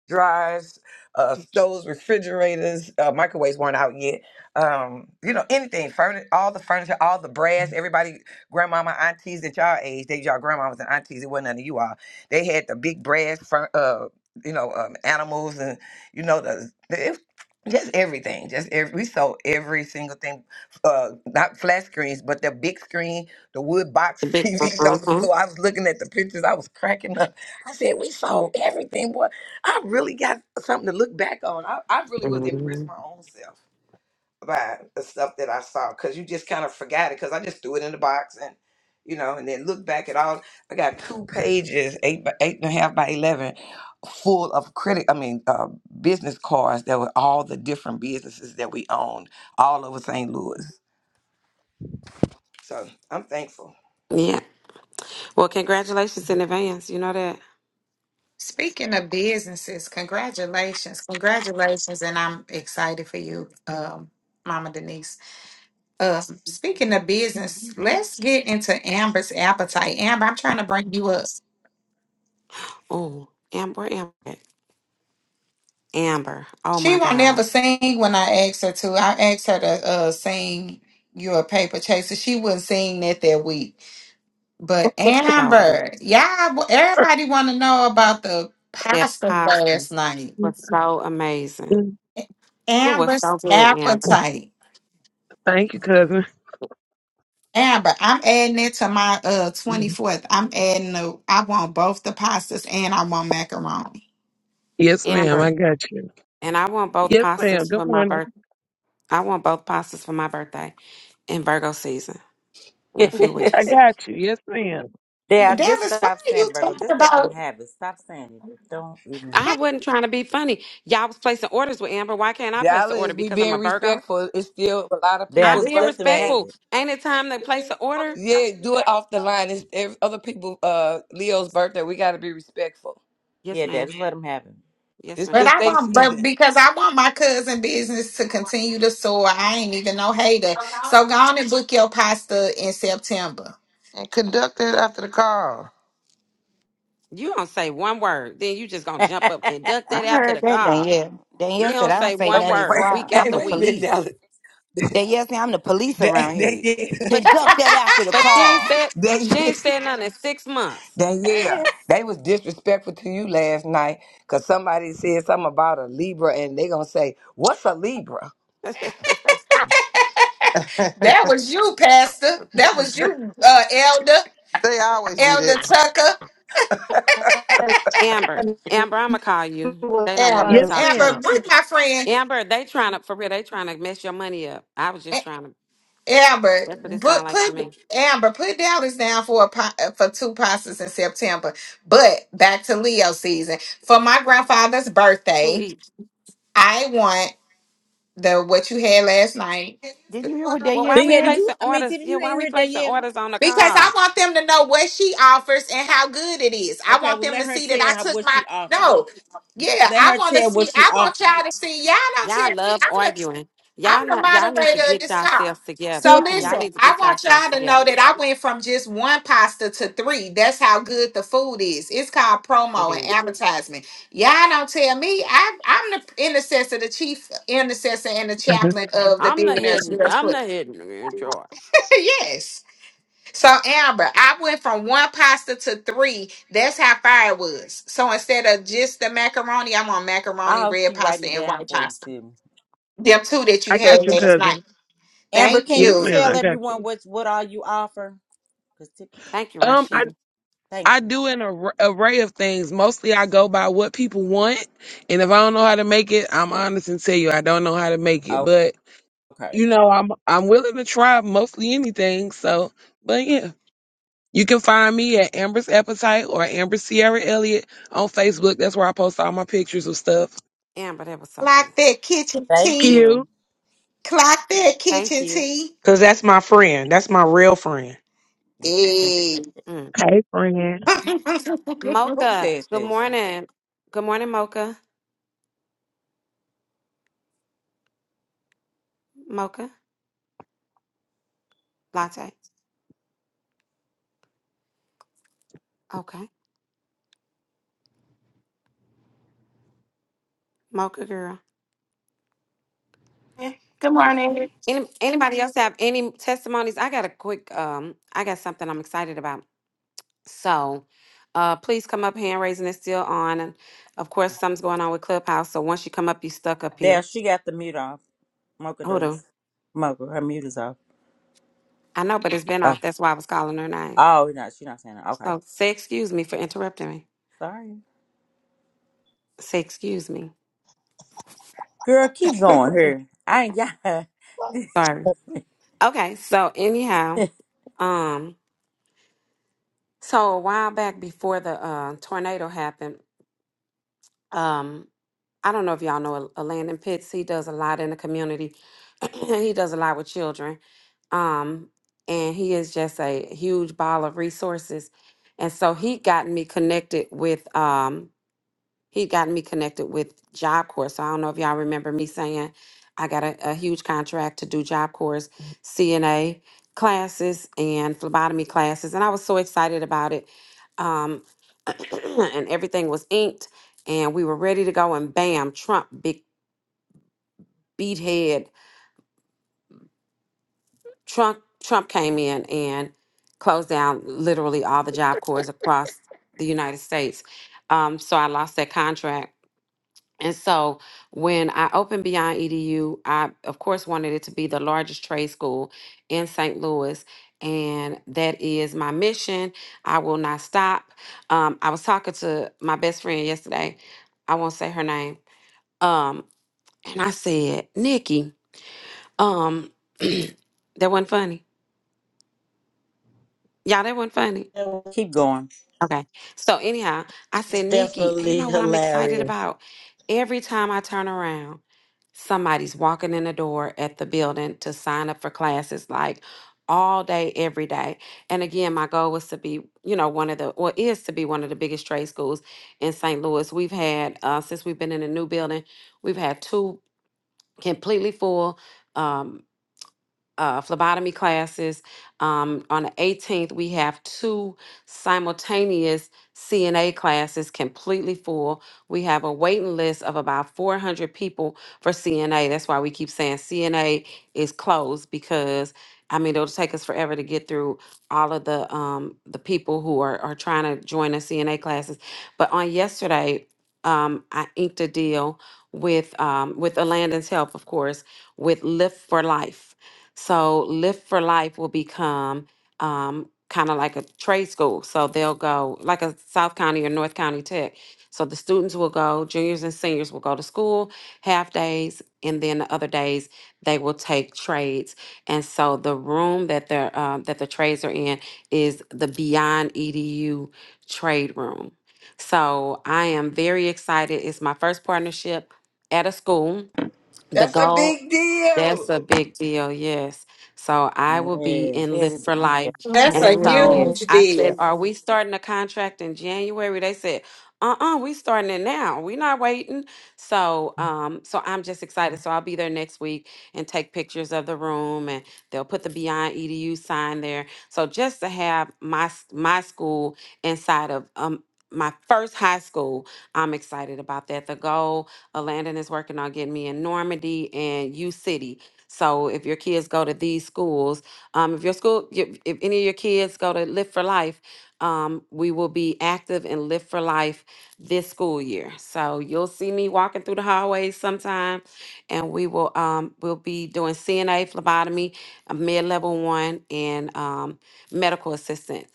Speaker 10: dryers, uh, stoves, refrigerators, uh, microwaves weren't out yet. Um, you know, anything, furniture, all the furniture, all the brass, everybody, grandmama, aunties at y'all age, they y'all grandmamas and aunties, it wasn't none of you all. They had the big brass, fur- uh, you know, um, animals and, you know, the, the it- just everything, just every, we sold every single thing, uh, not flat screens, but the big screen, the wood box
Speaker 6: The big.
Speaker 10: TVs on the
Speaker 6: Uh-huh.
Speaker 10: floor. I was looking at the pictures, I was cracking up. I said, we sold everything, boy I really got something to look back on. I, I really was impressed
Speaker 6: hmm
Speaker 10: my own self by the stuff that I saw because you just kind of forgot it because I just threw it in the box and you know and then look back at all. I got two pages, eight by eight and a half by eleven, full of credit. I mean, uh, business cards that were all the different businesses that we owned all over St. Louis. So I'm thankful.
Speaker 6: Yeah. Well, congratulations in advance. You know that.
Speaker 2: Speaking of businesses, congratulations, congratulations, and I'm excited for you, um, Mama Denise. Um, speaking of business, let's get into Amber's appetite. Amber, I'm trying to bring you up.
Speaker 6: Oh, Amber, Amber, Amber. Oh
Speaker 2: She
Speaker 6: my
Speaker 2: won't never
Speaker 6: God.
Speaker 2: sing when I ask her to. I asked her to uh, sing "You're a Paper Chaser." She wouldn't sing that that week. But
Speaker 6: Show.
Speaker 2: Amber, y'all, everybody want to know about the
Speaker 6: That
Speaker 2: pasta
Speaker 6: pasta
Speaker 2: last night.
Speaker 6: was so amazing.
Speaker 18: Mm,
Speaker 6: It was
Speaker 2: Amber's
Speaker 6: so good, Amber.
Speaker 2: appetite.
Speaker 18: Thank you, cousin.
Speaker 2: Amber, I'm adding it to my uh
Speaker 18: Mm.
Speaker 2: 24th. I'm adding the I want both the pastas and I want macaroni.
Speaker 18: Yes, ma'am. I
Speaker 6: Amber,
Speaker 18: got you.
Speaker 6: and I want both
Speaker 18: Yes, ma'am.
Speaker 6: pastas
Speaker 18: Good
Speaker 6: for my
Speaker 18: morning.
Speaker 6: birth. I want both pastas for my birthday in Virgo season in a few
Speaker 3: Yep.
Speaker 18: I
Speaker 6: weeks.
Speaker 18: got you. Yes, ma'am.
Speaker 2: Well,
Speaker 3: Yeah, just
Speaker 2: Dallas, why
Speaker 3: stop
Speaker 2: are you
Speaker 3: saying Virgo.
Speaker 2: talking
Speaker 3: Just let them
Speaker 2: about
Speaker 3: have it. Stop saying it. Don't even.
Speaker 6: I wasn't trying to be funny. Y'all was placing orders with Amber. Why can't I place the
Speaker 10: Dallas,
Speaker 6: order?
Speaker 10: we
Speaker 6: Because I'm
Speaker 10: being
Speaker 6: a Virgo.
Speaker 10: respectful. It's still a lot of
Speaker 3: Yeah,
Speaker 6: I'm
Speaker 10: people's
Speaker 3: just
Speaker 6: being
Speaker 3: let them
Speaker 10: birthday.
Speaker 3: have
Speaker 6: respectful.
Speaker 3: it.
Speaker 6: Ain't it time to place the order?
Speaker 10: Yeah, do it off the line. It's every, other people. Uh, Leo's birthday. We got to be respectful.
Speaker 6: Yes,
Speaker 3: Yeah, Dad,
Speaker 6: ma'am.
Speaker 3: just let them have
Speaker 6: Yes,
Speaker 10: It's
Speaker 2: but
Speaker 6: ma'am.
Speaker 10: it's
Speaker 2: I
Speaker 10: their
Speaker 2: want but
Speaker 10: season.
Speaker 2: because I want my cousin business to continue to soar. I ain't even no hater. So go on and book your pasta in September.
Speaker 4: And conduct it after the call.
Speaker 6: You don't say one word, then you just gonna
Speaker 3: it.
Speaker 6: jump up, conduct
Speaker 5: I
Speaker 6: that after
Speaker 5: heard
Speaker 6: the
Speaker 5: that
Speaker 6: call.
Speaker 5: Danielle.
Speaker 6: You
Speaker 5: Danielle said,
Speaker 6: don't
Speaker 5: "I don't
Speaker 6: say
Speaker 5: say
Speaker 10: Wait
Speaker 6: one
Speaker 10: a minute.
Speaker 5: nothing, so
Speaker 10: Wait.
Speaker 6: word
Speaker 5: I,
Speaker 6: week
Speaker 5: I'm
Speaker 10: Hey,
Speaker 6: after
Speaker 5: the
Speaker 10: wait a
Speaker 6: week.
Speaker 10: minute,
Speaker 5: police."
Speaker 10: Dallas.
Speaker 5: Danielle said, "I'm the police
Speaker 10: They,
Speaker 5: around
Speaker 10: they,
Speaker 5: here.
Speaker 10: yeah,
Speaker 6: But she,
Speaker 5: Conduct that after the
Speaker 6: But she ain't
Speaker 5: call."
Speaker 6: said
Speaker 10: they,
Speaker 6: she ain't said nothing in six months.
Speaker 10: they, yeah.
Speaker 5: Yes.
Speaker 10: They was disrespectful to you last night because somebody said something about a Libra, and they gonna say, "What's a Libra?"
Speaker 2: That
Speaker 4: they
Speaker 2: was you, Pastor. That was you, uh, Elder,
Speaker 4: always do
Speaker 2: Elder
Speaker 4: that.
Speaker 2: Tucker,
Speaker 1: That's
Speaker 6: Amber,
Speaker 1: funny. It
Speaker 6: Amber, I'ma call you.
Speaker 1: was
Speaker 6: They don't want me
Speaker 2: Amber.
Speaker 6: to
Speaker 18: Yes,
Speaker 1: funny.
Speaker 6: talk to
Speaker 2: Amber,
Speaker 6: you.
Speaker 18: madam
Speaker 2: bring my friend
Speaker 6: Amber, they trying to for real. They trying to mess your money up. I was
Speaker 2: A-
Speaker 6: just trying to.
Speaker 2: Amber.
Speaker 6: That's what it sound
Speaker 2: But
Speaker 6: like to
Speaker 2: put
Speaker 6: me.
Speaker 2: Amber put dollars down for a po- uh, for two pastas in September. But back to Leo season for my grandfather's birthday.
Speaker 6: Two each.
Speaker 2: I want the what you had last night.
Speaker 5: Didn't you hear what
Speaker 6: Well,
Speaker 5: Danielle
Speaker 6: why
Speaker 3: But
Speaker 6: we
Speaker 3: yeah, did
Speaker 5: said?
Speaker 3: you?
Speaker 6: placing
Speaker 3: I mean,
Speaker 6: orders?
Speaker 3: Tiffany,
Speaker 6: Yeah,
Speaker 3: you
Speaker 6: why
Speaker 3: ain't
Speaker 6: we
Speaker 3: heard that
Speaker 6: placing
Speaker 3: yet.
Speaker 6: orders on the
Speaker 2: Because I
Speaker 6: call?
Speaker 2: want them to know what she offers and how good it is. I
Speaker 3: Okay,
Speaker 2: want
Speaker 3: well,
Speaker 2: them to
Speaker 3: let her
Speaker 2: see that I
Speaker 3: tell her
Speaker 2: took
Speaker 3: what
Speaker 2: my
Speaker 3: she offered.
Speaker 2: no. Yeah,
Speaker 3: Let
Speaker 2: I
Speaker 3: her
Speaker 2: want to
Speaker 3: tell what
Speaker 2: see.
Speaker 3: she
Speaker 2: I want
Speaker 3: offered.
Speaker 2: y'all to see. Y'all don't
Speaker 6: Y'all
Speaker 2: tell
Speaker 6: love
Speaker 2: me.
Speaker 6: arguing.
Speaker 2: I'm
Speaker 6: Y'all
Speaker 2: the
Speaker 6: not. Y'all need to
Speaker 2: moderator of
Speaker 6: get
Speaker 2: this call.
Speaker 6: yourselves together.
Speaker 2: So
Speaker 6: Y'all
Speaker 2: listen,
Speaker 3: Tiffany,
Speaker 6: need to
Speaker 2: I
Speaker 6: get
Speaker 2: want
Speaker 6: yourselves
Speaker 2: y'all to know
Speaker 6: together.
Speaker 2: that I went from just one pasta to three. That's how good the food is. It's called promo and
Speaker 6: Yeah.
Speaker 2: advertisement. Y'all don't tell me. I, I'm the intercessor, the chief intercessor, and the chaplain of the
Speaker 6: I'm the
Speaker 2: Billionaires
Speaker 6: hidden.
Speaker 2: Girls
Speaker 6: I'm
Speaker 2: Club.
Speaker 6: the hidden in charge.
Speaker 2: yes. So Amber, I went from one pasta to three. That's how far it was. So instead of just the macaroni, I'm on
Speaker 3: I
Speaker 2: macaroni,
Speaker 3: hope
Speaker 2: red
Speaker 3: she writing
Speaker 2: pasta,
Speaker 3: it
Speaker 2: and
Speaker 3: down
Speaker 2: white
Speaker 3: for you,
Speaker 2: pasta.
Speaker 3: Tiffany.
Speaker 2: Them two that
Speaker 18: I
Speaker 2: you had
Speaker 18: got you,
Speaker 2: last night.
Speaker 18: cousin.
Speaker 3: Amber,
Speaker 2: Thank
Speaker 3: can
Speaker 18: Yes,
Speaker 3: you
Speaker 2: you.
Speaker 18: ma'am.
Speaker 3: tell
Speaker 18: I got
Speaker 3: everyone
Speaker 18: you.
Speaker 3: what what all you offer? Cause Tiffany,
Speaker 6: Thank you,
Speaker 18: Um, I
Speaker 6: Rashida.
Speaker 18: I
Speaker 3: thank you.
Speaker 18: do an ar- array of things. Mostly, I go by what people want, and if I don't know how to make it, I'm honest and tell you I don't know how to make it.
Speaker 3: Oh,
Speaker 18: But
Speaker 3: okay.
Speaker 18: you know, I'm I'm willing to try mostly anything. So, but yeah. You can find me at Amber's Appetite or Amber Sierra Elliott on Facebook. That's where I post all my pictures of stuff.
Speaker 6: Amber, that was so good.
Speaker 2: Clock that kitchen
Speaker 3: Thank
Speaker 18: Thank
Speaker 2: tea.
Speaker 18: you.
Speaker 3: you.
Speaker 2: Clock that
Speaker 6: Thank
Speaker 2: kitchen
Speaker 6: you.
Speaker 2: tea.
Speaker 9: Cause that's my friend. That's my real friend.
Speaker 2: Hey.
Speaker 6: Mm.
Speaker 18: Hey, friend.
Speaker 3: Who
Speaker 6: Mocha,
Speaker 3: said
Speaker 6: good
Speaker 3: this?
Speaker 6: morning. Good morning, Mocha. Mocha, latte. Okay. Mocha girl.
Speaker 19: Good morning.
Speaker 6: Any, anybody else have any testimonies? I got a quick um I got something I'm excited about. So uh please come up. Hand raising is still on. And of course something's going on with Clubhouse. So once you come up, you stuck up
Speaker 3: There,
Speaker 6: here.
Speaker 3: she got the mute off. Mocha
Speaker 6: Hold on.
Speaker 3: does. Mocha, her mute is off.
Speaker 6: I know, but it's been
Speaker 3: Oh,
Speaker 6: off. That's why I was calling her name.
Speaker 3: oh, no, she's not saying that. Okay,
Speaker 6: So say excuse me for interrupting me.
Speaker 3: sorry,
Speaker 6: Say excuse me.
Speaker 3: girl. Keep going here. I ain't got.
Speaker 6: Sorry. Okay, so anyhow. um. So a while back before the uh, tornado happened, um, I don't know if y'all know Al- Landon Pitts. He does a lot in the community. he does a lot with children. Um, and he is just a huge ball of resources. And so he got me connected with um, he got me connected with Job Corps. So I don't know if y'all remember me saying I got a, a huge contract to do Job Corps CNA classes and phlebotomy classes, and I was so excited about it. Um, and everything was inked, and we were ready to go. And bam, Trump big beat head. Trump Trump came in and closed down literally all the Job Corps across the United States. Um, so I lost that contract And so when I opened Beyond EDU, I of course wanted it to be the largest trade school in St. Louis. And that is my mission. I will not stop. Um, I was talking to my best friend yesterday. I won't say her name. Um, and I said, Nikki, um, that wasn't funny. Y'all, that wasn't funny.
Speaker 1: That was
Speaker 3: keep going.
Speaker 6: Okay. So anyhow, I said, Nikki, you
Speaker 1: definitely
Speaker 6: know what I'm excited
Speaker 1: hilarious.
Speaker 6: about? Every time I turn around, somebody's walking in the door at the building to sign up for classes like all day, every day. And again, my goal was to be, you know, one of the, or is to be one of the biggest trade schools in St. Louis. We've had, uh, since we've been in a new building, we've had two completely full. um, uh, phlebotomy classes. Um, on the 18th, we have two simultaneous CNA classes completely full. We have a waiting list of about 400 people for CNA. That's why we keep saying CNA is closed because I mean it'll take us forever to get through all of the um, the people who are, are trying to join the CNA classes. But on yesterday, um, I inked a deal with um, with Alandon's help, of course, with Lift for Life so Lift for Life will become um, kind of like a trade school. So they'll go like a South County or North County Tech. So the students will go, juniors and seniors will go to school half days, and then the other days they will take trades. And so the room that they're um, that the trades are in is the Beyond EDU trade room. So I am very excited. It's my first partnership at a school. The
Speaker 10: That's a
Speaker 6: goal
Speaker 10: big
Speaker 6: that's
Speaker 10: deal.
Speaker 6: a big deal, yes. So I will be in
Speaker 5: That,
Speaker 6: Lift
Speaker 3: Yes,
Speaker 6: for
Speaker 5: is-
Speaker 6: Life.
Speaker 1: Come
Speaker 2: That's
Speaker 5: that
Speaker 6: And
Speaker 2: a
Speaker 6: so
Speaker 5: really
Speaker 1: on.
Speaker 2: huge
Speaker 5: is.
Speaker 6: I said,
Speaker 2: deal.
Speaker 6: Are we starting a contract in January? They said, uh-uh, we starting it now. We're not waiting. So um, so I'm just excited. So I'll be there next week and take pictures of the room and they'll put the Beyond EDU sign there. So just to have my s- my school inside of um my first high school, I'm excited about that. The goal Alandon is working on getting me in Normandy and U City. So if your kids go to these schools, um, if your school, if, if any of your kids go to Live for Life, um, we will be active in Live for Life this school year. So you'll see me walking through the hallways sometime, and we will um, we'll be doing CNA, phlebotomy, a mid level one, and um, medical assistant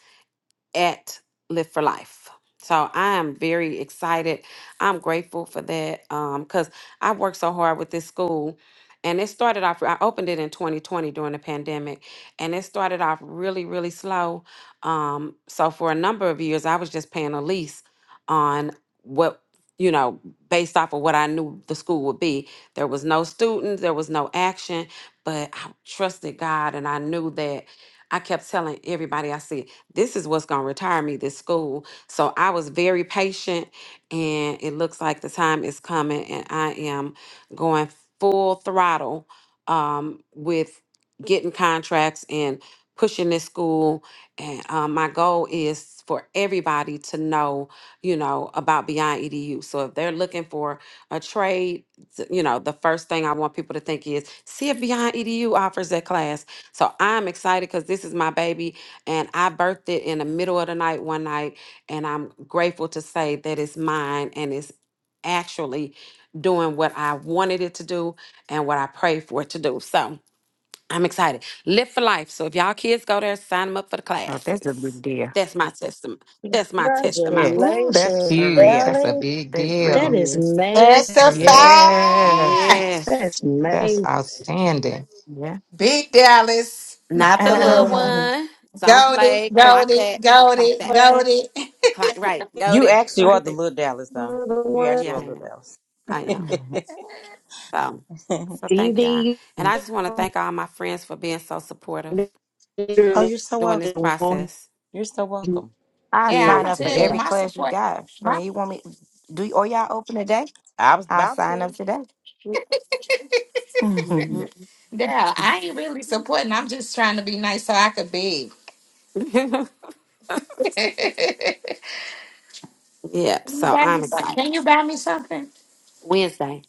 Speaker 6: at Live for Life. So I am very excited. I'm grateful for that um, because I worked so hard with this school. And it started off, I opened it in 2020 during the pandemic, and it started off really, really slow. Um, so for a number of years, I was just paying a lease on what, you know, based off of what I knew the school would be. There was no students, there was no action, but I trusted God and I knew that I kept telling everybody I see this is what's going to retire me this school so i was very patient and it looks like the time is coming and i am going full throttle um, with getting contracts and pushing this school and um, my goal is for everybody to know you know about beyond edu so if they're looking for a trade th- you know the first thing i want people to think is see if beyond edu offers that class so i'm excited because this is my baby and I birthed it in the middle of the night one night. And I'm grateful to say that it's mine and it's actually doing what I wanted it to do and what I prayed for it to do. So I'm excited. Live for life. So if y'all kids go there, sign them up for the
Speaker 5: Oh, that's a big
Speaker 6: classes.
Speaker 5: deal.
Speaker 6: That's my testimony. That's my testimony.
Speaker 5: Yes,
Speaker 8: Ooh, that's
Speaker 1: Congratulations,
Speaker 5: for
Speaker 8: huge.
Speaker 5: real.
Speaker 8: That's a
Speaker 1: Ellie.
Speaker 8: big
Speaker 5: That really
Speaker 1: That
Speaker 8: deal.
Speaker 1: is
Speaker 5: is.
Speaker 2: That's a
Speaker 1: major.
Speaker 8: Yes.
Speaker 2: five.
Speaker 6: Yes.
Speaker 1: That's
Speaker 8: That's
Speaker 1: May.
Speaker 8: outstanding.
Speaker 5: Yeah.
Speaker 2: Big Dallas,
Speaker 6: Not
Speaker 2: not
Speaker 6: the
Speaker 2: the
Speaker 6: little
Speaker 2: little one.
Speaker 6: one. Don't
Speaker 2: Gold it,
Speaker 6: play. Clock
Speaker 2: gold it,
Speaker 6: that.
Speaker 2: gold
Speaker 6: Clock
Speaker 2: it,
Speaker 6: that.
Speaker 2: gold
Speaker 1: ED.
Speaker 2: it.
Speaker 6: Clock right. Go
Speaker 3: you
Speaker 6: there.
Speaker 3: actually
Speaker 6: Clock
Speaker 3: are the
Speaker 6: that.
Speaker 3: little Dallas, though. You actually
Speaker 6: Yeah,
Speaker 3: are
Speaker 6: I
Speaker 3: little
Speaker 6: am.
Speaker 3: Dallas.
Speaker 6: I am.
Speaker 5: Um,
Speaker 6: So, so thank y'all. And I just want to thank all my friends for being so supportive
Speaker 3: oh, you're so
Speaker 6: during
Speaker 3: welcome.
Speaker 6: this process.
Speaker 3: You're so welcome.
Speaker 5: I'll
Speaker 2: Yeah, I'm
Speaker 5: sign
Speaker 2: gonna
Speaker 5: up for
Speaker 2: tell you,
Speaker 5: every
Speaker 2: my
Speaker 5: class you
Speaker 2: support,
Speaker 5: got,
Speaker 2: my
Speaker 5: friend. You want me do you, or y'all open today?
Speaker 3: I was
Speaker 5: I'll
Speaker 3: about
Speaker 5: sign
Speaker 3: to.
Speaker 5: up today. hmm
Speaker 6: Mhm.
Speaker 2: yeah, I ain't really supporting. I'm just trying to be nice so I could beg. can
Speaker 6: yep.
Speaker 2: you
Speaker 6: So
Speaker 2: buy me
Speaker 6: I'm
Speaker 2: some-
Speaker 6: excited.
Speaker 2: can you buy me something?
Speaker 6: Wednesday.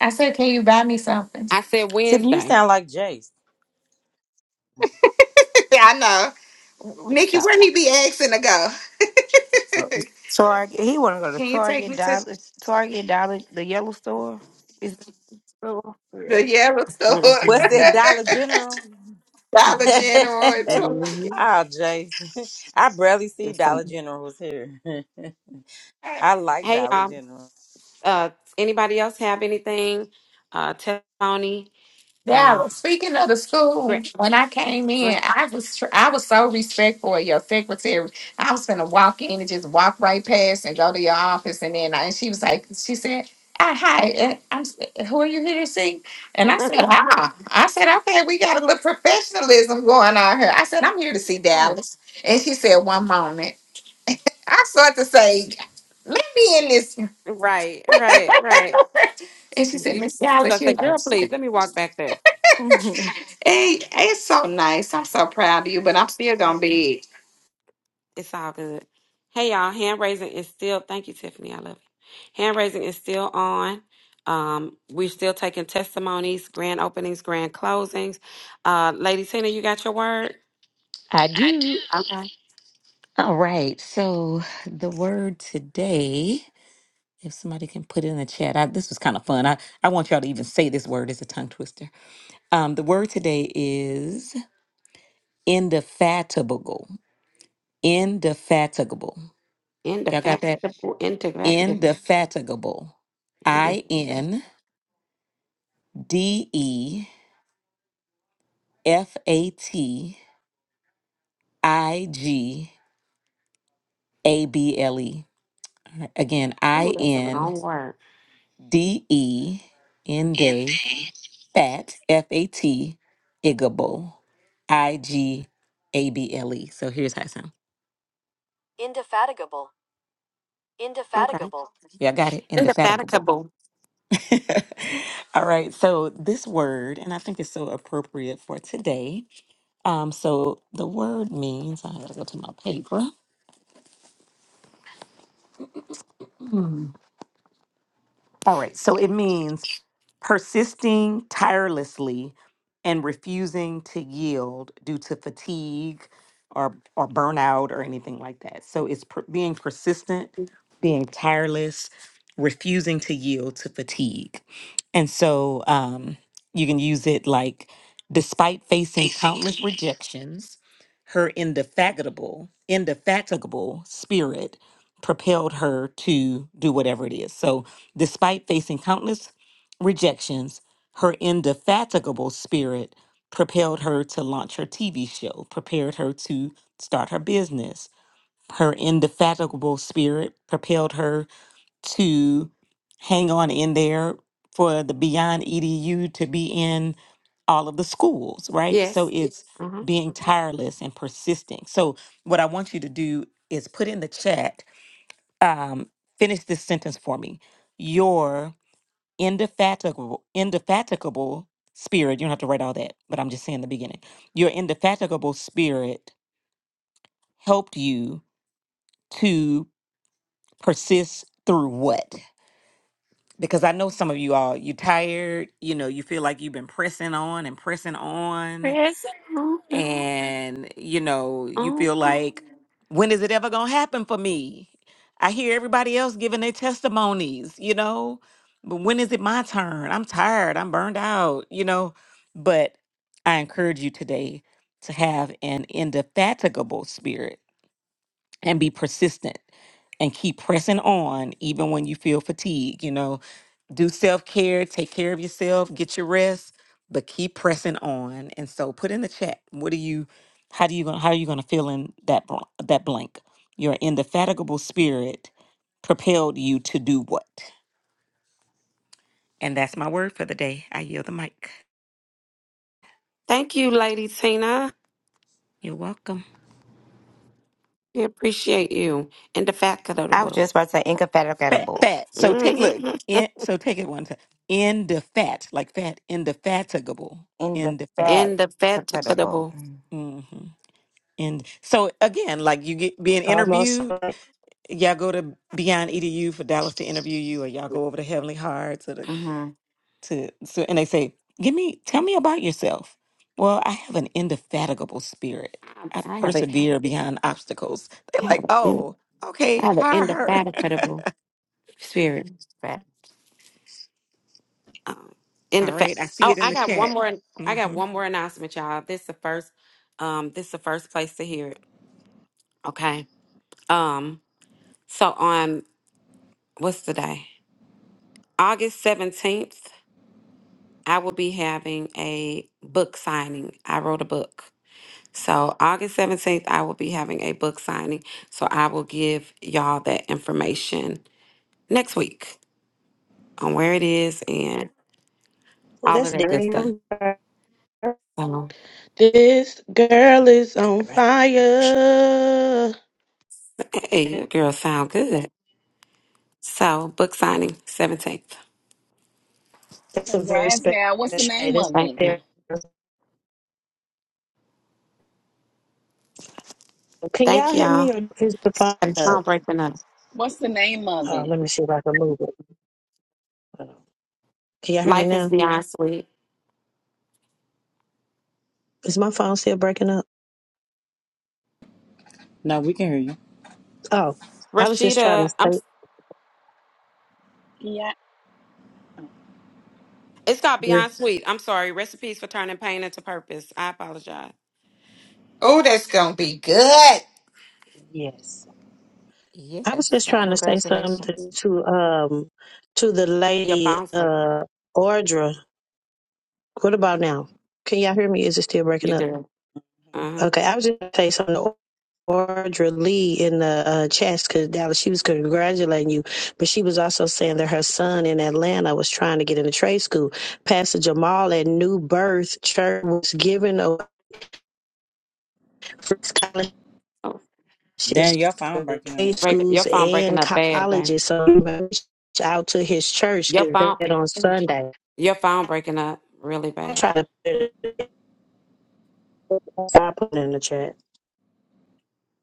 Speaker 2: I said, can you buy me something?
Speaker 6: I said
Speaker 3: Tiffany, you
Speaker 6: Wednesday.
Speaker 3: sound like Jace.
Speaker 2: Yeah, I know. Nikki,
Speaker 6: So,
Speaker 2: where he be asking to go?
Speaker 5: Target he wanna go to
Speaker 2: Can you take
Speaker 5: Target,
Speaker 2: me to
Speaker 5: Dollar Target, Dollar the yellow store. Is it store? Yeah.
Speaker 2: the yellow
Speaker 3: What's
Speaker 2: store?
Speaker 6: mhm.
Speaker 3: that Dollar General?
Speaker 2: Dollar
Speaker 3: oh,
Speaker 2: General and so
Speaker 6: Mhm.
Speaker 3: Jace. I barely see
Speaker 6: Yes, sir.
Speaker 3: Dollar Generals here. I like
Speaker 6: hey
Speaker 3: Dollar
Speaker 6: y'all.
Speaker 3: General.
Speaker 6: Uh, anybody else have anything? Uh, testimony. Um,
Speaker 2: Dallas, speaking of the school,
Speaker 6: great.
Speaker 2: when I came
Speaker 6: great.
Speaker 2: in, I was tr- I was so respectful of your secretary. I was gonna walk in and just walk right past and go to your office, and then I, and she was like, she said, "Ah, "Hi, uh, I'm s- eh, who are you here to see?" And I said, "Ah," I said, "Okay, we got a little professionalism going on here." I said, "I'm here to see
Speaker 6: right.
Speaker 2: Dallas," and she said, "One moment." I started to say, "Let me in this,"
Speaker 6: Right. Right.
Speaker 2: and she said,
Speaker 6: You,
Speaker 2: "Miss
Speaker 6: so
Speaker 2: Dallas,
Speaker 6: I
Speaker 2: you
Speaker 6: said,
Speaker 2: know."
Speaker 6: girl, please let me walk back there.
Speaker 5: Mhm.
Speaker 2: Hey, it's so nice. I'm so proud of you, but I'm still gonna be.
Speaker 6: It's all good. Hey y'all, hand raising is still thank you, Tiffany. I love you. Hand raising is still on. Um, we're still taking testimonies, grand openings, grand closings. Uh Lady Tina, you got your word?
Speaker 8: I do.
Speaker 6: Okay.
Speaker 8: All right. So the word today, if somebody can put it in the chat, I, this was kind of fun. I, I want y'all to even say this word as a tongue twister. Um, the word today is indefatigable. Indefatigable.
Speaker 6: In the
Speaker 8: Y'all got
Speaker 6: fact
Speaker 8: that?
Speaker 6: in the fact in
Speaker 8: Indefatigable. I
Speaker 6: the
Speaker 8: N D E F A T I G A B L E. All right, Again,
Speaker 6: Ooh,
Speaker 8: I
Speaker 6: that's a
Speaker 8: N
Speaker 6: long word.
Speaker 8: D E N D.
Speaker 6: In
Speaker 8: E.
Speaker 6: the
Speaker 8: Fat, F A T, Igable, I G A B L E. So here's how it sounds. Indefatigable.
Speaker 6: Okay.
Speaker 8: Indefatigable. Yeah, I got it. Indefatigable.
Speaker 6: Indefatigable.
Speaker 8: All right. So this word, and I think it's so appropriate for today. Um, so the word means I gotta go to my paper. Hmm. All right. So it means persisting tirelessly and refusing to yield due to fatigue or or burnout or anything like that. So it's per- being persistent, being tireless, refusing to yield to fatigue. And so um, you can use it like despite facing
Speaker 6: Facing.
Speaker 8: countless rejections, her indefatigable, indefatigable spirit propelled her to do whatever it is. So despite facing countless rejections, her indefatigable spirit propelled her to launch her TV show, prepared her to start her business. Her indefatigable spirit propelled her to hang on in there for the Beyond EDU to be in all of the schools, right? So
Speaker 6: Yes.
Speaker 8: it's
Speaker 6: Uh-huh.
Speaker 8: being tireless and persisting. So, what I want you to do is put in the chat, um, finish this sentence for me. Your indefatigable, indefatigable spirit. You don't have to write all that, but I'm just saying the beginning. Your indefatigable spirit helped you to persist through what? Because I know some of you all, you tired, you know, you feel like you've been pressing on and pressing on
Speaker 6: Press on.
Speaker 8: and you know you feel
Speaker 6: on.
Speaker 8: like when is it ever going to happen for me i hear everybody else giving their testimonies you know but when is it my turn i'm tired i'm burned out you know but i encourage you today to have an indefatigable spirit and be persistent and keep pressing on even when you feel fatigue, you know do self care, take care of yourself, get your rest, but keep pressing on. And so, put in the chat. What are you? How do you going? How are you going to fill in that bl- that blank? Your indefatigable spirit propelled you to do what? And that's my word for the day. I yield the mic.
Speaker 6: Thank you, Lady Tina.
Speaker 8: You're welcome.
Speaker 6: We appreciate you.
Speaker 5: I was
Speaker 6: Indefatigable.
Speaker 5: just about to say
Speaker 8: Fat,
Speaker 5: incompatible.
Speaker 8: fat. So take look.
Speaker 6: Mhm.
Speaker 8: In, so take it one time. Indefat, like fat, indefatigable,
Speaker 5: Indefatigable.
Speaker 8: indefatigable.
Speaker 6: Indefatigable.
Speaker 8: Mm-hmm. And so again, like you get being
Speaker 1: Almost.
Speaker 8: interviewed.
Speaker 1: like,
Speaker 8: y'all go to Beyond EDU for Dallas to interview you, or y'all go over to Heavenly Heart to the,
Speaker 5: Mm-hmm.
Speaker 8: to so, and they say, "Give me, tell me about yourself." Well, I have an indefatigable spirit.
Speaker 6: I
Speaker 8: I
Speaker 6: I have a,
Speaker 8: persevere beyond obstacles. They're
Speaker 6: I
Speaker 8: like,
Speaker 6: have a,
Speaker 8: "Oh,
Speaker 6: I
Speaker 8: okay,
Speaker 6: have an
Speaker 8: hire her."
Speaker 6: indefatigable spirit. Um,
Speaker 8: All right, I
Speaker 6: indefat.
Speaker 8: see
Speaker 6: Oh,
Speaker 8: it in
Speaker 6: I
Speaker 8: the
Speaker 6: got one
Speaker 8: chat.
Speaker 6: more. I got
Speaker 8: hmm
Speaker 6: one more announcement, y'all. This the first. Um, this the first place to hear it. Okay. Um. So on what's today? August seventeenth. I will be having a book signing. I wrote a book. So August seventeenth, I will be having a book signing. So I will give y'all that information next week on where it is and
Speaker 1: Well,
Speaker 6: all of
Speaker 1: that's
Speaker 6: that good stuff.
Speaker 1: different.
Speaker 6: So,
Speaker 9: This girl is on
Speaker 1: Congratulations.
Speaker 9: fire.
Speaker 6: hey, your girl sound good. So, book signing 17th.
Speaker 1: That's a very
Speaker 11: Congrats
Speaker 1: special
Speaker 11: now. What's the
Speaker 1: day.
Speaker 11: name
Speaker 1: That's
Speaker 11: of
Speaker 6: Thank
Speaker 11: it?
Speaker 6: you.
Speaker 1: very- Can y'all
Speaker 6: Thank
Speaker 1: hear
Speaker 6: y'all.
Speaker 1: me? Or is the phone
Speaker 6: And
Speaker 1: up?
Speaker 6: song breaking up.
Speaker 11: What's the name of
Speaker 1: Uh,
Speaker 11: it?
Speaker 1: let me see if I can move it. Uh, Can y'all hear me
Speaker 6: Life is
Speaker 1: now?
Speaker 6: beyond sweet.
Speaker 1: Is my phone still breaking up?
Speaker 3: No, we can hear you.
Speaker 1: Oh, I was just trying to
Speaker 6: Rashida,
Speaker 1: say.
Speaker 6: I'm
Speaker 11: Yeah.
Speaker 6: it's called
Speaker 3: Really?
Speaker 6: Beyond Sweet. I'm sorry. Recipes for turning pain into purpose. I apologize.
Speaker 2: Oh, that's gonna be good.
Speaker 1: Yes. I was just trying
Speaker 6: So,
Speaker 1: to say something to um to the
Speaker 6: your
Speaker 1: lady
Speaker 6: phone's breaking up.
Speaker 1: uh Audra. What about now? Can y'all hear me? Is it still breaking
Speaker 6: You
Speaker 1: up?
Speaker 6: do. Uh-huh.
Speaker 1: Okay, I was just gonna say something to Audra Lee in the uh, chat because Dallas, she was congratulating you, but she was also saying that her son in Atlanta was trying to get into trade school. Pastor Jamal at New Birth Church was giving away free scholarships
Speaker 6: Oh,
Speaker 3: Dan, your
Speaker 1: for
Speaker 3: phone breaking up.
Speaker 1: trade
Speaker 6: break your
Speaker 1: schools
Speaker 6: phone breaking
Speaker 1: and
Speaker 6: up bad, bad.
Speaker 1: colleges. So reach out to his church
Speaker 6: Your
Speaker 1: because they
Speaker 6: phone
Speaker 1: had on Sunday.
Speaker 6: your phone breaking up really
Speaker 1: I
Speaker 6: bad.
Speaker 1: try to put it, I put it in the chat.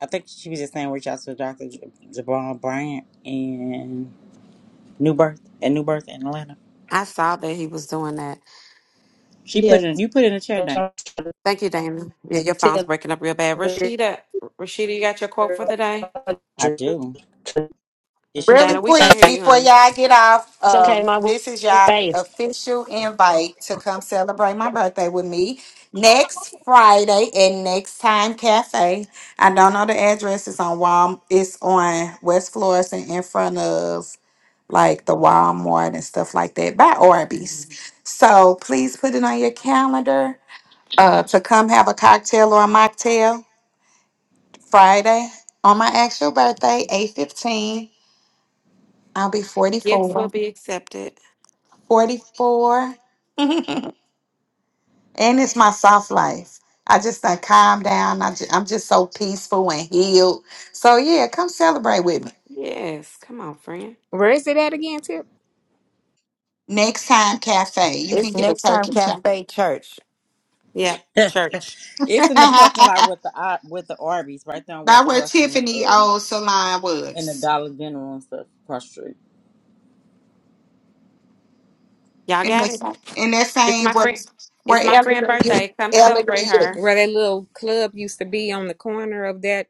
Speaker 3: I think she was just saying reach out to Dr. J- Jabal Bryant in New Birth at New Birth in Atlanta.
Speaker 6: I saw that he was doing that
Speaker 3: She put
Speaker 1: Yeah,
Speaker 3: in you put in a chair
Speaker 1: I
Speaker 3: down.
Speaker 1: try to
Speaker 6: Thank you, Dana. Yeah, your phone's breaking up real bad. Rashida, Rashida, you got your quote for the day?
Speaker 3: I
Speaker 1: tell
Speaker 3: do.
Speaker 1: her,
Speaker 3: Is she still
Speaker 2: Really
Speaker 6: Dana, we
Speaker 2: quick
Speaker 6: can't hear you,
Speaker 2: before
Speaker 6: honey.
Speaker 2: y'all get off,
Speaker 1: It's okay,
Speaker 2: um,
Speaker 1: my
Speaker 2: this is y'all
Speaker 1: faith.
Speaker 2: official invite to come celebrate my birthday with me next Friday at Next Time Cafe. I don't know the address. It's on Wal. It's on West Florissant in front of like the Walmart and stuff like that by Arby's. So please put it on your calendar uh, to come have a cocktail or a mocktail Friday on my actual birthday, 815. I'll be
Speaker 6: Gifts will
Speaker 2: 44.
Speaker 6: be accepted.
Speaker 2: 44. and it's my soft life. I just done calm down. I ju- I'm just so peaceful and healed. So yeah, come celebrate with me.
Speaker 6: Yes, come on, friend.
Speaker 7: Where is it at again, Tip?
Speaker 2: Next time cafe, you can
Speaker 5: It's
Speaker 2: get a
Speaker 5: next time
Speaker 2: turkey chop.
Speaker 5: Cafe Church.
Speaker 6: Yep,
Speaker 3: trying to talk?
Speaker 6: church.
Speaker 3: it's in the parking lot
Speaker 2: By
Speaker 3: with the Ar- with the Arby's right there on West
Speaker 2: where
Speaker 3: Fourth and
Speaker 2: Tiffany
Speaker 3: um
Speaker 2: old salon
Speaker 3: and the
Speaker 2: was.
Speaker 3: Dollar General and stuff across the street.
Speaker 6: Y'all
Speaker 2: In
Speaker 6: got
Speaker 2: that
Speaker 6: it.
Speaker 2: same, in that
Speaker 6: It's
Speaker 2: same
Speaker 6: my
Speaker 2: where
Speaker 6: friend. It's my
Speaker 2: where
Speaker 6: friend' birthday. Come
Speaker 2: Ellery
Speaker 6: celebrate
Speaker 2: is.
Speaker 6: her.
Speaker 7: Where that little club used to be on the corner of that.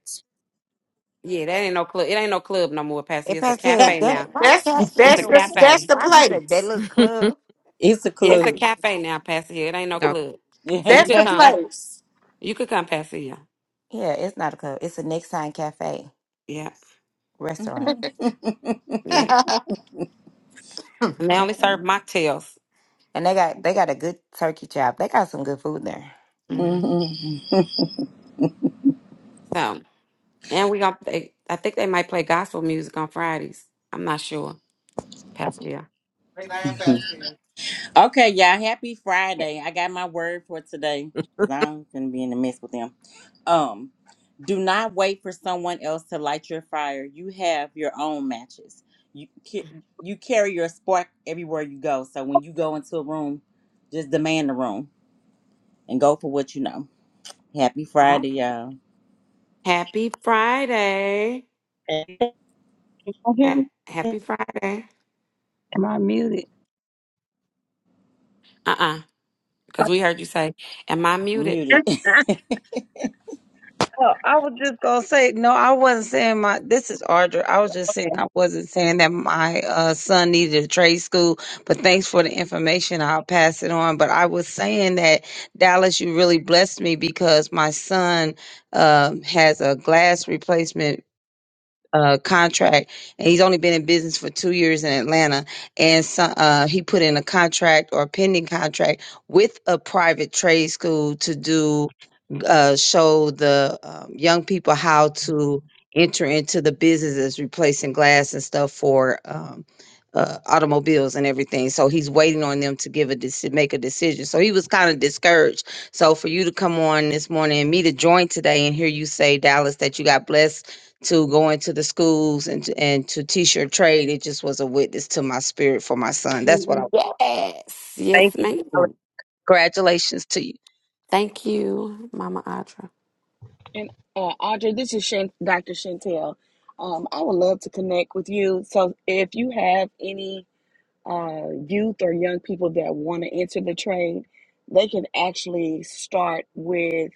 Speaker 6: Yeah, that ain't no club. It ain't no club no more, Pastor.
Speaker 5: Hey,
Speaker 6: It's a
Speaker 5: Pastor Hill,
Speaker 6: cafe
Speaker 5: that
Speaker 6: now.
Speaker 5: why
Speaker 2: That's
Speaker 5: Pastor
Speaker 6: It's a
Speaker 2: that's the
Speaker 5: Hill?
Speaker 2: that's
Speaker 6: cafe.
Speaker 2: the
Speaker 5: Why you said that
Speaker 2: place.
Speaker 5: little club?
Speaker 3: It's a
Speaker 6: Yeah, it's a
Speaker 3: club.
Speaker 6: cafe now, Pastor. It ain't no
Speaker 7: no.
Speaker 6: club. So you
Speaker 2: That's
Speaker 6: could
Speaker 2: the
Speaker 6: come.
Speaker 2: place.
Speaker 6: You could come, Pastor. Yeah,
Speaker 5: Yeah, it's not a club. It's a next time cafe
Speaker 6: yeah.
Speaker 5: restaurant,
Speaker 6: yeah. And they only serve mocktails.
Speaker 5: and they got they got a good turkey chop. They got some good food there.
Speaker 3: Yeah.
Speaker 6: Mm. so And we got they I think they might play gospel music on Fridays. I'm not sure. Pastor yeah.
Speaker 3: Okay, y'all. Happy
Speaker 20: Can
Speaker 3: Friday. I got my word for today because I'm gonna be in the mess with them. Um, do not wait for someone else to light your fire. You have your own matches. You ca- you carry your spark everywhere you go. So when you go into a room, just demand the room and go for what you know. Happy
Speaker 6: Oh.
Speaker 3: Friday, y'all.
Speaker 6: Happy Friday.
Speaker 20: you hear
Speaker 6: Ha-
Speaker 20: me?
Speaker 6: Happy Friday.
Speaker 20: Am I muted?
Speaker 6: Uh-uh. Because we heard you say, Am I
Speaker 3: I'm
Speaker 6: muted?
Speaker 3: muted.
Speaker 20: Oh, I was just gonna say no. I wasn't saying my. This is Audra. I was just saying I wasn't saying that my uh, son needed a trade school. But thanks for the information. I'll pass it on. But I was saying that Dallas, you really blessed me because my son um, has a glass replacement uh, contract, and he's only been in business for two years in Atlanta, and so, uh, he put in a contract or a pending contract with a private trade school to do uh, show the um, young people how to enter into the businesses replacing glass and stuff for um, uh, automobiles and everything. So he's waiting on them to give a deci- make a decision. So he was kind of discouraged. So for you to come on this morning and me to join today and hear you say Dallas that you got blessed to go into the schools and to, and to teach your trade, it just was a witness to my spirit for my son. That's what I.
Speaker 6: Yes.
Speaker 20: Thank
Speaker 6: Yes,
Speaker 20: you. Dallas.
Speaker 6: ma'am.
Speaker 20: Congratulations to you.
Speaker 6: Thank you, Mama Audra.
Speaker 11: And uh, Audrey, this is Shan- Dr. Chantel. Um, I would love to connect with you. So if you have any uh, youth or young people that want to enter the trade, they can actually start with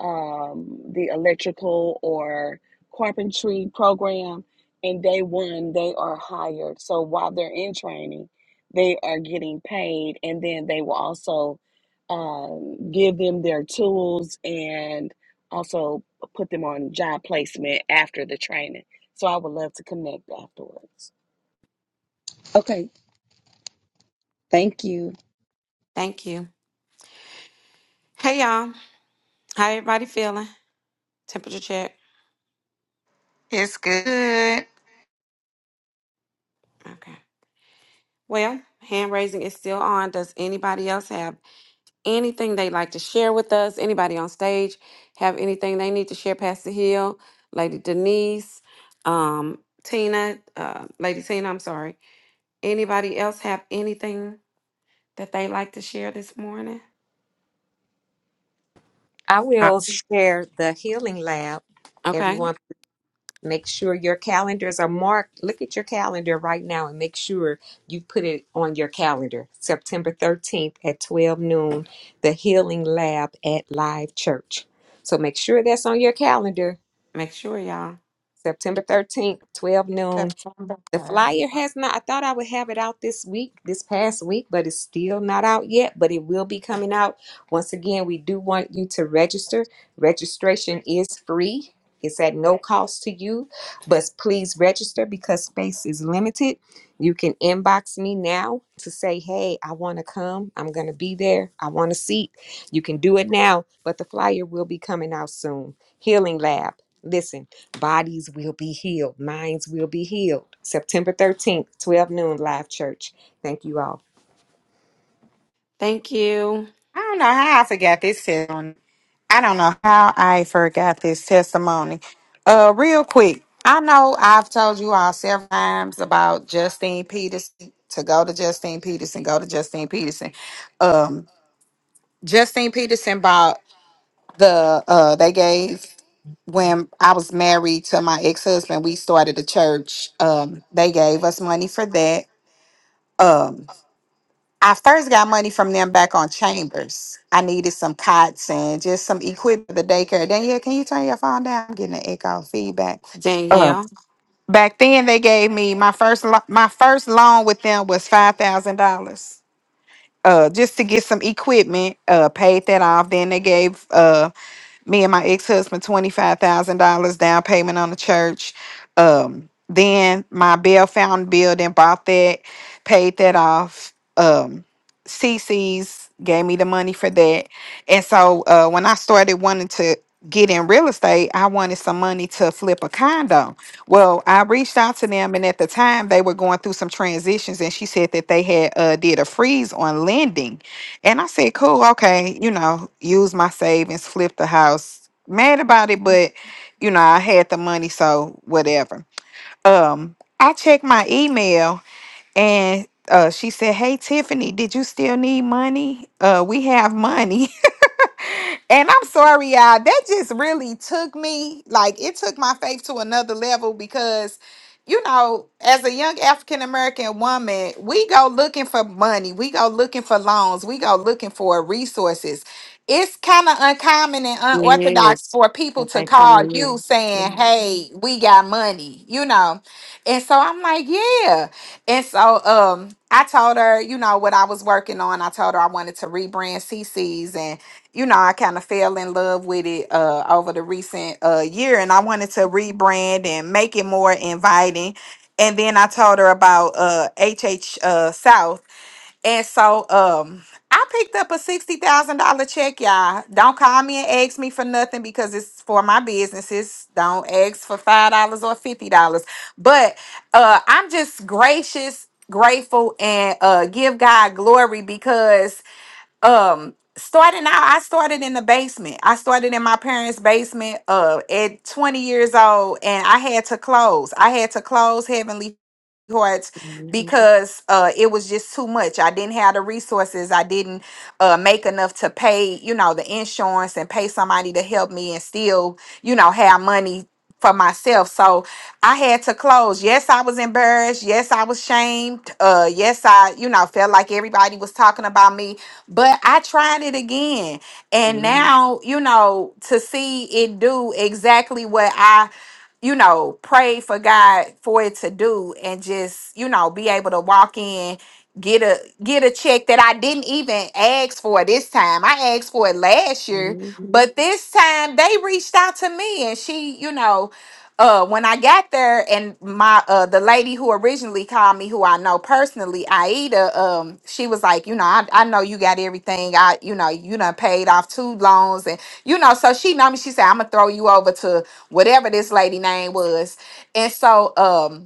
Speaker 11: um, the electrical or carpentry program and day one they are hired so while they're in training they are getting paid and then they will also um, give them their tools and also put them on job placement after the training so i would love to connect afterwards
Speaker 20: Okay. Thank you.
Speaker 6: Thank you. Hey y'all. How everybody feeling? Temperature check.
Speaker 2: it's good.
Speaker 6: Okay. Well, hand raising is still on. Does anybody else have anything they'd like to share with us, anybody on stage have anything they need to share, Pastor Hill, Lady Denise, um, Tina, uh, Lady Tina, I'm sorry. Anybody else have anything that they like to share this morning?
Speaker 7: I
Speaker 9: I,
Speaker 7: will share the healing lab.
Speaker 6: Okay,
Speaker 7: everyone. Make sure your calendars are marked. Look at your calendar right now and make sure you put it on your calendar. September 13th at 12 noon, the Healing Lab at Live Church. So make sure that's on your calendar.
Speaker 6: make sure y'all.
Speaker 7: September 13th, 12 noon
Speaker 2: September
Speaker 7: the
Speaker 2: 30.
Speaker 7: flyer has not, I thought I would have it out this week, this past week, but it's still not out yet, but it will be coming out. Once again, we do want you to register. Registration is free, it's at no cost to you, but please register because space is limited. You can inbox me now to say, hey, I want to come. I'm going to be there. I want a seat you can do it now, but the flyer will be coming out soon. Healing Lab. Listen, bodies will be healed, minds will be healed. September 13th, 12 noon, live church. Thank you all.
Speaker 6: Thank you,
Speaker 2: I don't know how I forgot this testimony. I don't know how I forgot this testimony. Uh, real quick, I know I've told you all several times about Justine Peterson to go to Justine Peterson, go to Justine Peterson. Um, Justine Peterson bought the uh they gave when I was married to my ex husband, we started a church. Um, they gave us money for that. Um, I first got money from them back on Chambers. I needed some cots and just some equipment for the daycare. Danielle, can you turn your phone down? I'm getting an echo feedback. Um,
Speaker 6: Danielle.
Speaker 2: back then, they gave me my first lo- my first loan with them was five thousand dollars. Uh, just to get some equipment, uh, paid that off. Then they gave uh me and my ex-husband $25,000 down payment on the church. Um, then my Bell Fountain building bought that, paid that off. Um, CC's gave me the money for that. And so uh, when I started wanting to get in real estate, I wanted some money to flip a condo. Well, I reached out to them and at the time they were going through some transitions and she said that they had uh, did a freeze on lending and I said, cool, okay, you know, use my savings, flip the house. Mad about it, but you know, I had the money, so whatever. Um, I checked my email and uh she said, Hey Tiffany, did you still need money? Uh we have money. And I'm sorry, y'all. That just really took me, like, it took my faith to another level because, you know, as a young African American woman, we go looking for money, we go looking for loans, we go looking for resources. It's kind of uncommon and unorthodox
Speaker 6: Yes,
Speaker 2: for people
Speaker 6: if
Speaker 2: to
Speaker 6: I come
Speaker 2: call you
Speaker 6: in.
Speaker 2: saying,
Speaker 6: Mhm,
Speaker 2: Hey, we got money, you know. And so I'm like, Yeah. And so um I told her, you know, what I was working on. I told her I wanted to rebrand CC's you know, I kind of fell in love with it uh, over the recent uh, year, and I wanted to rebrand and make it more inviting. And then I told her about uh, HH uh, South, and so um, I picked up a sixty thousand dollar check, y'all. Don't call me and ask me for nothing because it's for my businesses. Don't ask for five dollars or fifty dollars, but uh, I'm just gracious. Grateful and uh, give God glory because um starting out i started in the basement i started in my parents basement uh at 20 years old and i had to close i had to close heavenly hearts because uh it was just too much i didn't have the resources i didn't uh make enough to pay you know the insurance and pay somebody to help me and still you know have money for myself so i had to close yes i was embarrassed yes i was shamed uh yes i you know felt like everybody was talking about me but I tried it again. And
Speaker 6: mhm,
Speaker 2: now, you know, to see it do exactly what I, you know, prayed for God for it to do and just, you know, be able to walk in get a get a check that I didn't even ask for this time. I asked for it last year
Speaker 6: mhm,
Speaker 2: but this time they reached out to me and she, you know, uh when I got there and my uh the lady who originally called me who I know personally, Aida, um, she was like, you know, I, I know you got everything. I you know, you done paid off two loans and you know, so she know me, she said, I'm gonna throw you over to whatever this lady name was. And so um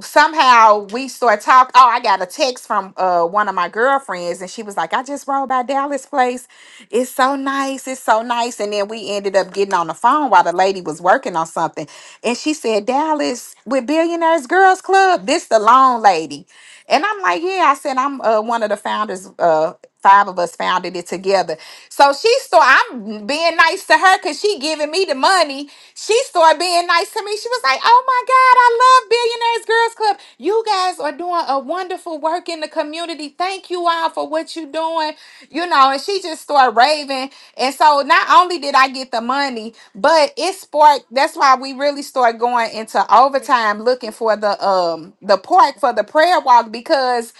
Speaker 2: somehow we start talking. Oh, I got a text from uh one of my girlfriends, and she was like, "I just rode by Dallas Place. It's so nice. It's so nice." And then we ended up getting on the phone while the lady was working on something, and she said, "Dallas with Billionaires Girls Club. This the long lady." And I'm like, "Yeah." I said, "I'm uh, one of the founders. Uh, five of us founded it together." So she so I'm being nice to her because she giving me the money she started being nice to me. She was like, Oh my God, I love Billionaires Girls Club. You guys are doing a wonderful work in the community. Thank you all for what you're doing. You know, and she just started raving. And so not only did I get the money, but it sparked that's why we really started going into overtime looking for the um the park for the prayer walk because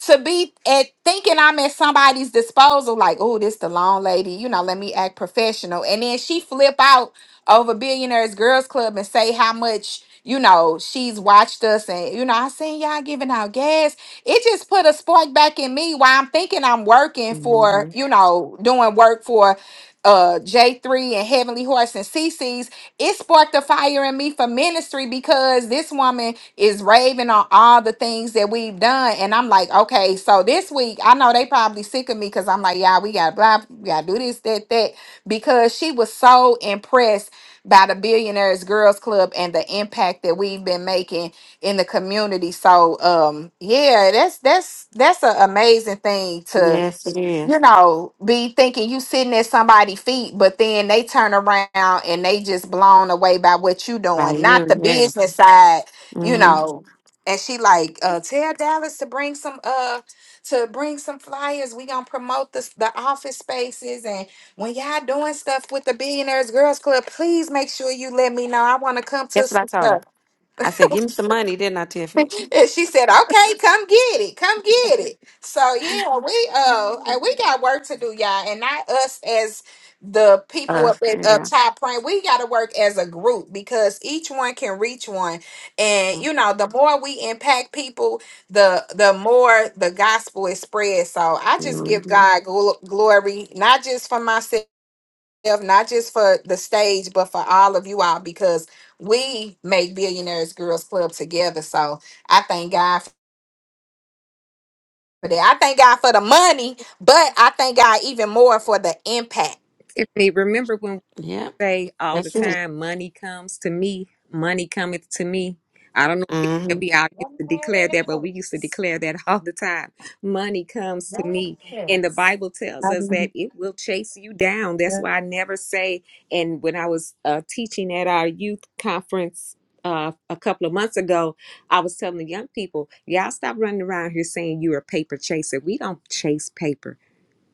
Speaker 2: to be at thinking I'm at somebody's disposal, like, oh, this the long lady, you know, let me act professional. And then she flip out over Billionaires Girls Club and say how much, you know, she's watched us and, you know, I seen y'all giving out gas. It just put a spark back in me while I'm thinking I'm
Speaker 6: mhm,
Speaker 2: working for,
Speaker 6: mhm.
Speaker 2: you know, doing work for uh J3 and Heavenly Horse and CC's. It sparked a fire in me for ministry because this woman is raving on all the things that we've done. And I'm like, okay, so this week, I know they probably sick of me because I'm like, yeah, we got to blah, we got to do this, that, that, because she was so impressed by the Billionaires Girls Club and the impact that we've been making in the community. So um yeah, that's that's that's an amazing thing to
Speaker 6: Yes, it
Speaker 2: you
Speaker 6: is.
Speaker 2: know, be thinking you sitting at somebody's feet, but then they turn around and they just blown away by what you
Speaker 6: By
Speaker 2: doing, not the
Speaker 6: you, yeah.
Speaker 2: business side, you
Speaker 6: Mm-hmm.
Speaker 2: know. And she like, uh, tell Dallas to bring some uh to bring some flyers. We gonna promote this the office spaces and when y'all doing stuff with the Billionaires Girls Club, please make sure you let me know. I wanna come to
Speaker 6: That's what I
Speaker 2: some
Speaker 6: told
Speaker 2: stuff
Speaker 6: her. I said, give me some money, didn't I,
Speaker 2: and
Speaker 6: Tiffany?
Speaker 2: she said, "Okay, come get it, come get it." So yeah, we uh, and we got work to do, y'all, and not us as the people
Speaker 6: Uh,
Speaker 2: up at
Speaker 6: you
Speaker 2: up
Speaker 6: know.
Speaker 2: top praying. We got to work as a group because each one can reach one, and you know, the more we impact people, the the more the gospel is spread. So I just give
Speaker 6: Mhm.
Speaker 2: God gl- glory, not just for myself yourself, not just for the stage, but for all of you all, because we make Billionaires Girls Club together. So I thank God for that. I thank God for the money, but I thank God even more for the impact.
Speaker 7: Tiffany, remember when
Speaker 6: Yeah,
Speaker 7: say all the
Speaker 6: that's it.
Speaker 7: time, money comes to me, money cometh to me. I don't know if
Speaker 6: Mm-hmm.
Speaker 7: we all used to declare that, but we used to
Speaker 2: Yes.
Speaker 7: declare that all the time. Money comes to me. And the
Speaker 2: Yes.
Speaker 7: Bible tells us that it will chase you down. That's why I never say, and when I was uh, teaching at our youth conference, uh, a couple of months ago, I was telling the young people, y'all stop running around here saying you're a paper chaser. We don't chase paper.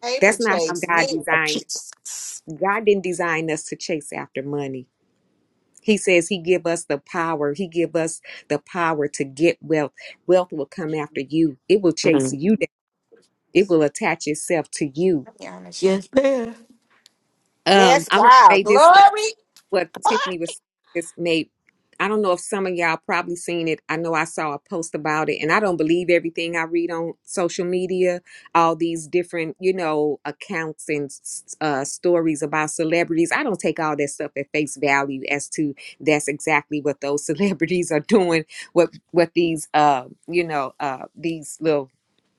Speaker 2: Paper
Speaker 7: That's not how
Speaker 2: chase
Speaker 7: God
Speaker 2: me.
Speaker 7: designed. it.
Speaker 6: Jesus.
Speaker 7: God didn't design us to chase after money. He says he give us the power. He give us the power to get wealth. Wealth will come after you. It will chase
Speaker 6: Mm.
Speaker 7: you down. It will attach itself to you.
Speaker 2: Yeah, I'm gonna shake.
Speaker 6: Yes, ma'am.
Speaker 7: Um,
Speaker 2: Yes,
Speaker 7: I want to
Speaker 2: wow,
Speaker 7: say this.
Speaker 2: glory.
Speaker 7: what Tiffany was just made. I don't know if some of y'all probably seen it. I know I saw a post about it, and I don't believe everything I read on social media. All these different, you know, accounts and s- uh, stories about celebrities. I don't take all that stuff at face value as to that's exactly what those celebrities are doing. What what these, uh, you know, uh, these little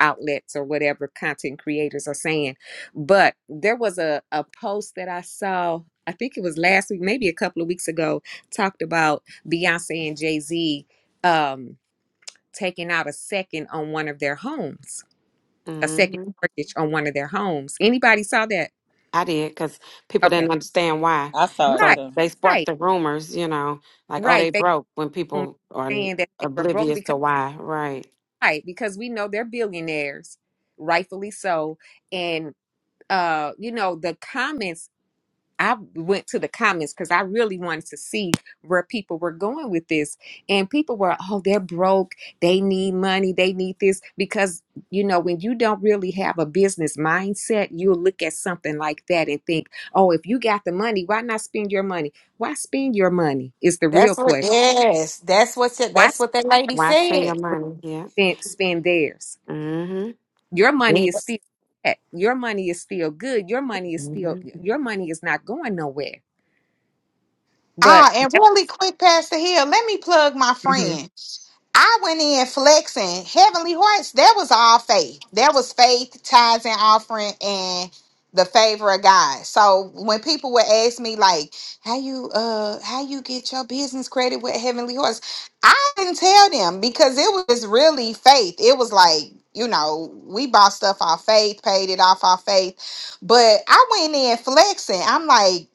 Speaker 7: outlets or whatever content creators are saying. But there was a a post that I saw I think it was last week, maybe a couple of weeks ago, talked about Beyonce and Jay Z um, taking out a second on one of their homes, a second
Speaker 6: Mm-hmm.
Speaker 7: mortgage on one of their homes. Anybody saw that?
Speaker 6: I did because people
Speaker 7: Okay,
Speaker 6: didn't understand why.
Speaker 3: I saw it
Speaker 7: right,
Speaker 6: So
Speaker 3: too.
Speaker 6: they sparked
Speaker 7: right,
Speaker 6: the rumors, you know, like, oh,
Speaker 7: right.
Speaker 6: they
Speaker 7: They
Speaker 6: broke when
Speaker 7: were
Speaker 6: people are n-
Speaker 7: saying that they were broke
Speaker 6: oblivious
Speaker 7: because
Speaker 6: to why. Right.
Speaker 7: right because we know they're billionaires, rightfully so, and uh, you know the comments I went to the comments because I really wanted to see where people were going with this. And people were, oh, they're broke. They need money. They need this. Because, you know, when you don't really have a business mindset, you'll look at something like that and think, oh, if you got the money, why not spend your money? Why spend your money is the real
Speaker 2: That's what.
Speaker 7: question.
Speaker 2: Yes, that's what.
Speaker 7: Why
Speaker 2: That's what that lady
Speaker 6: Why spend your
Speaker 2: said.
Speaker 6: money? Yeah.
Speaker 7: spend, spend theirs?
Speaker 6: Mm-hmm.
Speaker 7: Your money
Speaker 6: Mm
Speaker 7: is still at. your money is still good. Your money is still
Speaker 6: hmm
Speaker 7: your money is not going nowhere. But
Speaker 2: Ah, and really quick, Pastor Hill, let me plug my friend. I went in flexing. Heavenly Hearts, that was all faith. That was faith, tithes, and offering, and the favor of God. So when people would ask me like, "How you uh, how you get your business credit with Heavenly Hearts?" I didn't tell them because it was really faith. It was like you know we bought stuff off faith, paid it off our faith. But I went in flexing. I'm like,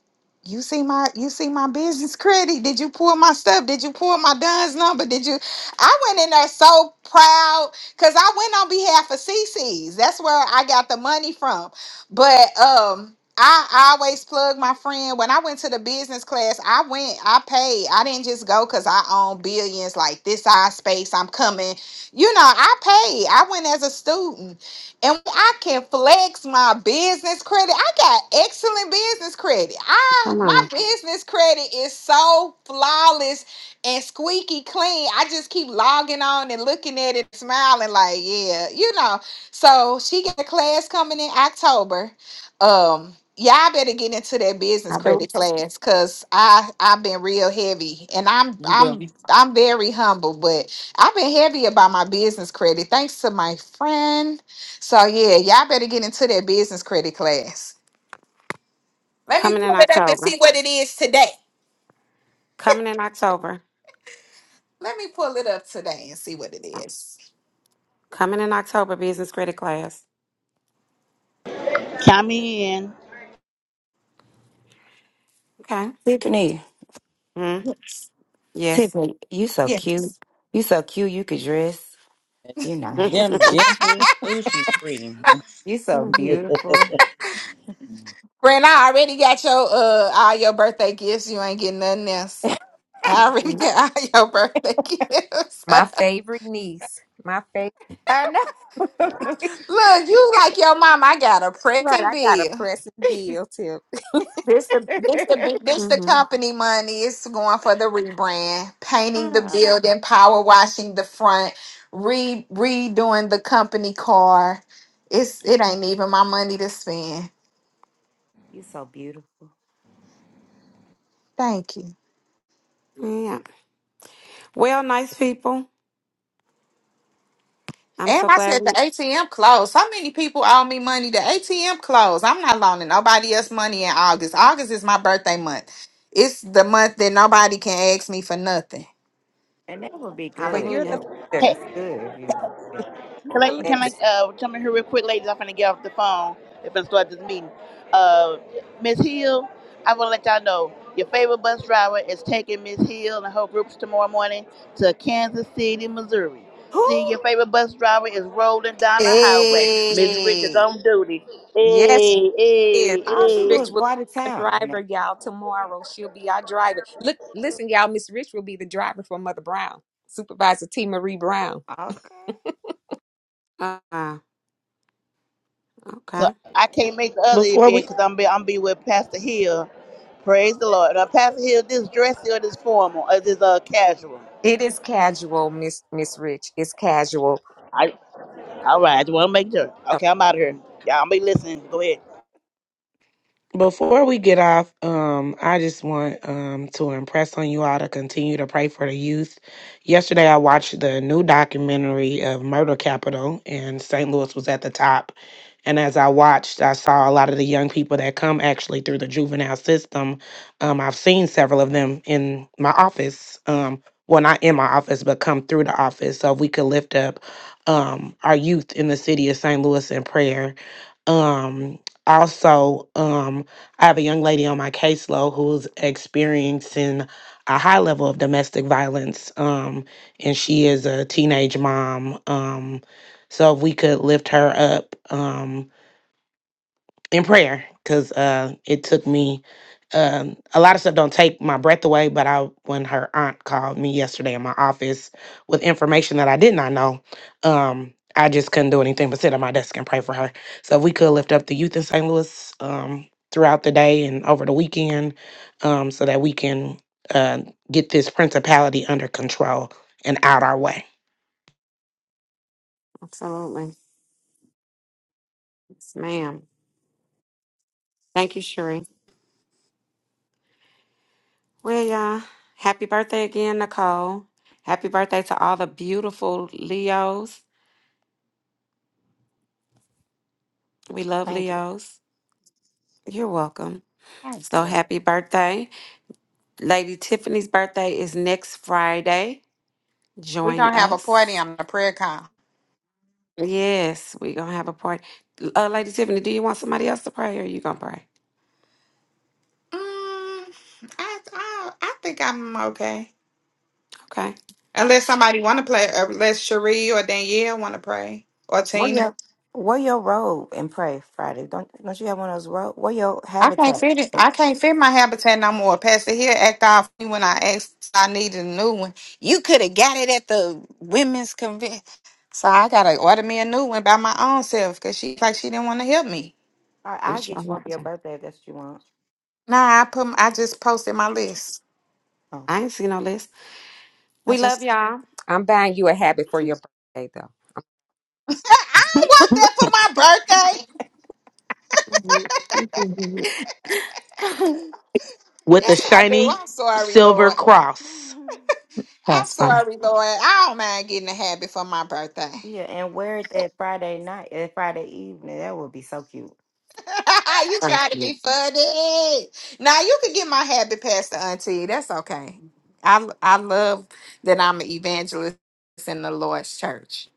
Speaker 2: you see my you see my business credit did you pull my stuff did you pull my don's number did you I went in there so proud because I went on behalf of CC's. That's where I got the money from. But um I, I always plug my friend. When I went to the business class, I went, I paid. I didn't just go because I own billions like this eye space. I'm coming. You know, I paid. I went as a student. And I can flex my business credit. I got excellent business credit. I
Speaker 6: Come
Speaker 2: my
Speaker 6: on.
Speaker 2: business credit is so flawless and squeaky clean. I just keep logging on and looking at it, smiling like, yeah, you know. So she got a class coming in October. Um, y'all better get into that business
Speaker 6: I do.
Speaker 2: credit class because I I've been real heavy and I'm
Speaker 3: You do
Speaker 2: I'm I'm very humble, but I've been heavy about my business credit thanks to my friend. So yeah, y'all better get into that business credit class. Let me
Speaker 6: Coming
Speaker 2: pull
Speaker 6: in
Speaker 2: it up and
Speaker 6: October.
Speaker 2: see what it is today.
Speaker 6: Coming in October.
Speaker 2: Let me pull it up today and see what it is.
Speaker 6: Coming in October, business credit class.
Speaker 14: Count me in.
Speaker 6: Okay.
Speaker 5: Tiffany,
Speaker 6: Mm, yes.
Speaker 5: Tiffany, you so cute.
Speaker 2: Yes.
Speaker 5: You so cute. You could dress. You nice.
Speaker 3: them dimples. Ooh, she pretty.
Speaker 5: You so
Speaker 6: hmm
Speaker 5: beautiful.
Speaker 2: Friend, I already got your uh all your birthday gifts. You ain't getting nothing else. I already
Speaker 6: hmm
Speaker 2: got all your birthday gifts.
Speaker 7: My favorite niece. My favorite.
Speaker 5: I know.
Speaker 2: Look, you like your mom. I got a
Speaker 7: Right,
Speaker 2: present
Speaker 7: I got a
Speaker 2: bill.
Speaker 7: pressing bill too.
Speaker 2: This the this the big- this the
Speaker 6: hmm
Speaker 2: company money. It's going for the rebrand, painting the
Speaker 5: Ah,
Speaker 2: building, power washing the front, re redoing the company car. It's it ain't even my money to spend.
Speaker 5: you so beautiful,
Speaker 2: Thank you.
Speaker 6: Yeah. Well, nice people. I'm
Speaker 2: And
Speaker 6: so
Speaker 2: I
Speaker 6: glad
Speaker 2: said the
Speaker 6: we.
Speaker 2: ATM closed. So many people owe me money. The ATM closed. I'm not loaning nobody else money in August. August is my birthday month. It's the month that nobody can ask me for nothing.
Speaker 5: and that would be
Speaker 7: But
Speaker 5: good.
Speaker 7: you're the
Speaker 6: Hallelujah.
Speaker 5: That
Speaker 7: lender.
Speaker 5: that's good if you.
Speaker 14: Can I,
Speaker 7: The
Speaker 14: can
Speaker 7: lender.
Speaker 14: I
Speaker 2: Yes.
Speaker 14: uh, come in here real quick, ladies? I'm finna get off the phone if I start this meeting. Uh, Miss Hill, I want to let y'all know your favorite bus driver is taking Miss Hill and her groups tomorrow morning to Kansas City, Missouri.
Speaker 5: Who?
Speaker 14: See, your favorite bus driver is rolling down the highway. Miss Rich is
Speaker 2: Hey.
Speaker 14: on duty.
Speaker 7: Yes,
Speaker 14: Hey,
Speaker 7: is.
Speaker 14: hey,
Speaker 5: All
Speaker 7: Miss
Speaker 5: she do
Speaker 14: hey.
Speaker 7: Rich
Speaker 5: is
Speaker 7: will
Speaker 5: go out of
Speaker 7: be our
Speaker 5: town.
Speaker 7: driver, y'all. Tomorrow she'll be our driver. Look, listen, y'all. Miss Rich will be the driver for Mother Brown, Supervisor T. Marie Brown.
Speaker 5: Okay.
Speaker 6: Uh, uh,
Speaker 14: So
Speaker 6: okay.
Speaker 14: I can't make the other
Speaker 9: before we
Speaker 14: event because I'm be, I'm be with Pastor Hill. Praise the Lord. Now, Pastor Hill, this dressy or this formal or this uh casual?
Speaker 7: It is casual, Miss Miss Rich. It's casual.
Speaker 14: All right, I just want to make sure.
Speaker 7: No,
Speaker 14: Okay, I'm out of here. Yeah, I'm be listening. Go ahead.
Speaker 9: Before we get off, um, I just want um to impress on you all to continue to pray for the youth. Yesterday, I watched the new documentary of Murder Capital, and St. Louis was at the top. And as I watched, I saw a lot of the young people that come actually through the juvenile system. Um, I've seen several of them in my office. Um, well, not in my office, but come through the office. So if we could lift up um our youth in the city of St. Louis in prayer. Um, also, um. I have a young lady on my caseload who's experiencing a high level of domestic violence, um, and she is a teenage mom. Um, so if we could lift her up, um, in prayer because uh, it took me um, a lot of stuff don't take my breath away but i when her aunt called me yesterday in my office with information that i did not know um, i just couldn't do anything but sit at my desk and pray for her so if we could lift up the youth in st louis um, throughout the day and over the weekend um, so that we can uh, get this principality under control and out our way
Speaker 6: Absolutely. Yes, ma'am. Thank you, Sheree. Well, y'all. Happy birthday again, Nicole. Happy birthday to all the beautiful Leos. We love
Speaker 5: Thank you.
Speaker 6: Leos. You're welcome.
Speaker 2: Thank
Speaker 6: So
Speaker 2: you.
Speaker 6: happy birthday. Lady Tiffany's birthday is next Friday.
Speaker 2: We're
Speaker 6: Join
Speaker 2: gonna have a party
Speaker 6: us.
Speaker 2: on the prayer call.
Speaker 6: Yes, we're going to have a party. Uh, Lady Tiffany, do you want somebody else to pray or you going to pray?
Speaker 2: Mm, I, I I think I'm okay.
Speaker 6: Okay.
Speaker 2: Unless somebody wanna play, unless Cherie or Danielle wanna pray. Or
Speaker 5: Wear
Speaker 2: Tina.
Speaker 5: your wear your robe and pray Friday. Don't don't you have one of those robe? Wear your
Speaker 2: I can't
Speaker 5: habitat.
Speaker 2: fit it.
Speaker 5: All
Speaker 2: I can't fit my habitat no more. Pastor here act off me when I asked if I needed a new one. You could have got it at the women's convention. So I gotta order me a new one by my own self because she like she didn't want to help me.
Speaker 5: right, I'll
Speaker 6: It's
Speaker 5: get
Speaker 6: your
Speaker 5: you one for your
Speaker 6: birthday.
Speaker 5: birthday if that's what
Speaker 2: Nah, I put I just posted my list.
Speaker 5: you want.
Speaker 6: I ain't seen no list.
Speaker 2: I
Speaker 6: We love
Speaker 2: just
Speaker 6: y'all.
Speaker 7: I'm buying you a habit for your birthday, though.
Speaker 2: I don't want that for my birthday.
Speaker 6: Mhm.
Speaker 5: Oh.
Speaker 9: with a
Speaker 2: Yes, I do.
Speaker 9: shiny
Speaker 2: I'm sorry,
Speaker 9: silver
Speaker 2: Lord.
Speaker 9: cross.
Speaker 2: I'm sorry, Lord. I don't mind getting a habit for my birthday.
Speaker 5: Yeah, and wear it that Friday night, that Friday evening. That would be so cute.
Speaker 2: you try to be funny. Now you can get my habit past the auntie. That's okay. I I love that I'm an evangelist in the Lord's church.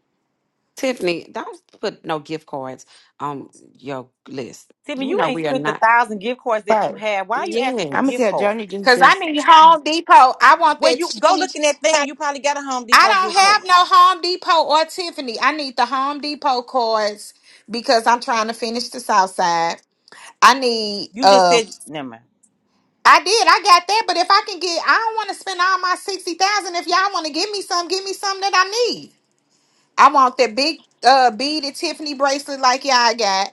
Speaker 6: Tiffany, don't put no gift cards on your list.
Speaker 3: Timmy,
Speaker 6: You
Speaker 3: you
Speaker 6: know
Speaker 3: ain't
Speaker 6: we are
Speaker 3: spent the
Speaker 6: not.
Speaker 3: thousand gift cards that you
Speaker 5: But
Speaker 3: have. Why are you asking for
Speaker 5: I'm gonna
Speaker 3: gift
Speaker 6: Yes.
Speaker 5: tell
Speaker 3: cards?
Speaker 5: Johnny just
Speaker 2: Cause I
Speaker 5: just
Speaker 2: need Home Depot. I want
Speaker 3: Well,
Speaker 2: that
Speaker 3: you go
Speaker 2: Tiffany.
Speaker 3: look in that thing. You probably got a Home
Speaker 2: I
Speaker 3: Depot
Speaker 2: don't
Speaker 3: gift card.
Speaker 2: have no Home Depot or Tiffany. I need the Home Depot cards because I'm trying to finish the South Side. I need
Speaker 3: You just
Speaker 2: um
Speaker 3: said never. Mind.
Speaker 2: I did, I got that, but if I can get I don't want to spend all my sixty thousand. If y'all want to give me some, give me some that I need. I want the big uh beaded Tiffany bracelet like y'all got.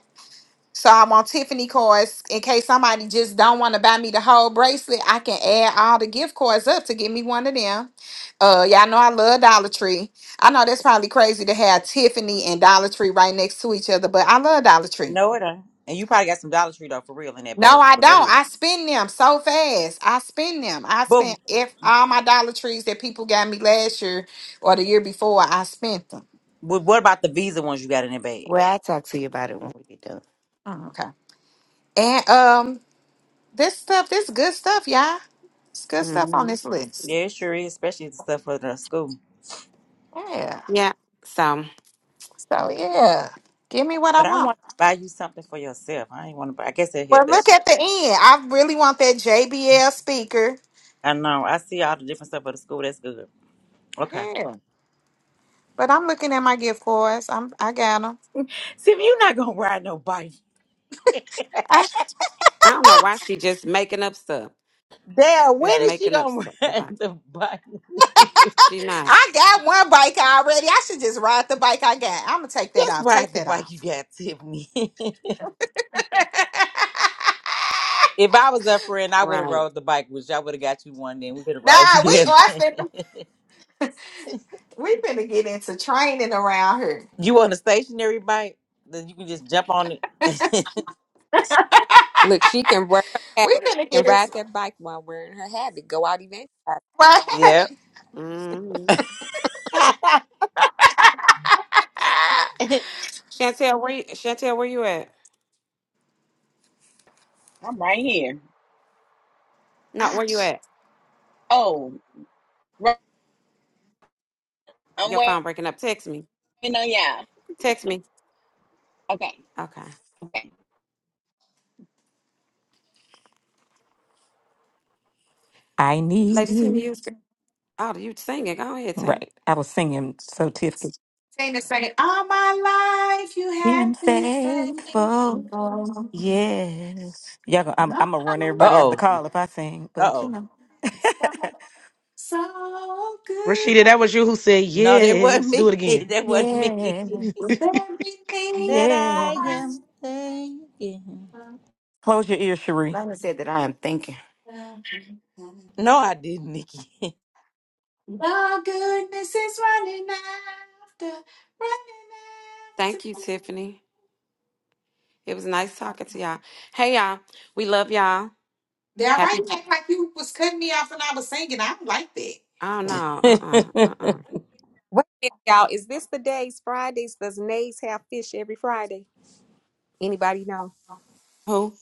Speaker 2: So I want Tiffany cards in case somebody just don't want to buy me the whole bracelet. I can add all the gift cards up to get me one of them. Uh, y'all know I love Dollar Tree. I know that's probably crazy to have Tiffany and Dollar Tree right next to each other, but I love Dollar Tree.
Speaker 3: No, it ain't. And you probably got some Dollar Tree though, for real, in that
Speaker 2: No,
Speaker 3: basket.
Speaker 2: I
Speaker 3: But go
Speaker 2: don't.
Speaker 3: ahead.
Speaker 2: I spend them so fast. I spend them. I
Speaker 3: But,
Speaker 2: spent if all my Dollar Trees that people got me last year or the year before, I spent them.
Speaker 3: but what about the Visa ones you got in that bag?
Speaker 5: well, I'll talk to you about it when we get done.
Speaker 2: Oh, okay. And um This stuff, this good stuff, y'all. It's good stuff on
Speaker 6: hmm
Speaker 2: this list.
Speaker 3: Yeah, it sure is, especially the stuff for the school.
Speaker 2: Yeah.
Speaker 6: Yeah. So
Speaker 2: So yeah. Give me what I
Speaker 3: But I
Speaker 2: want.
Speaker 3: want to buy you something for yourself. I ain't want to buy. I guess that help.
Speaker 2: Well, look
Speaker 3: That's
Speaker 2: at the end. I really want that JBL speaker.
Speaker 3: I know. I see all the different stuff for the school. That's good. Okay.
Speaker 2: Yeah. But I'm looking at my gift cards. I'm I got them.
Speaker 3: Simmy, you not gonna ride no bike.
Speaker 2: I,
Speaker 6: I don't know why she just making up stuff.
Speaker 3: Dad, when
Speaker 6: Just
Speaker 3: is she
Speaker 6: making up
Speaker 3: gonna
Speaker 6: stuff
Speaker 3: ride
Speaker 6: about. it.
Speaker 3: the bike?
Speaker 6: She not
Speaker 2: I got one bike already. I should just ride the bike I got. I'm gonna take that
Speaker 3: Just
Speaker 2: off. Take
Speaker 3: ride the
Speaker 2: that
Speaker 3: bike you
Speaker 2: off.
Speaker 3: got, Tiffany. if I was a friend, I would have
Speaker 6: right.
Speaker 3: rode the bike, which I would have got you one. Then we could have rode
Speaker 2: nah, we
Speaker 3: together.
Speaker 2: oh, I finna, we finna get into training around here.
Speaker 3: you want a stationary bike? Then you can just jump on it.
Speaker 7: Look, she can wear her habit
Speaker 2: We finna get
Speaker 7: and ride
Speaker 2: into
Speaker 7: that bike while wearing her habit. Go out event.
Speaker 3: yeah.
Speaker 6: hmm
Speaker 7: Wait
Speaker 3: uh
Speaker 2: right.
Speaker 6: Chantel, where you, Chantel, where you at?
Speaker 11: i'm right here
Speaker 6: No,
Speaker 2: I
Speaker 6: where you at?
Speaker 2: sing
Speaker 11: oh right, i'm
Speaker 6: Your phone
Speaker 11: waiting
Speaker 6: breaking up. Text me.
Speaker 11: on y'all
Speaker 6: Text me.
Speaker 11: okay
Speaker 6: Okay.
Speaker 11: Okay.
Speaker 8: I need
Speaker 6: Lady Tina,
Speaker 8: you.
Speaker 6: you was good. Oh, you singing. Go ahead, Tina.
Speaker 8: Right, I was singing so Tiff could
Speaker 2: the same. All my life you
Speaker 8: been
Speaker 2: have been faithful.
Speaker 8: faithful.
Speaker 2: All
Speaker 8: Yes, y'all. Gonna, I'm,
Speaker 2: my
Speaker 8: I'm gonna run everybody off the
Speaker 3: oh.
Speaker 2: life,
Speaker 8: call if I sing,
Speaker 3: Uh
Speaker 8: but you
Speaker 3: oh.
Speaker 8: know.
Speaker 2: so, so good.
Speaker 9: Rashida, that was you who said
Speaker 3: No, that wasn't
Speaker 9: yes. Do it
Speaker 3: me.
Speaker 9: again.
Speaker 3: that wasn't me.
Speaker 8: Yeah,
Speaker 3: That
Speaker 2: Everything
Speaker 8: yeah.
Speaker 3: I am thinking.
Speaker 8: Close your ears, Cherie.
Speaker 5: Lana said that I am thinking.
Speaker 2: I
Speaker 3: No, I didn't, Nikki.
Speaker 2: the goodness is running after, running after.
Speaker 6: Thank you, Tiffany. It was nice talking to y'all. Hey, y'all. We love y'all.
Speaker 2: Now, why
Speaker 6: Happy.
Speaker 2: you act like you was cutting me off when I was singing? I don't like that.
Speaker 6: Oh, no. Uh-uh. Uh-uh.
Speaker 7: a minute, y'all. Is this the days Fridays? Does Nays have fish every Friday? Anybody know?
Speaker 6: Who?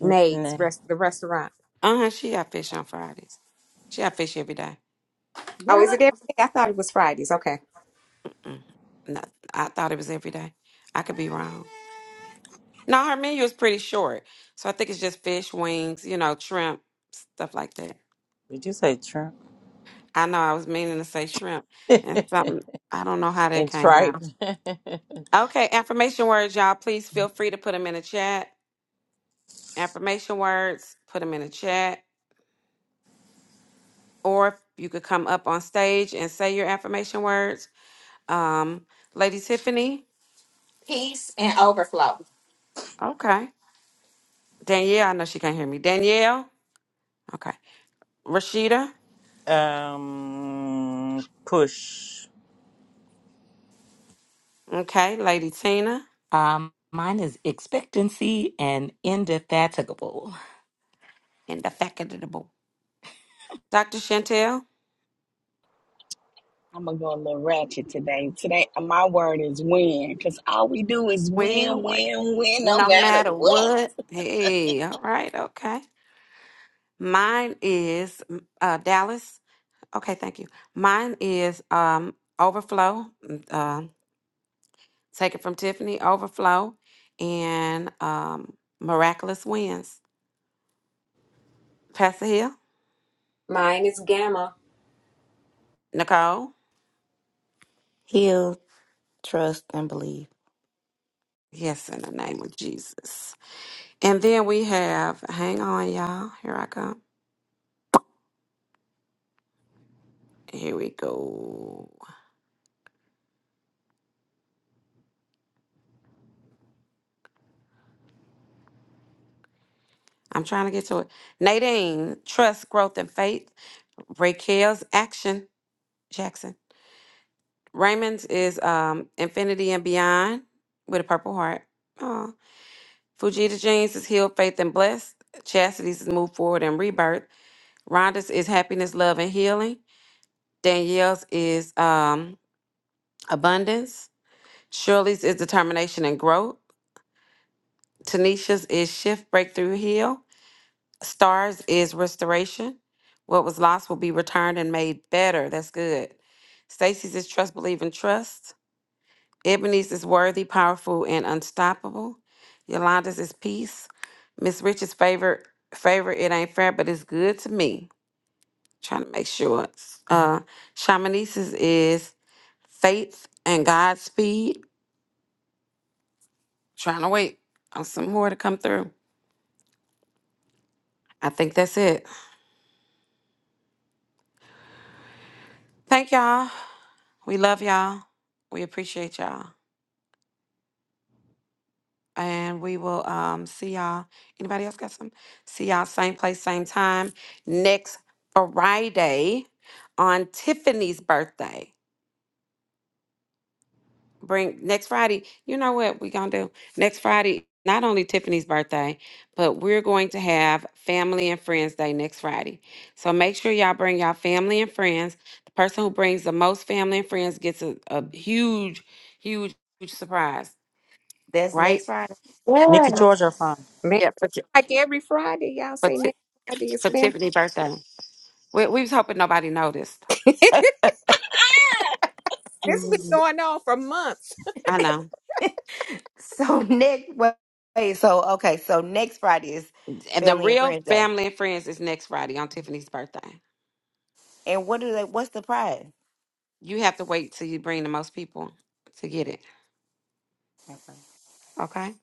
Speaker 7: Nays,
Speaker 3: Mm-mm.
Speaker 7: rest the restaurant.
Speaker 6: Uh-huh. She got fish on Fridays. She got fish every day.
Speaker 2: Yeah.
Speaker 7: Oh, is
Speaker 2: Running
Speaker 7: it every day? I thought it was Fridays. Okay.
Speaker 6: Mm-mm. No, I thought it was every day. I could be wrong.
Speaker 2: after.
Speaker 6: No, her menu is pretty short. So I think it's just fish, wings, you know, shrimp, stuff like that.
Speaker 3: Did you say Trump?
Speaker 6: I know I was meaning to say shrimp and something.
Speaker 3: and
Speaker 6: I don't know how that came
Speaker 3: tripe.
Speaker 6: out. Okay, affirmation words, y'all. Please feel free to put them in the chat. Affirmation words, put them in the chat. Or you could come up on stage and say your affirmation words. Um, Lady Tiffany.
Speaker 2: Peace and overflow.
Speaker 6: Okay. Danielle, I know she can't hear me. Danielle. Okay. Rashida.
Speaker 3: Um, push.
Speaker 6: Okay. Lady Tina.
Speaker 8: Um, mine is expectancy and indefatigable.
Speaker 6: And the fact of the book. Dr. Chantel.
Speaker 11: I'm gonna go a little ratchet today. Today, my word is win, because all we do is
Speaker 6: Well,
Speaker 11: win,
Speaker 6: well.
Speaker 11: win, win, no
Speaker 6: No
Speaker 11: matter
Speaker 6: matter
Speaker 11: what.
Speaker 6: what. Hey, all right, okay. Mine is uh, Dallas. Okay, thank you. Mine is um, Overflow. Uh, take it from Tiffany, Overflow, and um, Miraculous Wins. Pastor Hill,
Speaker 7: Mine is Gamma.
Speaker 6: Nicole.
Speaker 5: Heal, trust, and believe.
Speaker 6: Yes, in the name of Jesus. And then we have, hang on, y'all. Here I come. Here we go. I'm trying to get to it. Nadine, Trust, Growth, and Faith. Raquel's Action Jackson. Raymond's is um Infinity and Beyond with a purple heart. Oh, Fujita Jeans is Healed, Faith, and Blessed. Chastity's is Move Forward and Rebirth. Rhonda's is Happiness, Love, and Healing. Danielle's is um Abundance. Shirley's is Determination and Growth. Tanisha's is Shift, Breakthrough, Heal. Stars is Restoration. What was lost will be returned and made better. That's good. Stacy's is Trust, Believe, and Trust. Ebony's is worthy, powerful, and unstoppable. Yolanda's is peace. Miss Rich's favorite favorite, it ain't fair, but it's good to me. Trying to make sure. it's- Uh Shamanice's is faith and Godspeed. Trying to wait on some more to come through. I think that's it. Thank y'all. We love y'all. We appreciate y'all. And we will um see y'all. Anybody else got some? See y'all same place, same time next Friday on Tiffany's birthday. Bring next Friday. You know what we're gonna do? Next Friday, not only Tiffany's birthday, but we're going to have Family and Friends Day next Friday. So make sure y'all bring y'all family and friends. The person who brings the most family and friends gets a, a huge, huge, huge surprise,
Speaker 5: That's next
Speaker 6: right?
Speaker 5: Friday.
Speaker 3: Nikki George are fine.
Speaker 7: Man,
Speaker 6: Yeah, for, Ti-
Speaker 7: like every Friday, y'all
Speaker 6: for,
Speaker 7: say
Speaker 6: Ti-
Speaker 7: next Friday is
Speaker 6: for
Speaker 7: family.
Speaker 6: Tiffany's birthday. We, we was hoping nobody noticed.
Speaker 7: this been
Speaker 6: Mhm.
Speaker 7: going on for months.
Speaker 6: I know.
Speaker 5: so next wait, wait, so okay, so next Friday is
Speaker 6: And The
Speaker 5: family and
Speaker 6: real
Speaker 5: friends day.
Speaker 6: family and friends is next Friday on Tiffany's birthday.
Speaker 5: And what do they what's the prize?
Speaker 6: You have to wait till you bring the most people to get it. Okay?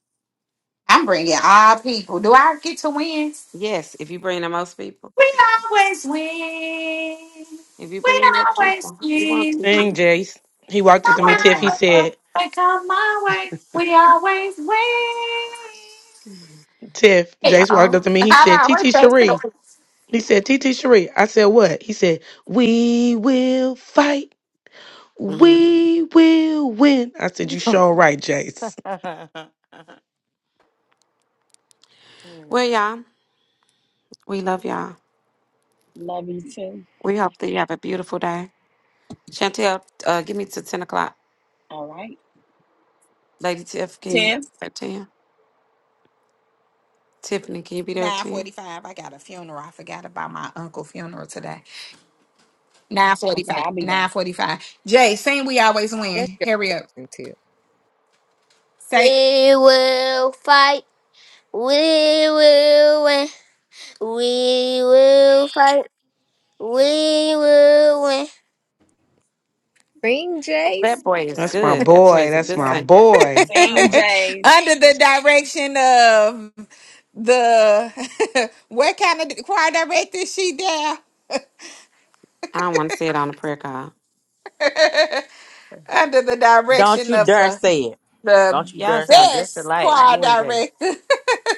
Speaker 2: I'm bringing all people. Do I get to win?
Speaker 6: Yes, if you bring the most people. If you bring the most people, we won't teach
Speaker 9: Thing,
Speaker 6: you.
Speaker 9: Jace. He walked
Speaker 6: It's
Speaker 9: up to
Speaker 6: your
Speaker 9: me, Tiff. He
Speaker 6: birthday.
Speaker 9: said, Tiff.
Speaker 6: Uh
Speaker 9: Jace walked
Speaker 6: oh.
Speaker 9: up to me. He said, T T. Cherie. He said, T T. Cherie. I said, what? He said, we will fight.
Speaker 6: hmm
Speaker 9: We will win. I said, You
Speaker 5: Okay.
Speaker 9: sure right, Jace.
Speaker 5: Mm,
Speaker 6: Well, y'all, we love y'all.
Speaker 11: Love you too.
Speaker 6: We hope that you have a beautiful day. Chantel, uh, give me to 10 o'clock.
Speaker 11: All right,
Speaker 6: Lady Tiff, can you
Speaker 11: Tiff.
Speaker 6: at 10? Tiffany, can you be there at 10?
Speaker 2: 945. I got a funeral. I forgot about my uncle funeral today.
Speaker 11: Okay,
Speaker 2: 945.
Speaker 11: I'll be there.
Speaker 2: 945. Jay, sing we always
Speaker 7: That's
Speaker 2: win.
Speaker 7: your
Speaker 2: Hurry up.
Speaker 7: cousin too.
Speaker 2: Say We will fight. We will win. We will fight. We will win.
Speaker 7: Sing Jace.
Speaker 6: That
Speaker 5: he
Speaker 6: boy is
Speaker 9: That's
Speaker 5: sound
Speaker 9: my
Speaker 6: good. That
Speaker 5: good.
Speaker 6: boy
Speaker 9: boy.
Speaker 6: is a
Speaker 5: He
Speaker 9: That's
Speaker 6: good
Speaker 9: my
Speaker 6: singer.
Speaker 5: sound just like his
Speaker 9: boy.
Speaker 11: Seen
Speaker 5: mama.
Speaker 11: Jace.
Speaker 2: under the direction of the what kind of choir director is she there?
Speaker 6: I don't want to say it on the prayer call.
Speaker 2: under the
Speaker 3: Don't
Speaker 2: direction
Speaker 3: you
Speaker 2: of
Speaker 3: dare
Speaker 2: the
Speaker 3: say it.
Speaker 2: the
Speaker 3: Don't you
Speaker 5: Y'all
Speaker 3: dare
Speaker 5: sound
Speaker 3: say
Speaker 5: just
Speaker 2: best
Speaker 5: alike.
Speaker 2: choir
Speaker 5: You and Jay.
Speaker 2: director,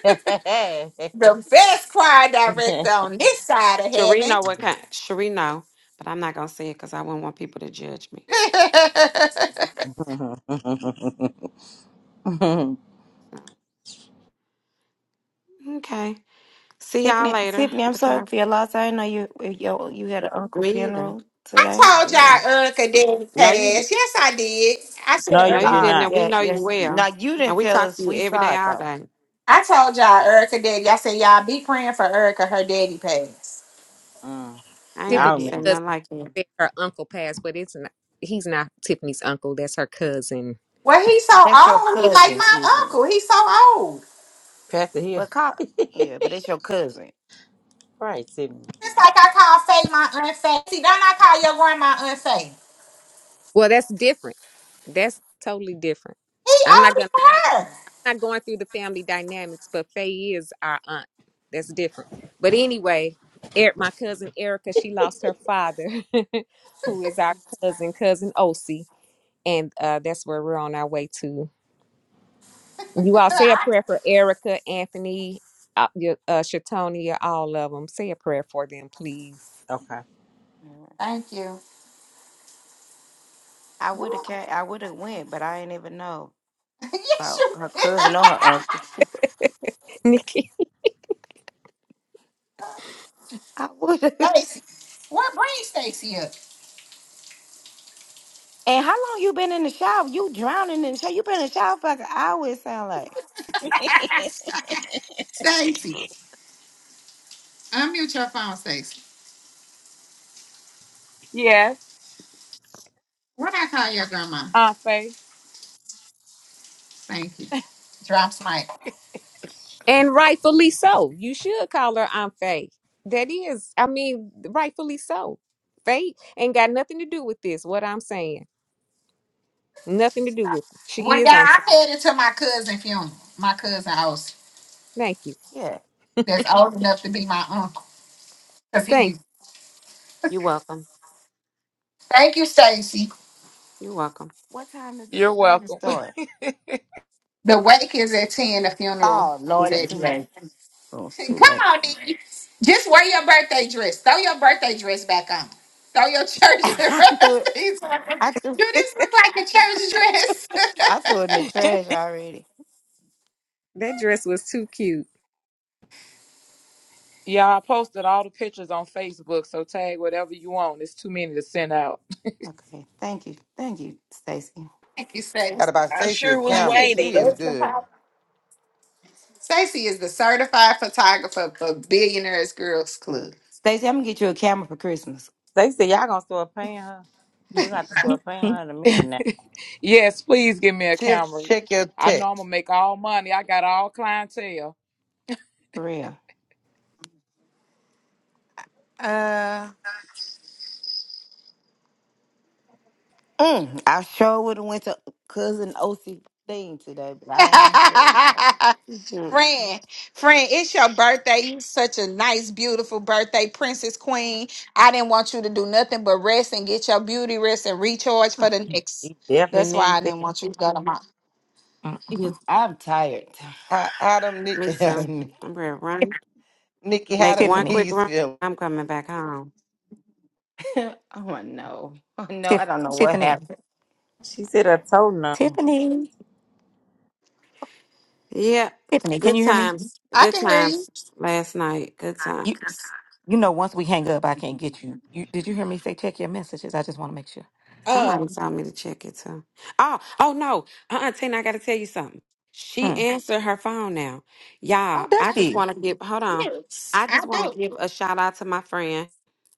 Speaker 3: it.
Speaker 2: the best choir director on this side of
Speaker 6: Sheree
Speaker 2: heaven.
Speaker 6: know what kind. Sheree know, but I'm not gonna say it because I wouldn't want people to judge me. So, okay. See y'all
Speaker 5: Tiffany,
Speaker 6: later.
Speaker 5: Tiffany, I'm
Speaker 6: Look at
Speaker 5: sorry
Speaker 6: our
Speaker 5: for your loss. I didn't know you you, you had an uncle
Speaker 6: me either.
Speaker 5: funeral
Speaker 2: I
Speaker 5: today.
Speaker 2: told
Speaker 6: Yeah.
Speaker 2: y'all Erica Daddy
Speaker 6: No, you. di-
Speaker 2: passed. Yes, I did. I said
Speaker 3: no,
Speaker 6: No,
Speaker 3: you
Speaker 2: Erica.
Speaker 6: you
Speaker 3: did
Speaker 5: Ah,
Speaker 6: didn't.
Speaker 3: not.
Speaker 6: And we
Speaker 5: yeah,
Speaker 6: know you
Speaker 5: yes.
Speaker 6: well.
Speaker 5: Now you
Speaker 6: And
Speaker 5: didn't
Speaker 6: we
Speaker 5: tell
Speaker 6: talk
Speaker 5: us.
Speaker 6: to you
Speaker 5: We
Speaker 6: every
Speaker 5: saw
Speaker 6: day,
Speaker 5: it
Speaker 6: all
Speaker 5: though.
Speaker 6: day.
Speaker 2: I told y'all Erica Daddy. I said y'all be praying for Erica. Her daddy passed.
Speaker 3: Mm,
Speaker 6: I
Speaker 5: No,
Speaker 6: ain't
Speaker 5: you
Speaker 7: Tiffany's
Speaker 3: I
Speaker 6: heard you say
Speaker 5: didn't.
Speaker 3: remember
Speaker 7: cousin
Speaker 3: that.
Speaker 6: nothing like that.
Speaker 7: said her uncle passed, but it's not he's not Tiffany's uncle. That's her cousin.
Speaker 2: Well, he's so
Speaker 5: That's your
Speaker 2: old. He's like
Speaker 5: cousin,
Speaker 2: my
Speaker 5: Tiffany.
Speaker 2: uncle. He's so old.
Speaker 3: Pastor Hill.
Speaker 5: But call, yeah, but it's your cousin.
Speaker 3: right, Sydney.
Speaker 2: Just like I call Faye my aunt Faye. See, don't I call your grandma aunt Faye?
Speaker 7: Well, that's different. That's totally different.
Speaker 2: He
Speaker 7: I'm not gonna
Speaker 2: older
Speaker 7: not going through the family dynamics, but Faye is our aunt. That's different. But anyway, Eric, my cousin Erica, she lost her father, who is our cousin, cousin Osi, and uh, that's where we're on our way to. You
Speaker 2: than
Speaker 7: all say a
Speaker 2: her.
Speaker 7: prayer for Erica, Anthony, uh, your- uh, Shatonia, all of them. Say a prayer for them, please,
Speaker 3: Okay.
Speaker 5: Mhm.
Speaker 2: Thank you.
Speaker 5: I would have came, I would have went, but I ain't even know
Speaker 2: Yes,
Speaker 5: about her
Speaker 2: you.
Speaker 5: cousin or her uncle.
Speaker 7: Nikki.
Speaker 5: I would have.
Speaker 2: Stacy. What brings Stacy up?
Speaker 5: And how long you been in the shower? You drowning in the shower. You been in the shower for like an hour. It sound like.
Speaker 2: Stacy. Unmute your phone, Stacy.
Speaker 21: Yes,
Speaker 2: What I call your grandma?
Speaker 21: Aunt Faye.
Speaker 2: Thank you. Drops mic.
Speaker 7: And rightfully so. You should call her Aunt Faye. That is, I mean, rightfully so. Faye ain't got nothing to do with this. What I'm saying. Nothing to do with it. She
Speaker 2: Well,
Speaker 7: is on.
Speaker 2: yeah, I headed to my cousin funeral. My cousin house
Speaker 7: Thank you.
Speaker 5: Yeah.
Speaker 2: that's old enough to be my uncle. Cause he
Speaker 7: Thank
Speaker 2: be
Speaker 6: You welcome.
Speaker 2: thank you, Stacy.
Speaker 6: You welcome.
Speaker 5: What time does the
Speaker 21: You're
Speaker 5: service
Speaker 21: welcome.
Speaker 5: start?
Speaker 2: The wake is at ten, the funeral
Speaker 5: Oh
Speaker 2: is
Speaker 5: Lord, it's
Speaker 2: at
Speaker 5: too
Speaker 2: eleven.
Speaker 5: late. Oh, it's too
Speaker 2: Come
Speaker 5: late.
Speaker 2: on, Nikki. Just wear your birthday dress. Throw your birthday dress back on. Throw your church
Speaker 5: I threw
Speaker 2: dress.
Speaker 5: it.
Speaker 2: Do this
Speaker 5: I threw.
Speaker 2: look like a church dress?
Speaker 5: I threw it in the trash already.
Speaker 7: you. That dress was too cute.
Speaker 21: Yeah, I posted all the pictures on Facebook, so tag whatever you want. It's too many to send out.
Speaker 5: Okay. Thank you. Thank you, Stacy.
Speaker 2: Thank you, Stacy.
Speaker 4: Got to buy
Speaker 11: I
Speaker 4: Stacey a
Speaker 11: sure was
Speaker 2: Stacey
Speaker 4: camera.
Speaker 2: is the
Speaker 4: She is
Speaker 11: waiting.
Speaker 4: good.
Speaker 2: certified. Stacey is the certified photographer for Billionaires Girls Club.
Speaker 5: Stacy, I'm gonna get you a camera for Christmas.
Speaker 3: They said y'all gonna start paying her. We got to start paying her in a minute now.
Speaker 21: yes, please give me a
Speaker 4: Tiff,
Speaker 21: camera.
Speaker 4: check your
Speaker 21: I know I'm
Speaker 4: text.
Speaker 21: gonna make all money. I got all clientele.
Speaker 5: For real.
Speaker 2: Uh,
Speaker 5: Mm, I sure would have went to cousin OC thing today, but I am ready to go.
Speaker 6: Mhm.
Speaker 2: friend, friend, it's your birthday. You such a nice, beautiful birthday, princess queen. I didn't want you to do nothing but rest and get your beauty rest and recharge for the next.
Speaker 3: She definitely
Speaker 2: That's why I
Speaker 3: needs that.
Speaker 2: didn't want you to go to my.
Speaker 8: Mhm.
Speaker 5: Yes, I'm tired.
Speaker 4: How, how them, Ni-
Speaker 6: Me
Speaker 4: how them
Speaker 6: too.
Speaker 4: Ni-
Speaker 6: I'm ready to run.
Speaker 4: Nikki, how
Speaker 6: Make
Speaker 4: them
Speaker 6: one
Speaker 8: Tiffany,
Speaker 6: quick
Speaker 4: knees
Speaker 6: run.
Speaker 4: feel?
Speaker 6: I'm coming back home.
Speaker 5: oh no, oh no, I
Speaker 8: Tiff,
Speaker 5: don't know what
Speaker 8: Tiffany,
Speaker 5: happened.
Speaker 3: She said I told no.
Speaker 8: Tiffany,
Speaker 6: Yeah.
Speaker 8: Tiffany. Can
Speaker 6: Good
Speaker 8: you hear me?
Speaker 6: times.
Speaker 2: I
Speaker 6: Good
Speaker 2: can hear you.
Speaker 6: times. Last night. Good
Speaker 8: You,
Speaker 6: times.
Speaker 8: you know, once we hang up, I can't get you. You did you hear me say check your messages? I just want to make sure.
Speaker 6: Somebody
Speaker 2: Um,
Speaker 6: told me to check it too. Oh, oh no. Uh-uh, Tina, I gotta tell you something. She
Speaker 8: Hmm.
Speaker 6: answered her phone now.
Speaker 8: Oh,
Speaker 6: Y'all,
Speaker 8: does
Speaker 6: I just
Speaker 8: she?
Speaker 6: wanna give hold on. I
Speaker 2: I
Speaker 6: just wanna
Speaker 2: do,
Speaker 6: give a shout out to my friend,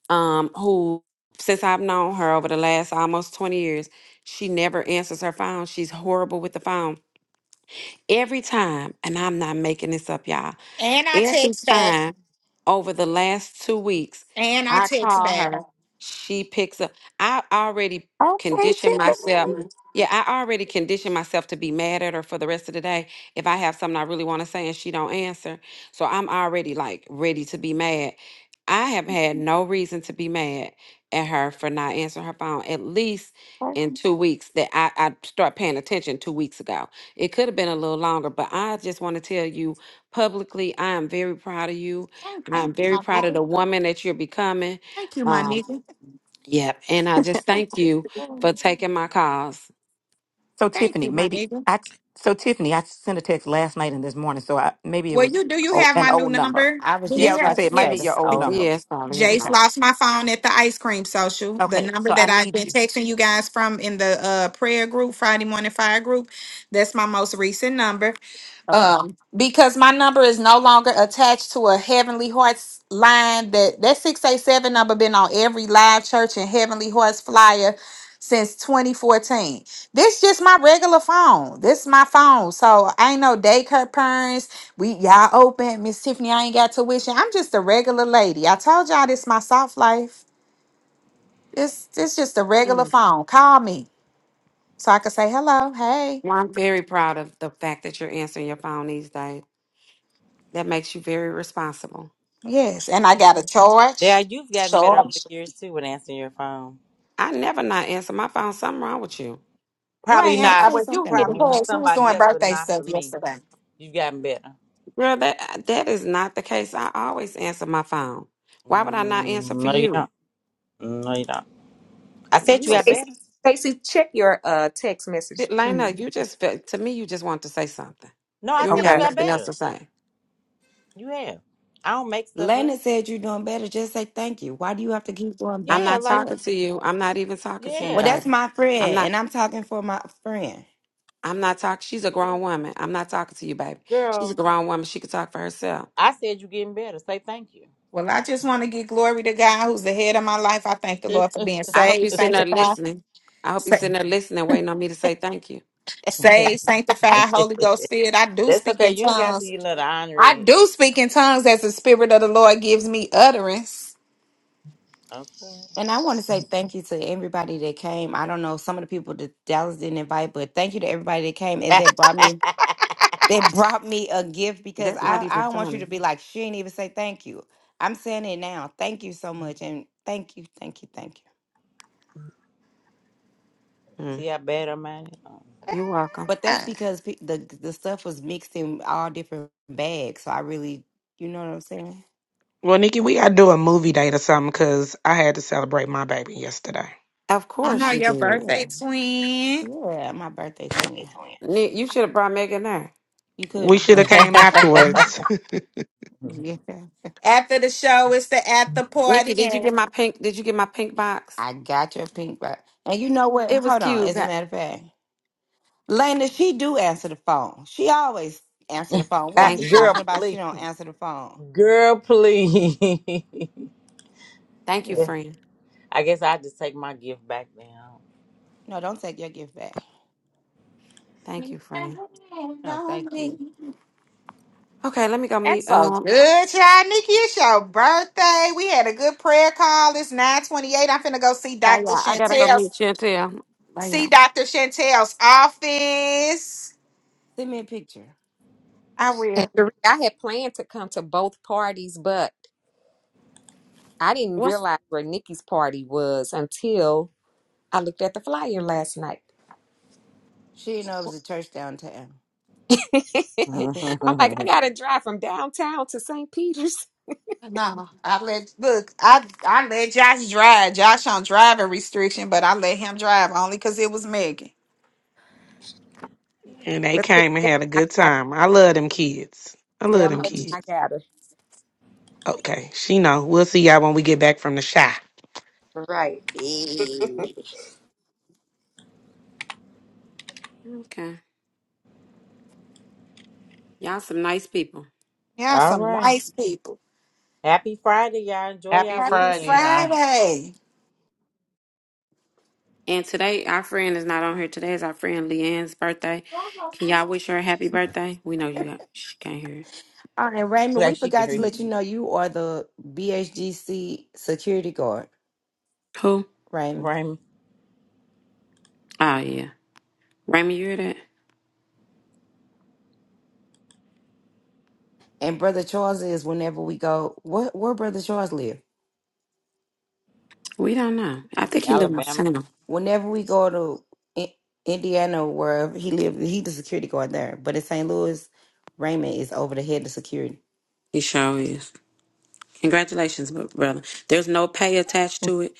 Speaker 6: um, who since I've known her over the last almost 20 years, she never answers her phone. She's horrible with the phone. Every time, and I'm not making this up, y'all.
Speaker 2: and I
Speaker 6: Every
Speaker 2: text back,
Speaker 6: time over the last two weeks,
Speaker 2: and I
Speaker 6: I
Speaker 2: text
Speaker 6: call
Speaker 2: back.
Speaker 6: her, she picks up. I already
Speaker 8: Okay,
Speaker 6: conditioned myself. Yeah, I already conditioned myself to be mad at her for the rest of the day if I have something I really want to say and she don't answer. So I'm already like ready to be mad. I have had no reason to be mad at her for not answering her phone at least in two weeks that I, I start paying attention two weeks ago. It could have been a little longer, but I just want to tell you publicly. I am very proud of you.
Speaker 2: Thank you,
Speaker 6: I'm very
Speaker 2: my
Speaker 6: proud of
Speaker 2: nigga.
Speaker 6: the woman that you're becoming.
Speaker 2: Thank you, my
Speaker 6: Um,
Speaker 2: nigga.
Speaker 6: yep. And I just thank you
Speaker 8: Tiffany.
Speaker 6: for taking my calls.
Speaker 8: So
Speaker 2: Thank
Speaker 8: Tiffany,
Speaker 2: you, my
Speaker 8: maybe
Speaker 2: nigga.
Speaker 8: I so Tiffany, I sent a text last night and this morning, so I maybe it
Speaker 2: Well, you
Speaker 8: was
Speaker 2: do you
Speaker 8: o-
Speaker 2: have my
Speaker 8: an
Speaker 2: new
Speaker 8: old number.
Speaker 2: number?
Speaker 5: I was
Speaker 2: Do
Speaker 8: Yeah, I
Speaker 2: you
Speaker 5: just
Speaker 8: was gonna
Speaker 2: have
Speaker 5: about
Speaker 8: say
Speaker 5: to
Speaker 8: it might
Speaker 5: say
Speaker 8: be
Speaker 5: that's
Speaker 8: your
Speaker 2: yes?
Speaker 5: the
Speaker 8: old
Speaker 2: Be-
Speaker 5: old
Speaker 8: number.
Speaker 5: number.
Speaker 6: Yes, Father. help me.
Speaker 2: Jace
Speaker 8: Okay.
Speaker 2: lost my phone at the ice cream social. The
Speaker 8: Okay.
Speaker 2: number
Speaker 8: So I
Speaker 2: that I've
Speaker 8: need
Speaker 2: been
Speaker 8: you.
Speaker 2: texting you guys from in the uh prayer group, Friday morning fire group, that's my most recent number
Speaker 8: Okay.
Speaker 2: um because my number is no longer attached to a heavenly hearts line that that 687 number been on every live church and heavenly hearts flyer since 2014 this just my regular phone this is my phone so I ain't no daycare parents we y'all open miss tiffany i ain't got tuition i'm just a regular lady i told y'all this my soft life it's it's just a regular
Speaker 6: Mm.
Speaker 2: phone call me so i can say hello hey
Speaker 6: Well, I'm very proud of the fact that you're answering your phone these days. That makes you very responsible.
Speaker 2: yes and i got a charge
Speaker 3: Yeah, you've gotten better over
Speaker 2: charge
Speaker 3: the years too with answering your phone.
Speaker 6: I never not answer my phone. Something wrong with you.
Speaker 2: You
Speaker 3: Probably
Speaker 2: ain't. ans-
Speaker 5: Don't
Speaker 2: I
Speaker 3: not.
Speaker 5: say
Speaker 2: was you
Speaker 5: something
Speaker 2: hit the
Speaker 5: wrong
Speaker 3: Probably
Speaker 5: with
Speaker 3: for
Speaker 5: her.
Speaker 2: buzz. Who was
Speaker 3: somebody
Speaker 2: doing
Speaker 3: else, but
Speaker 2: birthday
Speaker 3: not
Speaker 2: stuff
Speaker 3: for me.
Speaker 2: yesterday?
Speaker 3: You've gotten better.
Speaker 6: Girl, that uh, that is not the case. I always answer my phone. Why would I not answer
Speaker 3: Mm,
Speaker 6: for
Speaker 3: No, you
Speaker 6: you?
Speaker 3: don't. No, you don't. I said
Speaker 6: You
Speaker 3: you
Speaker 6: a
Speaker 3: got
Speaker 6: s-
Speaker 7: Stacy,
Speaker 3: better.
Speaker 7: Stacy, check your uh text message,
Speaker 6: Lena,
Speaker 7: please.
Speaker 6: you just felt to me you just want to say something.
Speaker 3: No, I
Speaker 6: You ain't
Speaker 3: said you
Speaker 6: got
Speaker 21: Okay.
Speaker 3: got
Speaker 6: nothing else
Speaker 3: better.
Speaker 6: to say.
Speaker 3: You have. I don't make stuff up.
Speaker 5: Landon said you're doing better. Just say thank you. Why do you have to keep going
Speaker 6: I'm
Speaker 5: back
Speaker 3: Yeah,
Speaker 6: not
Speaker 5: and
Speaker 3: like
Speaker 6: talking
Speaker 5: forth?
Speaker 6: to you. I'm not even talking to you,
Speaker 5: Well,
Speaker 3: yeah,
Speaker 5: that's
Speaker 6: baby.
Speaker 5: my
Speaker 6: I'm
Speaker 5: friend,
Speaker 6: not.
Speaker 5: and I'm talking for my friend.
Speaker 6: I'm not talking. She's a
Speaker 3: yeah.
Speaker 6: grown woman. I'm not talking to you, baby. She's a
Speaker 3: girl.
Speaker 6: grown woman. She can talk for herself.
Speaker 3: I said you getting better. Say thank you.
Speaker 2: Well, I just want to give glory to God, who's the head of my life. I thank the Lord for being
Speaker 6: I hope
Speaker 2: saved,
Speaker 6: you're sitting there
Speaker 2: sanctified,
Speaker 6: listening. I hope you're
Speaker 2: sa-
Speaker 6: sitting there listening, waiting on me to say thank you.
Speaker 2: saved, sanctified, Holy Ghost filled. I do
Speaker 3: That's
Speaker 2: speak
Speaker 3: okay.
Speaker 2: in
Speaker 3: You ain't got to
Speaker 2: tongues.
Speaker 3: get another
Speaker 2: I
Speaker 3: honorary.
Speaker 2: do speak in tongues as the Spirit of the Lord gives me utterance.
Speaker 3: Okay.
Speaker 5: And I want to say thank you to everybody that came. I don't know some of the people that Dallas didn't invite, but thank you to everybody that came and that brought me that brought me a gift because
Speaker 6: That's not
Speaker 5: I,
Speaker 6: even
Speaker 5: I don't want you to
Speaker 6: funny.
Speaker 5: be like, she didn't even say thank you. I'm saying it now. Thank you so much. And thank you, thank you, thank you.
Speaker 3: See
Speaker 6: Mm.
Speaker 3: how bad I'm at it.
Speaker 6: You're welcome.
Speaker 5: But that's
Speaker 2: Yeah.
Speaker 5: because pe- the the stuff was mixed in all different bags. So I really, you know what I'm saying?
Speaker 9: Well, Nikki, we gotta do a movie date or something because I had to celebrate my baby yesterday.
Speaker 6: Of
Speaker 2: I
Speaker 5: Y-
Speaker 6: course
Speaker 2: know
Speaker 6: you
Speaker 2: your
Speaker 6: did.
Speaker 5: Yeah.
Speaker 2: birthday, twin.
Speaker 5: Yeah. My birthday twin.
Speaker 3: Oh,
Speaker 6: Nick, you should have brought Megan there.
Speaker 5: You could
Speaker 9: We
Speaker 5: have.
Speaker 9: should have came afterwards.
Speaker 5: Yeah.
Speaker 2: After the show, it's the after
Speaker 6: Nikki,
Speaker 2: party,
Speaker 6: did you
Speaker 2: and
Speaker 6: get my pink? Did you get my pink box?
Speaker 5: I got your pink bag. And you know what?
Speaker 6: It was
Speaker 5: Hold on.
Speaker 6: cute.
Speaker 5: As a
Speaker 6: Got-
Speaker 5: matter of fact, Lena, she do answer the phone. She always answer the phone. What
Speaker 3: yeah.
Speaker 5: are you
Speaker 6: Thank you.
Speaker 3: girl,
Speaker 5: talking about? She
Speaker 3: please.
Speaker 5: don't answer the phone.
Speaker 3: Girl, please.
Speaker 6: Thank you,
Speaker 5: Yeah.
Speaker 3: Yes.
Speaker 6: friend.
Speaker 3: I guess i just take my gift back now.
Speaker 5: No, don't take your gift back.
Speaker 2: we
Speaker 6: Thank
Speaker 2: can
Speaker 6: you, friend.
Speaker 2: hand
Speaker 5: No,
Speaker 2: on
Speaker 5: thank you.
Speaker 2: me.
Speaker 6: Okay, let me go
Speaker 2: That's
Speaker 6: meet.
Speaker 2: so
Speaker 6: Um,
Speaker 2: good, y'all. Nikki, it's your birthday. We had a good prayer call. It's 928. I'm finna go see
Speaker 6: bye,
Speaker 2: Dr.
Speaker 6: y'all. I gotta go
Speaker 2: Chantel's
Speaker 6: meet Chantel. Bye,
Speaker 2: see
Speaker 6: y'all.
Speaker 2: Dr. Chantel's office.
Speaker 5: Send me a picture.
Speaker 2: I
Speaker 7: And
Speaker 2: will.
Speaker 7: Sheree, I had planned to come to both parties, but I didn't
Speaker 6: What's
Speaker 7: realize where Nikki's party was until I looked at the flyer last night.
Speaker 5: She didn't know it was a church downtown. All
Speaker 7: I'm like, I gotta drive from downtown to St. Peter's.
Speaker 2: No, I let look, I I let Josh drive. Josh on driving restriction, but I let him drive only because it was Megan.
Speaker 9: and they
Speaker 7: But tell
Speaker 9: came and had a
Speaker 7: me, I
Speaker 9: good
Speaker 7: got
Speaker 9: time. I love them kids. I love
Speaker 7: tell me
Speaker 9: them
Speaker 7: I
Speaker 9: kids.
Speaker 7: gotta.
Speaker 9: Okay, she know. We'll see y'all when we get back from the shy.
Speaker 2: Yeah,
Speaker 6: okay? Y'all some nice people.
Speaker 3: All
Speaker 2: some
Speaker 3: right.
Speaker 2: nice people.
Speaker 3: Happy Friday, y'all. Enjoy
Speaker 4: Happy
Speaker 3: your
Speaker 2: Happy
Speaker 4: Friday,
Speaker 3: weekend.
Speaker 4: y'all.
Speaker 2: Friday.
Speaker 6: And today, our friend is not on here. Today is our friend Leanne's birthday. Can y'all wish her a happy birthday? We know you. She can't hear
Speaker 5: right, Raymond, we
Speaker 3: Like she can
Speaker 5: forgot
Speaker 3: hear
Speaker 5: to
Speaker 3: you.
Speaker 6: it.
Speaker 5: let you know you are the BHGC security guard,
Speaker 6: Who?
Speaker 5: Raymond.
Speaker 3: Raymond,
Speaker 6: Oh yeah, Raymond. You hear that?
Speaker 5: And Brother Charles is whenever we go, where, where Brother Charles live?
Speaker 6: We don't know. I think he lives
Speaker 3: Alabama.
Speaker 6: uptown.
Speaker 5: Whenever we go to I- Indiana, wherever he lives, he the security guard there. But in St. Louis, Raymond is over the head of security.
Speaker 6: He sure is. Congratulations, bro- brother. There's no pay attached to it.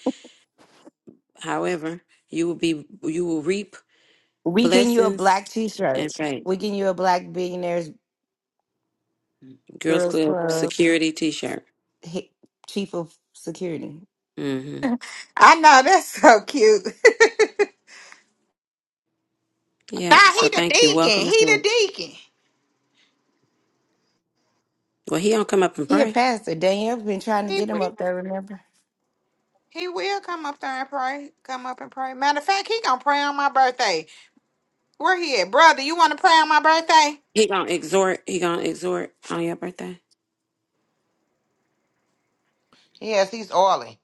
Speaker 6: However, you will be you will reap
Speaker 5: We getting you a
Speaker 6: blessings
Speaker 5: black t-shirt.
Speaker 6: and fame.
Speaker 5: We getting you a black billionaires
Speaker 6: Girls
Speaker 5: girls
Speaker 6: Club
Speaker 5: club.
Speaker 6: security T-shirt.
Speaker 5: he, chief of security.
Speaker 6: hmm
Speaker 2: I know that's so cute. nah, he
Speaker 6: Yeah. So
Speaker 2: the
Speaker 6: thank you.
Speaker 2: deacon.
Speaker 6: Welcome aboard.
Speaker 2: He
Speaker 6: Well, he don't come up and
Speaker 5: He a
Speaker 6: pray.
Speaker 5: pastor. Danielle been trying to
Speaker 2: the
Speaker 5: get him
Speaker 2: deacon.
Speaker 5: up there. Remember,
Speaker 2: He will come up there and pray. Come up and pray. Matter of fact, he gonna pray on my birthday. Where he at, brother? You want to pray on my birthday?
Speaker 6: He gonna exhort. He gonna exhort on your birthday.
Speaker 4: Yes, he's oily.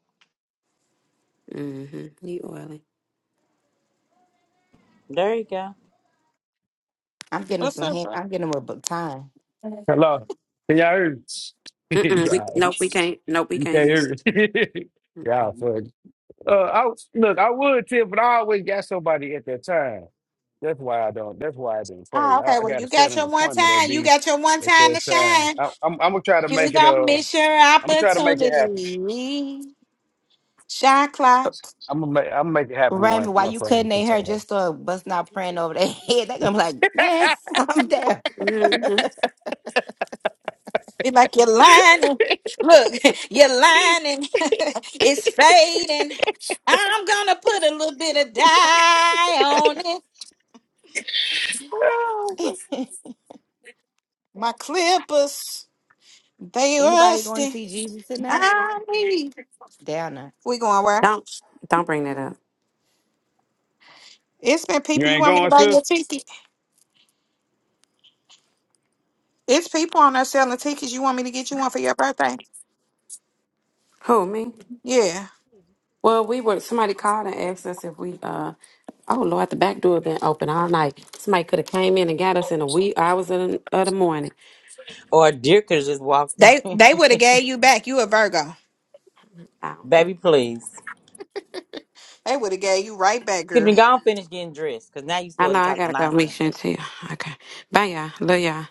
Speaker 6: hmm You oily.
Speaker 3: There you go.
Speaker 5: I'm getting him
Speaker 2: What's
Speaker 5: some.
Speaker 2: up,
Speaker 5: Hand,
Speaker 2: bro?
Speaker 5: I'm getting him a book time.
Speaker 22: Hello. Can y'all hear me?
Speaker 6: Mm-mm, we, nope, we
Speaker 22: Guys,
Speaker 6: can't. Nope, we
Speaker 22: you
Speaker 6: can't
Speaker 22: can't
Speaker 6: hear
Speaker 22: hear me. Y'all,
Speaker 6: you.
Speaker 22: funny. Uh, I was- look, I would tip, but I always got somebody at that time. That's why I don't. That's why I didn't pray.
Speaker 2: Oh, okay.
Speaker 22: I, I
Speaker 2: Well,
Speaker 22: got to
Speaker 2: you
Speaker 22: set
Speaker 2: got
Speaker 22: an
Speaker 2: your one
Speaker 22: appointment at
Speaker 2: time. You
Speaker 22: be
Speaker 2: got your one
Speaker 22: at
Speaker 2: time to
Speaker 22: that time.
Speaker 2: shine.
Speaker 22: I, I'm, I'm gonna try to
Speaker 2: You
Speaker 22: make it.
Speaker 2: don't
Speaker 22: Uh,
Speaker 2: miss your
Speaker 22: I'm gonna try to make it happen.
Speaker 2: opportunity. Shot clock.
Speaker 22: I'm gonna make. I'm gonna make it happen one
Speaker 5: Raymond, why
Speaker 22: one
Speaker 5: you
Speaker 22: Friday
Speaker 5: cutting
Speaker 22: for
Speaker 5: their hair
Speaker 22: sure.
Speaker 5: just so bust not praying over their head? They gonna be like, man, I'm down.
Speaker 6: Mm-mm.
Speaker 2: Be like you're lying. Look, you're lying. it's fading. I'm gonna put a little bit of dye on it. My clippers, they
Speaker 5: Anybody going to
Speaker 2: rusty.
Speaker 5: see Jesus tonight?
Speaker 2: Aye.
Speaker 5: Down.
Speaker 2: We going where?
Speaker 6: Don't don't bring that up.
Speaker 2: It's been
Speaker 22: You
Speaker 2: people. You
Speaker 22: ain't
Speaker 2: want me to
Speaker 22: going,
Speaker 2: buy
Speaker 22: sis?
Speaker 2: your ticket? It's people on there selling tickets. You want me to get you one for your birthday?
Speaker 6: Who me?
Speaker 2: Yeah.
Speaker 6: Well, we were somebody called and asked us if we uh oh Lord, the back door been open all night. Somebody could have came in and got us in a wee hours of the, of the morning.
Speaker 3: Or Dirkers just walked in.
Speaker 2: They they would have gave you back. You a Virgo.
Speaker 6: I don't care.
Speaker 3: Baby, please.
Speaker 2: They would have gave you right back,
Speaker 3: Excuse me,
Speaker 2: girl.
Speaker 3: go on finish getting dressed because now you
Speaker 6: I know
Speaker 3: starting to
Speaker 6: I
Speaker 3: talk
Speaker 6: gotta go meet
Speaker 3: nonsense.
Speaker 6: Chantel. Okay. Bye y'all. Love y'all.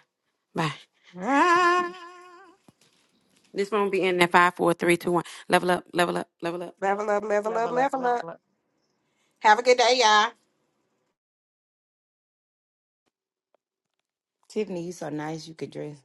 Speaker 6: Bye.
Speaker 2: Ah.
Speaker 6: This won't be in that five, four, three, two, one. Level up, level up, level up.
Speaker 2: Level up, level up,
Speaker 8: Level up,
Speaker 2: level
Speaker 8: level
Speaker 2: up.
Speaker 8: up.
Speaker 2: Have a good day, y'all.
Speaker 5: Tiffany, you so nice. You could dress.